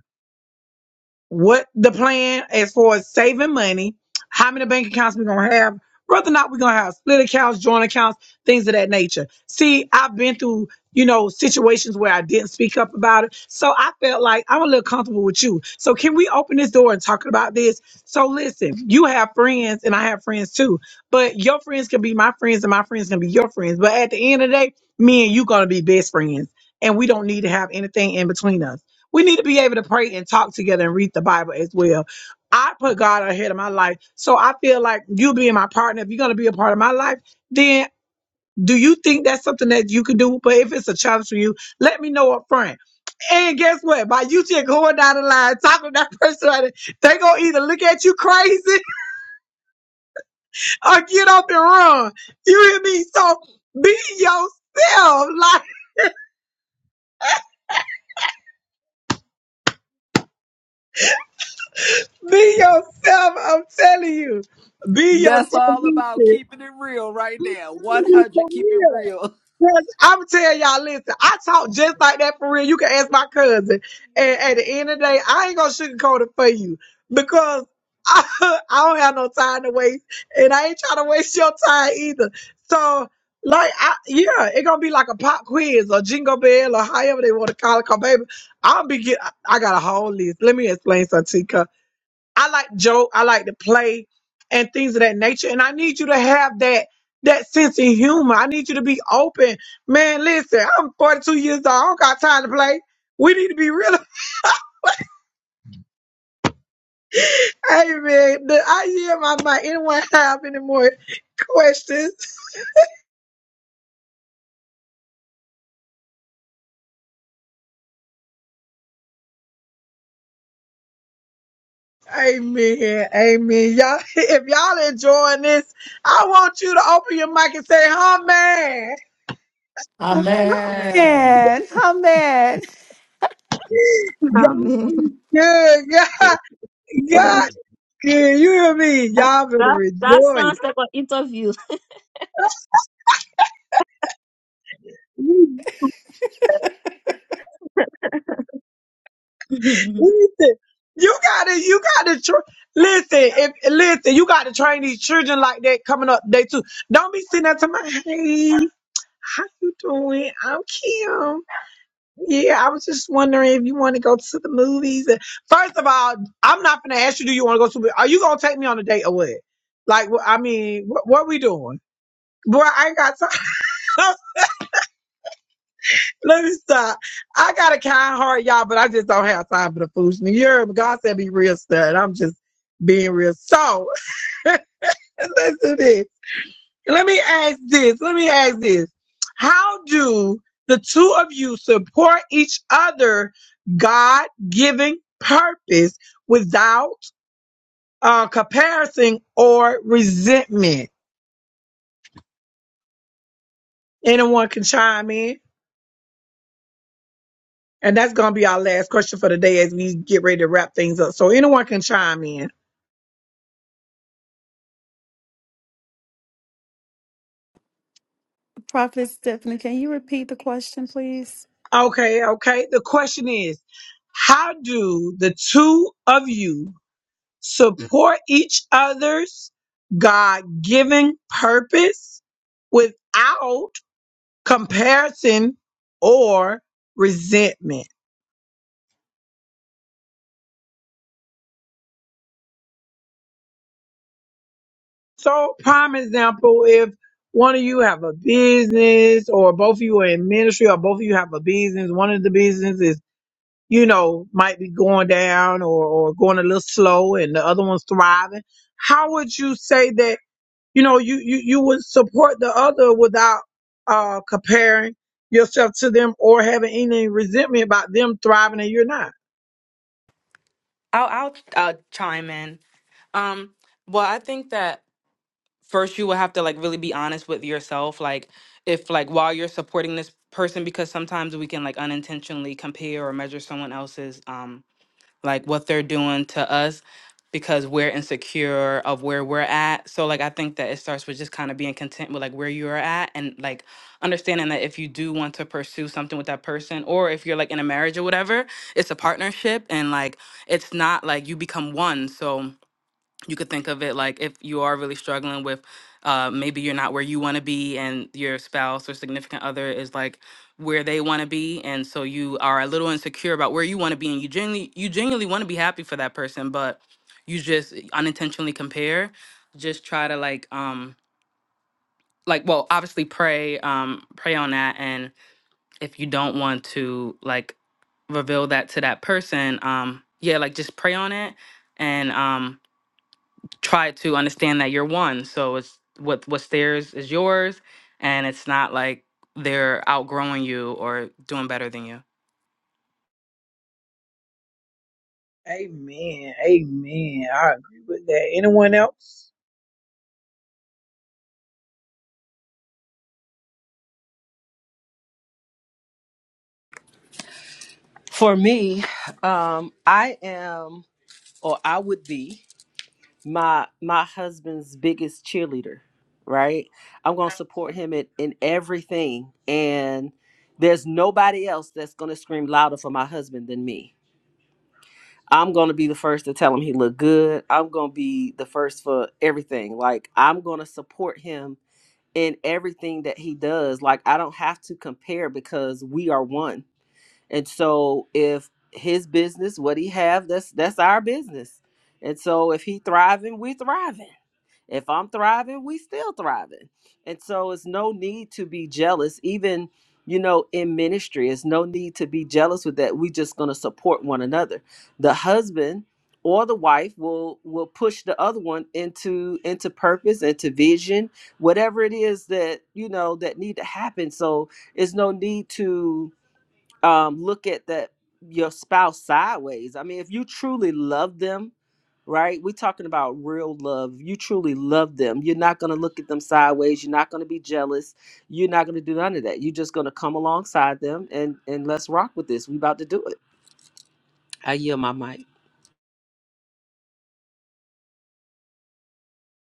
Speaker 1: what the plan as far as saving money, how many bank accounts we're gonna have, whether or not we're gonna have split accounts, joint accounts, things of that nature. See, I've been through, you know, situations where I didn't speak up about it. So I felt like I'm a little comfortable with you. So can we open this door and talk about this? So listen, you have friends and I have friends too. But your friends can be my friends and my friends can be your friends. But at the end of the day, me and you gonna be best friends. And we don't need to have anything in between us. We need to be able to pray and talk together and read the Bible as well. I put God ahead of my life. So I feel like you being my partner, if you're going to be a part of my life, then do you think that's something that you can do? But if it's a challenge for you, let me know up front. And guess what? By you just going down the line, talking to that person, like that, they going to either look at you crazy or get up and run. You hear me? So be yourself. Like, be yourself. I'm telling you. Be
Speaker 6: That's all about
Speaker 1: yourself.
Speaker 6: keeping it real right
Speaker 1: I'm
Speaker 6: now.
Speaker 1: telling you for
Speaker 6: 100, keep it
Speaker 1: real.
Speaker 6: real.
Speaker 1: Cause I'm telling y'all, listen, I talk just like that for real. You can ask my cousin. And at the end of the day, I ain't gonna sugarcoat it for you because I, I don't have no time to waste, and I ain't trying to waste your time either. So, like, I, yeah, it gonna be like a pop quiz or jingle bell or however they want to call it. Cause baby, I'll be get. I I got a whole list. Let me explain something, to you. I like to joke. I like to play and things of that nature. And I need you to have that that sense of humor. I need you to be open. Man, listen, I'm 42 years old. I don't got time to play. We need to be real. Amen. The idea of my mind. Anyone have any more questions? Amen. Amen. Y'all, if y'all enjoying this, I want you to open your mic and say, huh, man.
Speaker 2: Oh
Speaker 4: Eh,
Speaker 2: man,
Speaker 3: Amen.
Speaker 2: oh man.
Speaker 1: God
Speaker 4: Amen.
Speaker 1: is good. God, God is good. You hear me?
Speaker 4: That
Speaker 1: Y'all better
Speaker 4: that that
Speaker 1: rejoice.
Speaker 4: sounds like an interview.
Speaker 1: Listen, you gotta, you gotta tr- listen. If listen, you gotta train these children like that coming up day two. Don't be sitting there to my hey, how you doing? I'm Kim. Yeah, I was just wondering if you want to go to the movies. And First of all, I'm not gonna ask you. Do you want to go to? the- Are you gonna take me on a date or what? Like, wh- I mean, what, what we doing? Boy, I ain't got time. Let me stop. I got a kind heart, y'all, but I just don't have time for the foolishness. You heard me. God said be real stud. I'm just being real. So listen to this. Let me ask this. Let me ask this. How do the two of you support each other God given purpose without uh, comparison or resentment? Anyone can chime in. And that's gonna be our last question for the day as we get ready to wrap things up. So anyone can chime in.
Speaker 2: Prophet Stephanie, can you repeat the question, please?
Speaker 1: Okay, okay. The question is, how do the two of you support each other's God-given purpose without comparison or resentment? So, prime example, if one of you have a business or both of you are in ministry or both of you have a business, one of the businesses you know, might be going down or, or going a little slow and the other one's thriving. How would you say that, you know, you, you, you would support the other without uh, comparing yourself to them or having any resentment about them thriving and you're not?
Speaker 8: I'll I'll uh, chime in. Um, well, I think that first you will have to like really be honest with yourself, like if like while you're supporting this person, because sometimes we can like unintentionally compare or measure someone else's um like what they're doing to us because we're insecure of where we're at. So like I think that it starts with just kind of being content with like where you're at and like understanding that if you do want to pursue something with that person or if you're like in a marriage or whatever, it's a partnership and like it's not like you become one. So you could think of it like if you are really struggling with uh, maybe you're not where you want to be and your spouse or significant other is like where they want to be and so you are a little insecure about where you want to be and you genuinely you genuinely want to be happy for that person but you just unintentionally compare just try to like um like well obviously pray um pray on that and if you don't want to like reveal that to that person um yeah like just pray on it and um try to understand that you're one. So it's what what's theirs is yours, and it's not like they're outgrowing you or doing better than
Speaker 1: Amen. Amen. I agree with that. Anyone else?
Speaker 6: for me um i am or i would be my my husband's biggest cheerleader right i'm going to support him in, in everything and there's nobody else that's going to scream louder for my husband than me i'm going to be the first to tell him he looked good i'm going to be the first for everything like i'm going to support him in everything that he does like i don't have to compare because we are one and so if his business what he have that's that's our business and so if he thriving we thriving if I'm thriving, we still thriving. And so it's no need to be jealous, even you know, in ministry. It's no need to be jealous with that. We just gonna support one another. The husband or the wife will will push the other one into into purpose, into vision, whatever it is that you know that need to happen. So it's no need to um, look at that your spouse sideways. I mean, if you truly love them, right? We're talking about real love. You truly love them. You're not going to look at them sideways. You're not going to be jealous. You're not going to do none of that. You're just going to come alongside them and and let's rock with this. We about to do it. I yield my mic.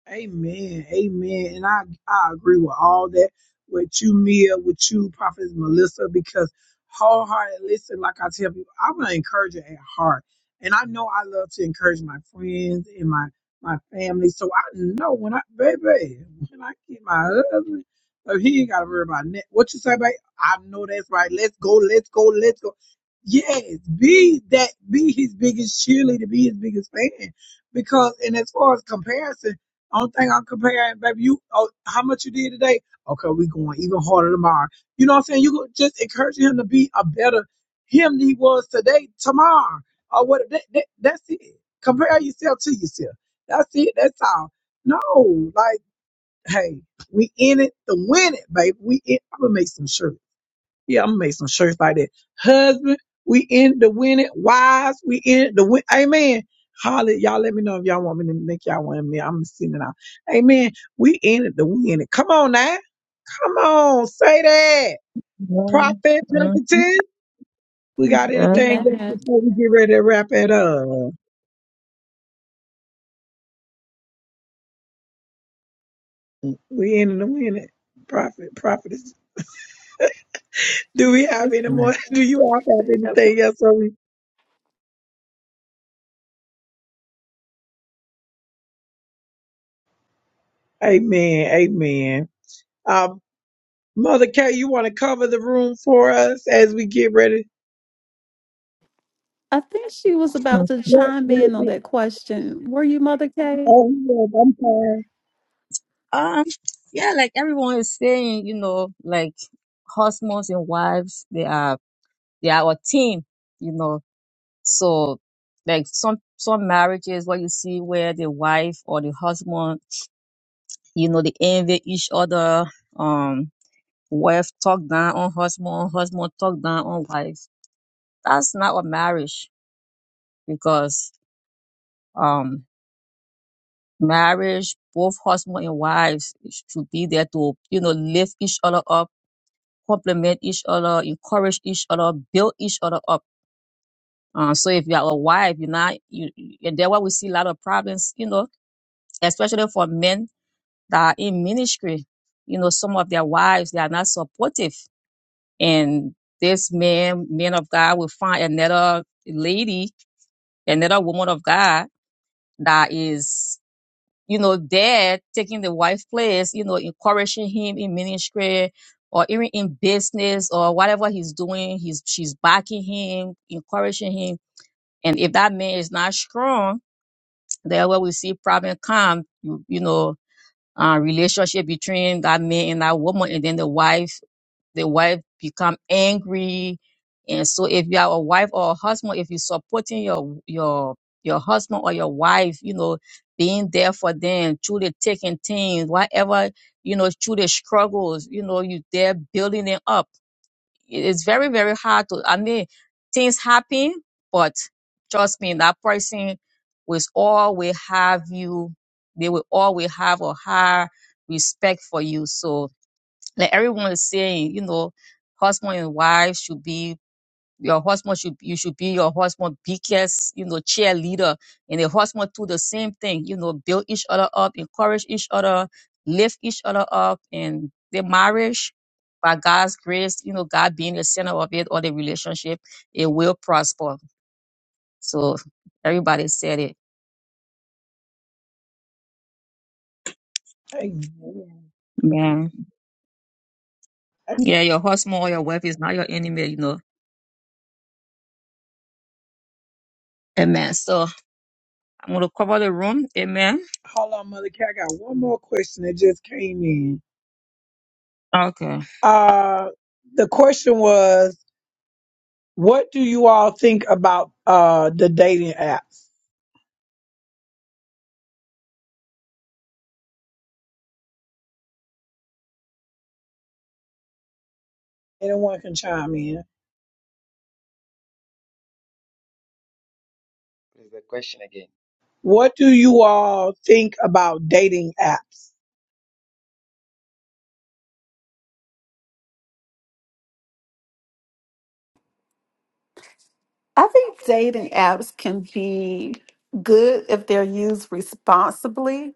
Speaker 1: Amen. Amen. And I, I agree with all that, with you, Mia, with you, Prophet Melissa, because wholehearted, listen, like I tell people, I'm an encourager at heart. And I know I love to encourage my friends and my, my family. So I know when I, baby, when I get my husband, so he ain't got to worry about that. What you say, babe? I know that's right. Let's go, let's go, let's go. Yes, be that, be his biggest cheerleader, be his biggest fan. Because, and as far as comparison, only thing I'm comparing, baby, you oh, how much you did today? Okay, we going even harder tomorrow. You know what I'm saying? You could just encouraging him to be a better him than he was today, tomorrow, or what? That, that, that's it. Compare yourself to yourself. That's it. That's all. No, like, hey, we in it to win it, baby. We in, I'm gonna make some shirts. Yeah, I'm gonna make some shirts like that. Husband, we in the winning. Wives, we in the win. Amen. Holly, y'all let me know if y'all want me to make y'all one me. I'm sending out. Amen. We in it the winning. Come on now. Come on. Say that. Prophet Templeton. We got
Speaker 4: Yeah.
Speaker 1: anything just before we get ready to wrap it up. We in it the winning. Prophet, prophetess. Do we have any more? Do you all have anything
Speaker 2: I
Speaker 1: else? Are we? Amen. Amen. Mother Kay, you want to cover the room for us as we get ready?
Speaker 2: think she was about to
Speaker 1: What,
Speaker 2: chime
Speaker 1: what,
Speaker 2: in on
Speaker 1: what?
Speaker 2: that question. Were you Mother Kay?
Speaker 1: Oh, yes, I'm sorry.
Speaker 4: Um, yeah, like everyone is saying, you know, like husbands and wives, they are they are a team, you know. So like some some marriages what you see where the wife or the husband, you know, they envy each other. Um wife talk down on husband, husband talk down on wife. That's not a marriage because um marriage, both husband and wives should be there to, you know, lift each other up Complement each other, encourage each other, build each other up. Uh, so if you are a wife, you're not, you, you- and that's why we see a lot of problems, you know, especially for men that are in ministry. You know, some of their wives, they are not supportive. And this man, man of God will find another lady, another woman of God that is you know, dad taking the wife's place, you know, encouraging him in ministry or even in business or whatever he's doing, he's she's backing him, encouraging him. And if that man is not strong, then where we see problem come, you, you know, uh, relationship between that man and that woman, and then the wife the wife become angry and so if you are a wife or a husband if you're supporting your your your husband or your wife you know being there for them through the thick and thin whatever you know through the struggles you know you there building it up It- it's very very hard to i mean things happen but trust me that person will always have you they will always have a high respect for you so like everyone is saying, you know, husband and wife should be your husband should you should be your husband biggest, you know, cheerleader. And the husband do the same thing, you know, build each other up, encourage each other, lift each other up and their marriage by God's grace, you know, God being the center of it or the relationship, it will prosper. So everybody said it.
Speaker 1: Amen.
Speaker 4: Man.
Speaker 1: Uh,
Speaker 4: Yeah, your husband or your wife is not your enemy, you know. Amen. So I'm gonna cover the room. Amen.
Speaker 1: Hold on, Mother Kay. I got one more question that just came in.
Speaker 4: Okay.
Speaker 1: Uh, the question was, what do you all think about uh, the dating apps? Anyone can chime in. What do you all think about dating apps?
Speaker 2: I think dating apps can be good if they're used responsibly.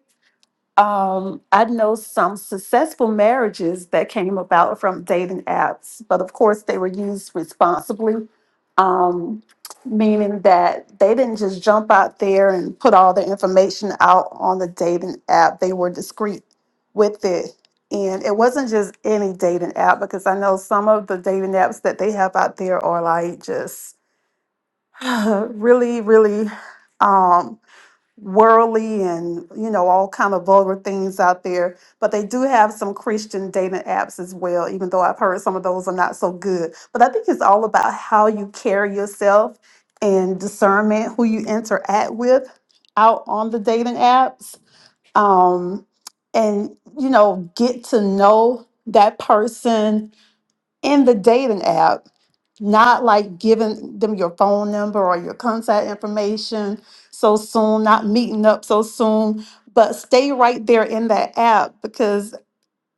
Speaker 2: Um, I know some successful marriages that came about from dating apps, but of course they were used responsibly, um, meaning that they didn't just jump out there and put all the information out on the dating app. They were discreet with it. And it wasn't just any dating app, because I know some of the dating apps that they have out there are like just really, really um, worldly and you know all kind of vulgar things out there. But they do have some Christian dating apps as well. Even though I've heard some of those are not so good, but I think it's all about how you carry yourself and discernment who you interact with out on the dating apps. Um, and you know, get to know that person in the dating app, not like giving them your phone number or your contact information so soon, not meeting up so soon, but stay right there in that app because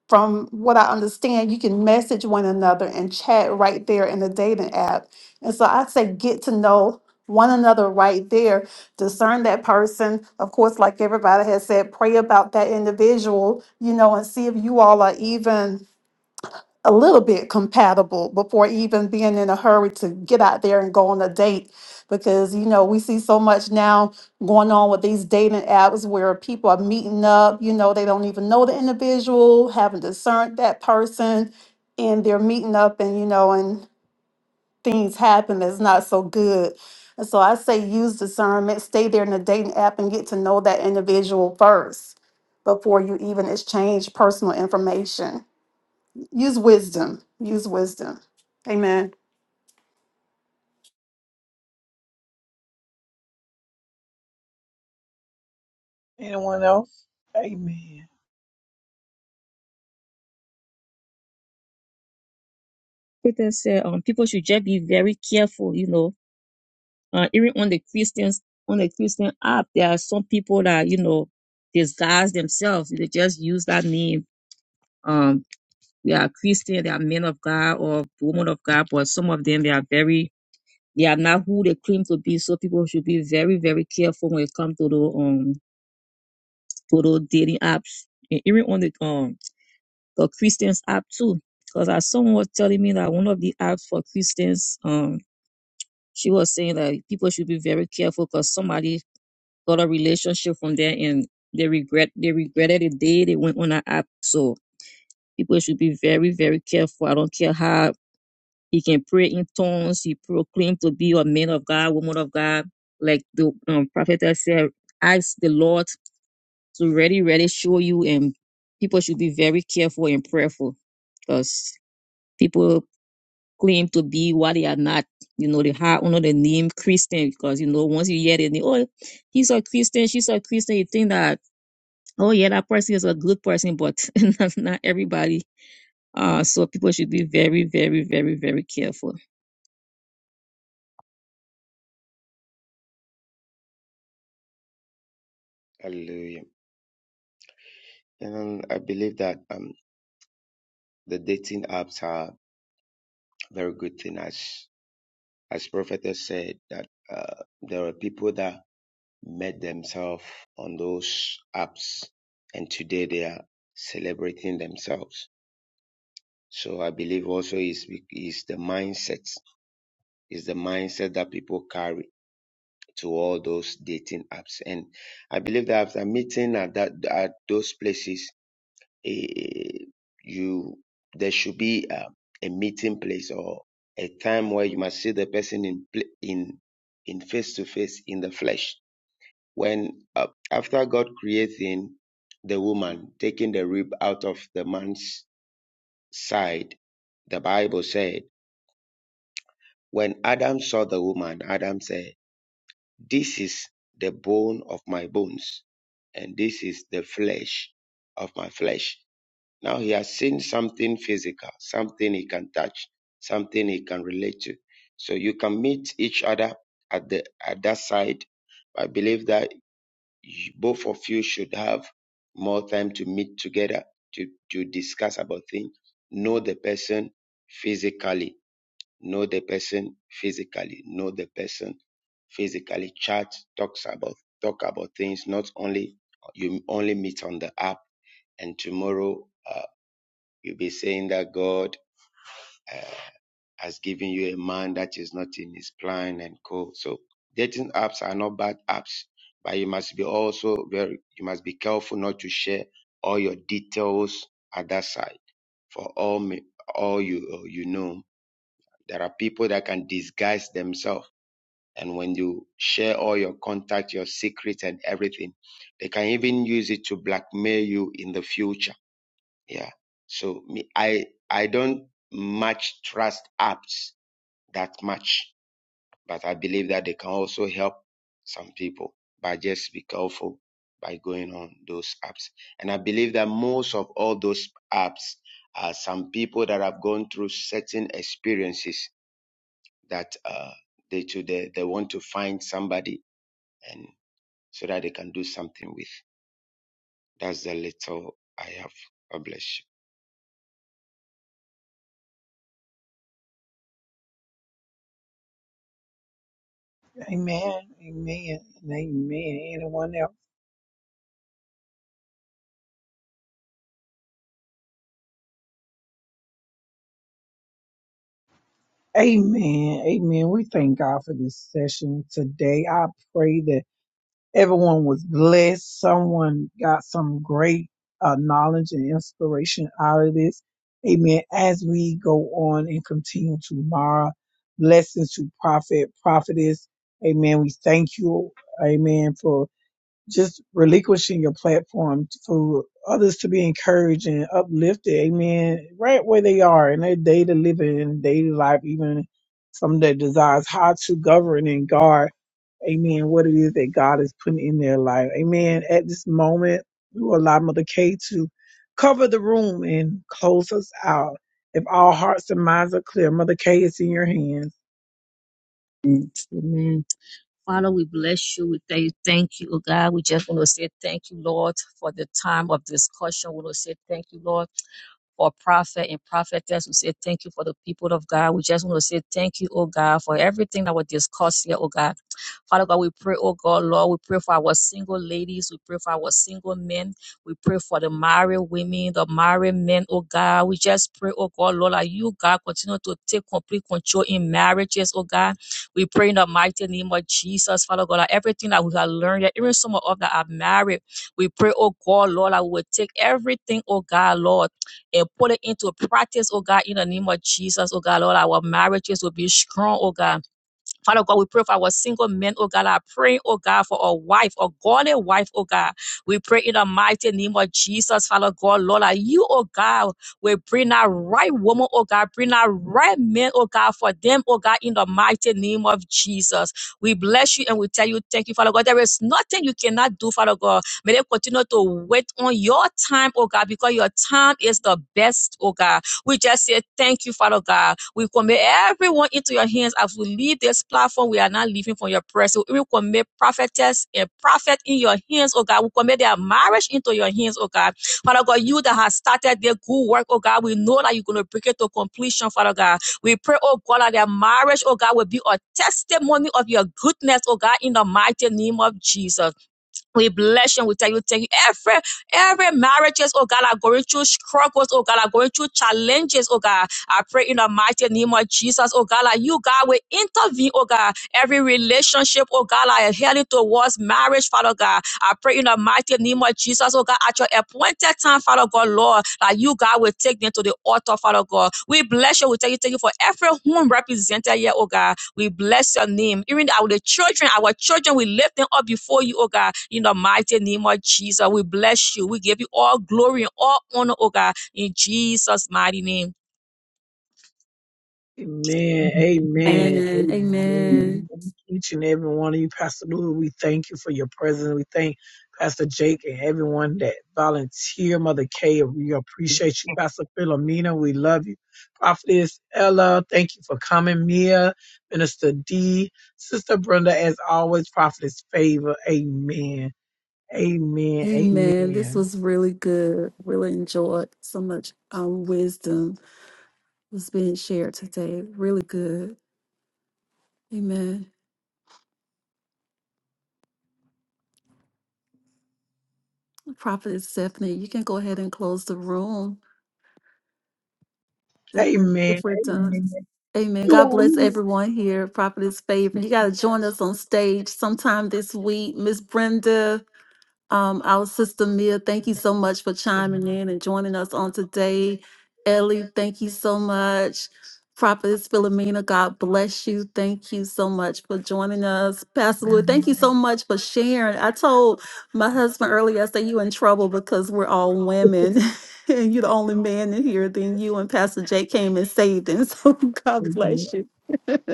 Speaker 2: from what I understand, you can message one another and chat right there in the dating app. And so I say get to know one another right there, discern that person. Of course, like everybody has said, pray about that individual, you know, and see if you all are even a little bit compatible before even being in a hurry to get out there and go on a date because you know we see so much now going on with these dating apps where people are meeting up you know they don't even know the individual haven't discerned that person and they're meeting up and you know and things happen that's not so good and so i say use discernment stay there in the dating app and get to know that individual first before you even exchange personal information Use wisdom. Use wisdom. Amen.
Speaker 1: Anyone else? Amen.
Speaker 4: Peter said, um, people should just be very careful, you know. Uh, even on the Christians, on the Christian app, there are some people that, you know, disguise themselves. They just use that name. Um, they are Christian, they are men of God or women of God, but some of them, they are very, they are not who they claim to be. So people should be very, very careful when it comes to the, um, to those dating apps. And even on the, um, the Christians app too. Cause as someone was telling me that one of the apps for Christians, um, She was saying that people should be very careful because somebody got a relationship from there and they regret they regretted the day they went on that app. So people should be very, very careful. I don't care how he can pray in tongues, he proclaimed to be a man of God, woman of God, like the um, prophet said, ask the Lord to really, really show you and people should be very careful and prayerful because people claim to be what they are not. You know, they hide under the name Christian because you know once you hear the name, oh, he's a Christian, she's a Christian, you think that oh yeah, that person is a good person, but not, not everybody. Uh, so people should be very, very, very, very careful.
Speaker 7: Hallelujah. And I believe that um, the dating apps are a very good thing, as as prophetess said that uh, there are people that made themselves on those apps and today they are celebrating themselves so i believe also is is the mindset is the mindset that people carry to all those dating apps and i believe that after meeting at that at those places eh, you there should be a, a meeting place or a time where you must see the person in pla- in in face to face in the flesh When uh, after God creating the woman, taking the rib out of the man's side, the Bible said, when Adam saw the woman, Adam said, "This is the bone of my bones, and this is the flesh of my flesh." Now he has seen something physical, something he can touch, something he can relate to. So you can meet each other at the at that side. I believe that you- both of you should have more time to meet together to, to discuss about things. Know the person physically. Know the person physically. Know the person physically. Chat talks about talk about things. Not only you only meet on the app, and tomorrow uh, you'll be saying that God. uh, has given you a man that is not in his plan and co. So dating apps are not bad apps, but you must be also very, you must be careful not to share all your details at that side. For all me, all you uh, you know, there are people that can disguise themselves, and when you share all your contact, your secrets, and everything, they can even use it to blackmail you in the future. Yeah. So me, I I don't much trust apps that much but I believe that they can also help some people by just be careful by going on those apps. And I believe that most of all those apps are some people that have gone through certain experiences that uh, they to they, they want to find somebody and so that they can do something with. That's the little I have. God bless you.
Speaker 1: Amen. Amen. and Amen. Anyone else? Amen. Amen. We thank God for this session today. I pray that. Everyone was blessed. Someone got some great uh, knowledge and inspiration out of this. Amen. As we go on and continue tomorrow, blessings to prophet, prophetess. Amen. We thank you. Amen. For just relinquishing your platform for others to be encouraged and uplifted, amen, right where they are in their day to living and daily life, even some that desires how to govern and guard, amen, what it is that God is putting in their life. Amen. At this moment, we will allow Mother Kay to cover the room and close us out. If all hearts and minds are clear, Mother Kay is in your hands.
Speaker 4: Mm. Amen. Father, we bless you. We thank you. Thank you, oh God. We just want to say thank you, Lord, for the time of discussion. We want to say thank you, Lord. for prophet and prophetess. We say thank you for the people of God. We just want to say thank you, oh God, for everything that was discussed here, oh God. Father God, we pray, oh God, Lord, we pray for our single ladies. We pray for our single men. We pray for the married women, the married men, oh God. We just pray, oh God, Lord, that you, God, continue to take complete control in marriages, oh God. We pray in the mighty name of Jesus, Father God, that everything that we have learned, that even some of us that are married, we pray, oh God, Lord, that we will take everything, oh God, Lord and put it into practice, oh God, in the name of Jesus, oh God, Lord, our marriages will be strong, oh God. Father God, we pray for our single men, oh God. I pray, oh God, for a wife, a godly wife, oh God. We pray in the mighty name of Jesus, Father God, Lord, that you, oh God, will bring that right woman, oh God, bring that right man, oh God, for them, oh God, in the mighty name of Jesus. We bless you and we tell you thank you, Father God. There is nothing you cannot do, Father God. May they continue to wait on your time, oh God, because your time is the best, oh God. We just say thank you, Father God. We commit everyone into your hands as we leave this platform. We are not leaving from your presence. We commit prophetess and prophet in your hands, oh God. We commit their marriage into your hands, oh God. Father God, you that has started their good work, oh God, we know that you're going to bring it to completion, Father God. We pray, oh God, that their marriage, oh God, will be a testimony of your goodness, oh God, in the mighty name of Jesus. We bless you we tell you, thank you. Every, every marriages, oh God, are going through struggles, oh God, are going through challenges, oh God. I pray in the mighty name of Jesus, oh God, like you, God, will intervene, oh God. Every relationship, oh God, like heading towards marriage, Father God. I pray in the mighty name of Jesus, oh God, at your appointed time, Father God, Lord, that you, God, will take them to the altar, Father God. We bless you, we thank you, thank you for every home represented here, oh God. We bless your name. Even our the children, our children, we lift them up before you, oh God, in the mighty name of Jesus. We bless you. We give you all glory and all honor, oh God, in Jesus' mighty name.
Speaker 1: Amen.
Speaker 8: you.
Speaker 1: Amen. Amen.
Speaker 2: Amen.
Speaker 1: Thank each and every one of you, Pastor Lou. We thank you for your presence. We thank Pastor Jake and everyone that volunteer. Mother Kay, we appreciate you. Pastor Philomena, we love you. Prophetess Ella, thank you for coming. Mia, Minister D, Sister Brenda, as always, Prophetess Favor. Amen. Amen.
Speaker 2: Amen. This
Speaker 1: Amen.
Speaker 2: was really good. Really enjoyed so much um, wisdom was being shared today. Really good. Amen. Prophet Stephanie, you can go ahead and close the room if we're if
Speaker 1: Amen.
Speaker 2: we're done.
Speaker 1: Amen.
Speaker 2: Amen. God bless
Speaker 1: You are.
Speaker 2: everyone here. Prophet is favor. You gotta join us on stage sometime this week. Miss Brenda. Um, our sister Mia, thank you so much for chiming in and joining us on today. Ellie, thank you so much. Prophetess Philomena, God bless you. Thank you so much for joining us. Pastor Louis, thank you so much for sharing. I told my husband earlier, I said, you in trouble because we're all women. and you're the only man in here. Then you and Pastor Jake came and saved him. So God
Speaker 1: Amen.
Speaker 2: bless you.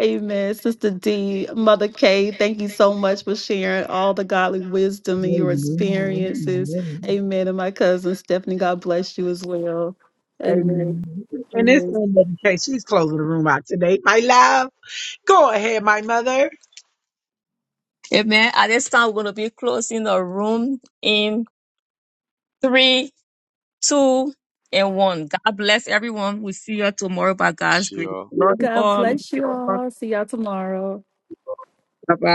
Speaker 2: Amen. Sister D, Mother K, thank you so much for sharing all the godly wisdom and your experiences.
Speaker 1: Amen.
Speaker 2: Amen. And my cousin Stephanie, God bless you as well. And
Speaker 1: Amen. And it's Mother case, She's closing the room out today. My love, go ahead, my mother.
Speaker 4: Amen. At this time, we're going to be closing the room in three, two, and one. God bless everyone. We see you tomorrow by
Speaker 7: Bless
Speaker 4: God's grace.
Speaker 7: you all.
Speaker 4: Love you
Speaker 2: God,
Speaker 4: all. Love
Speaker 2: bless
Speaker 4: you
Speaker 2: you
Speaker 4: all.
Speaker 2: all. See y'all tomorrow.
Speaker 4: Bye-bye.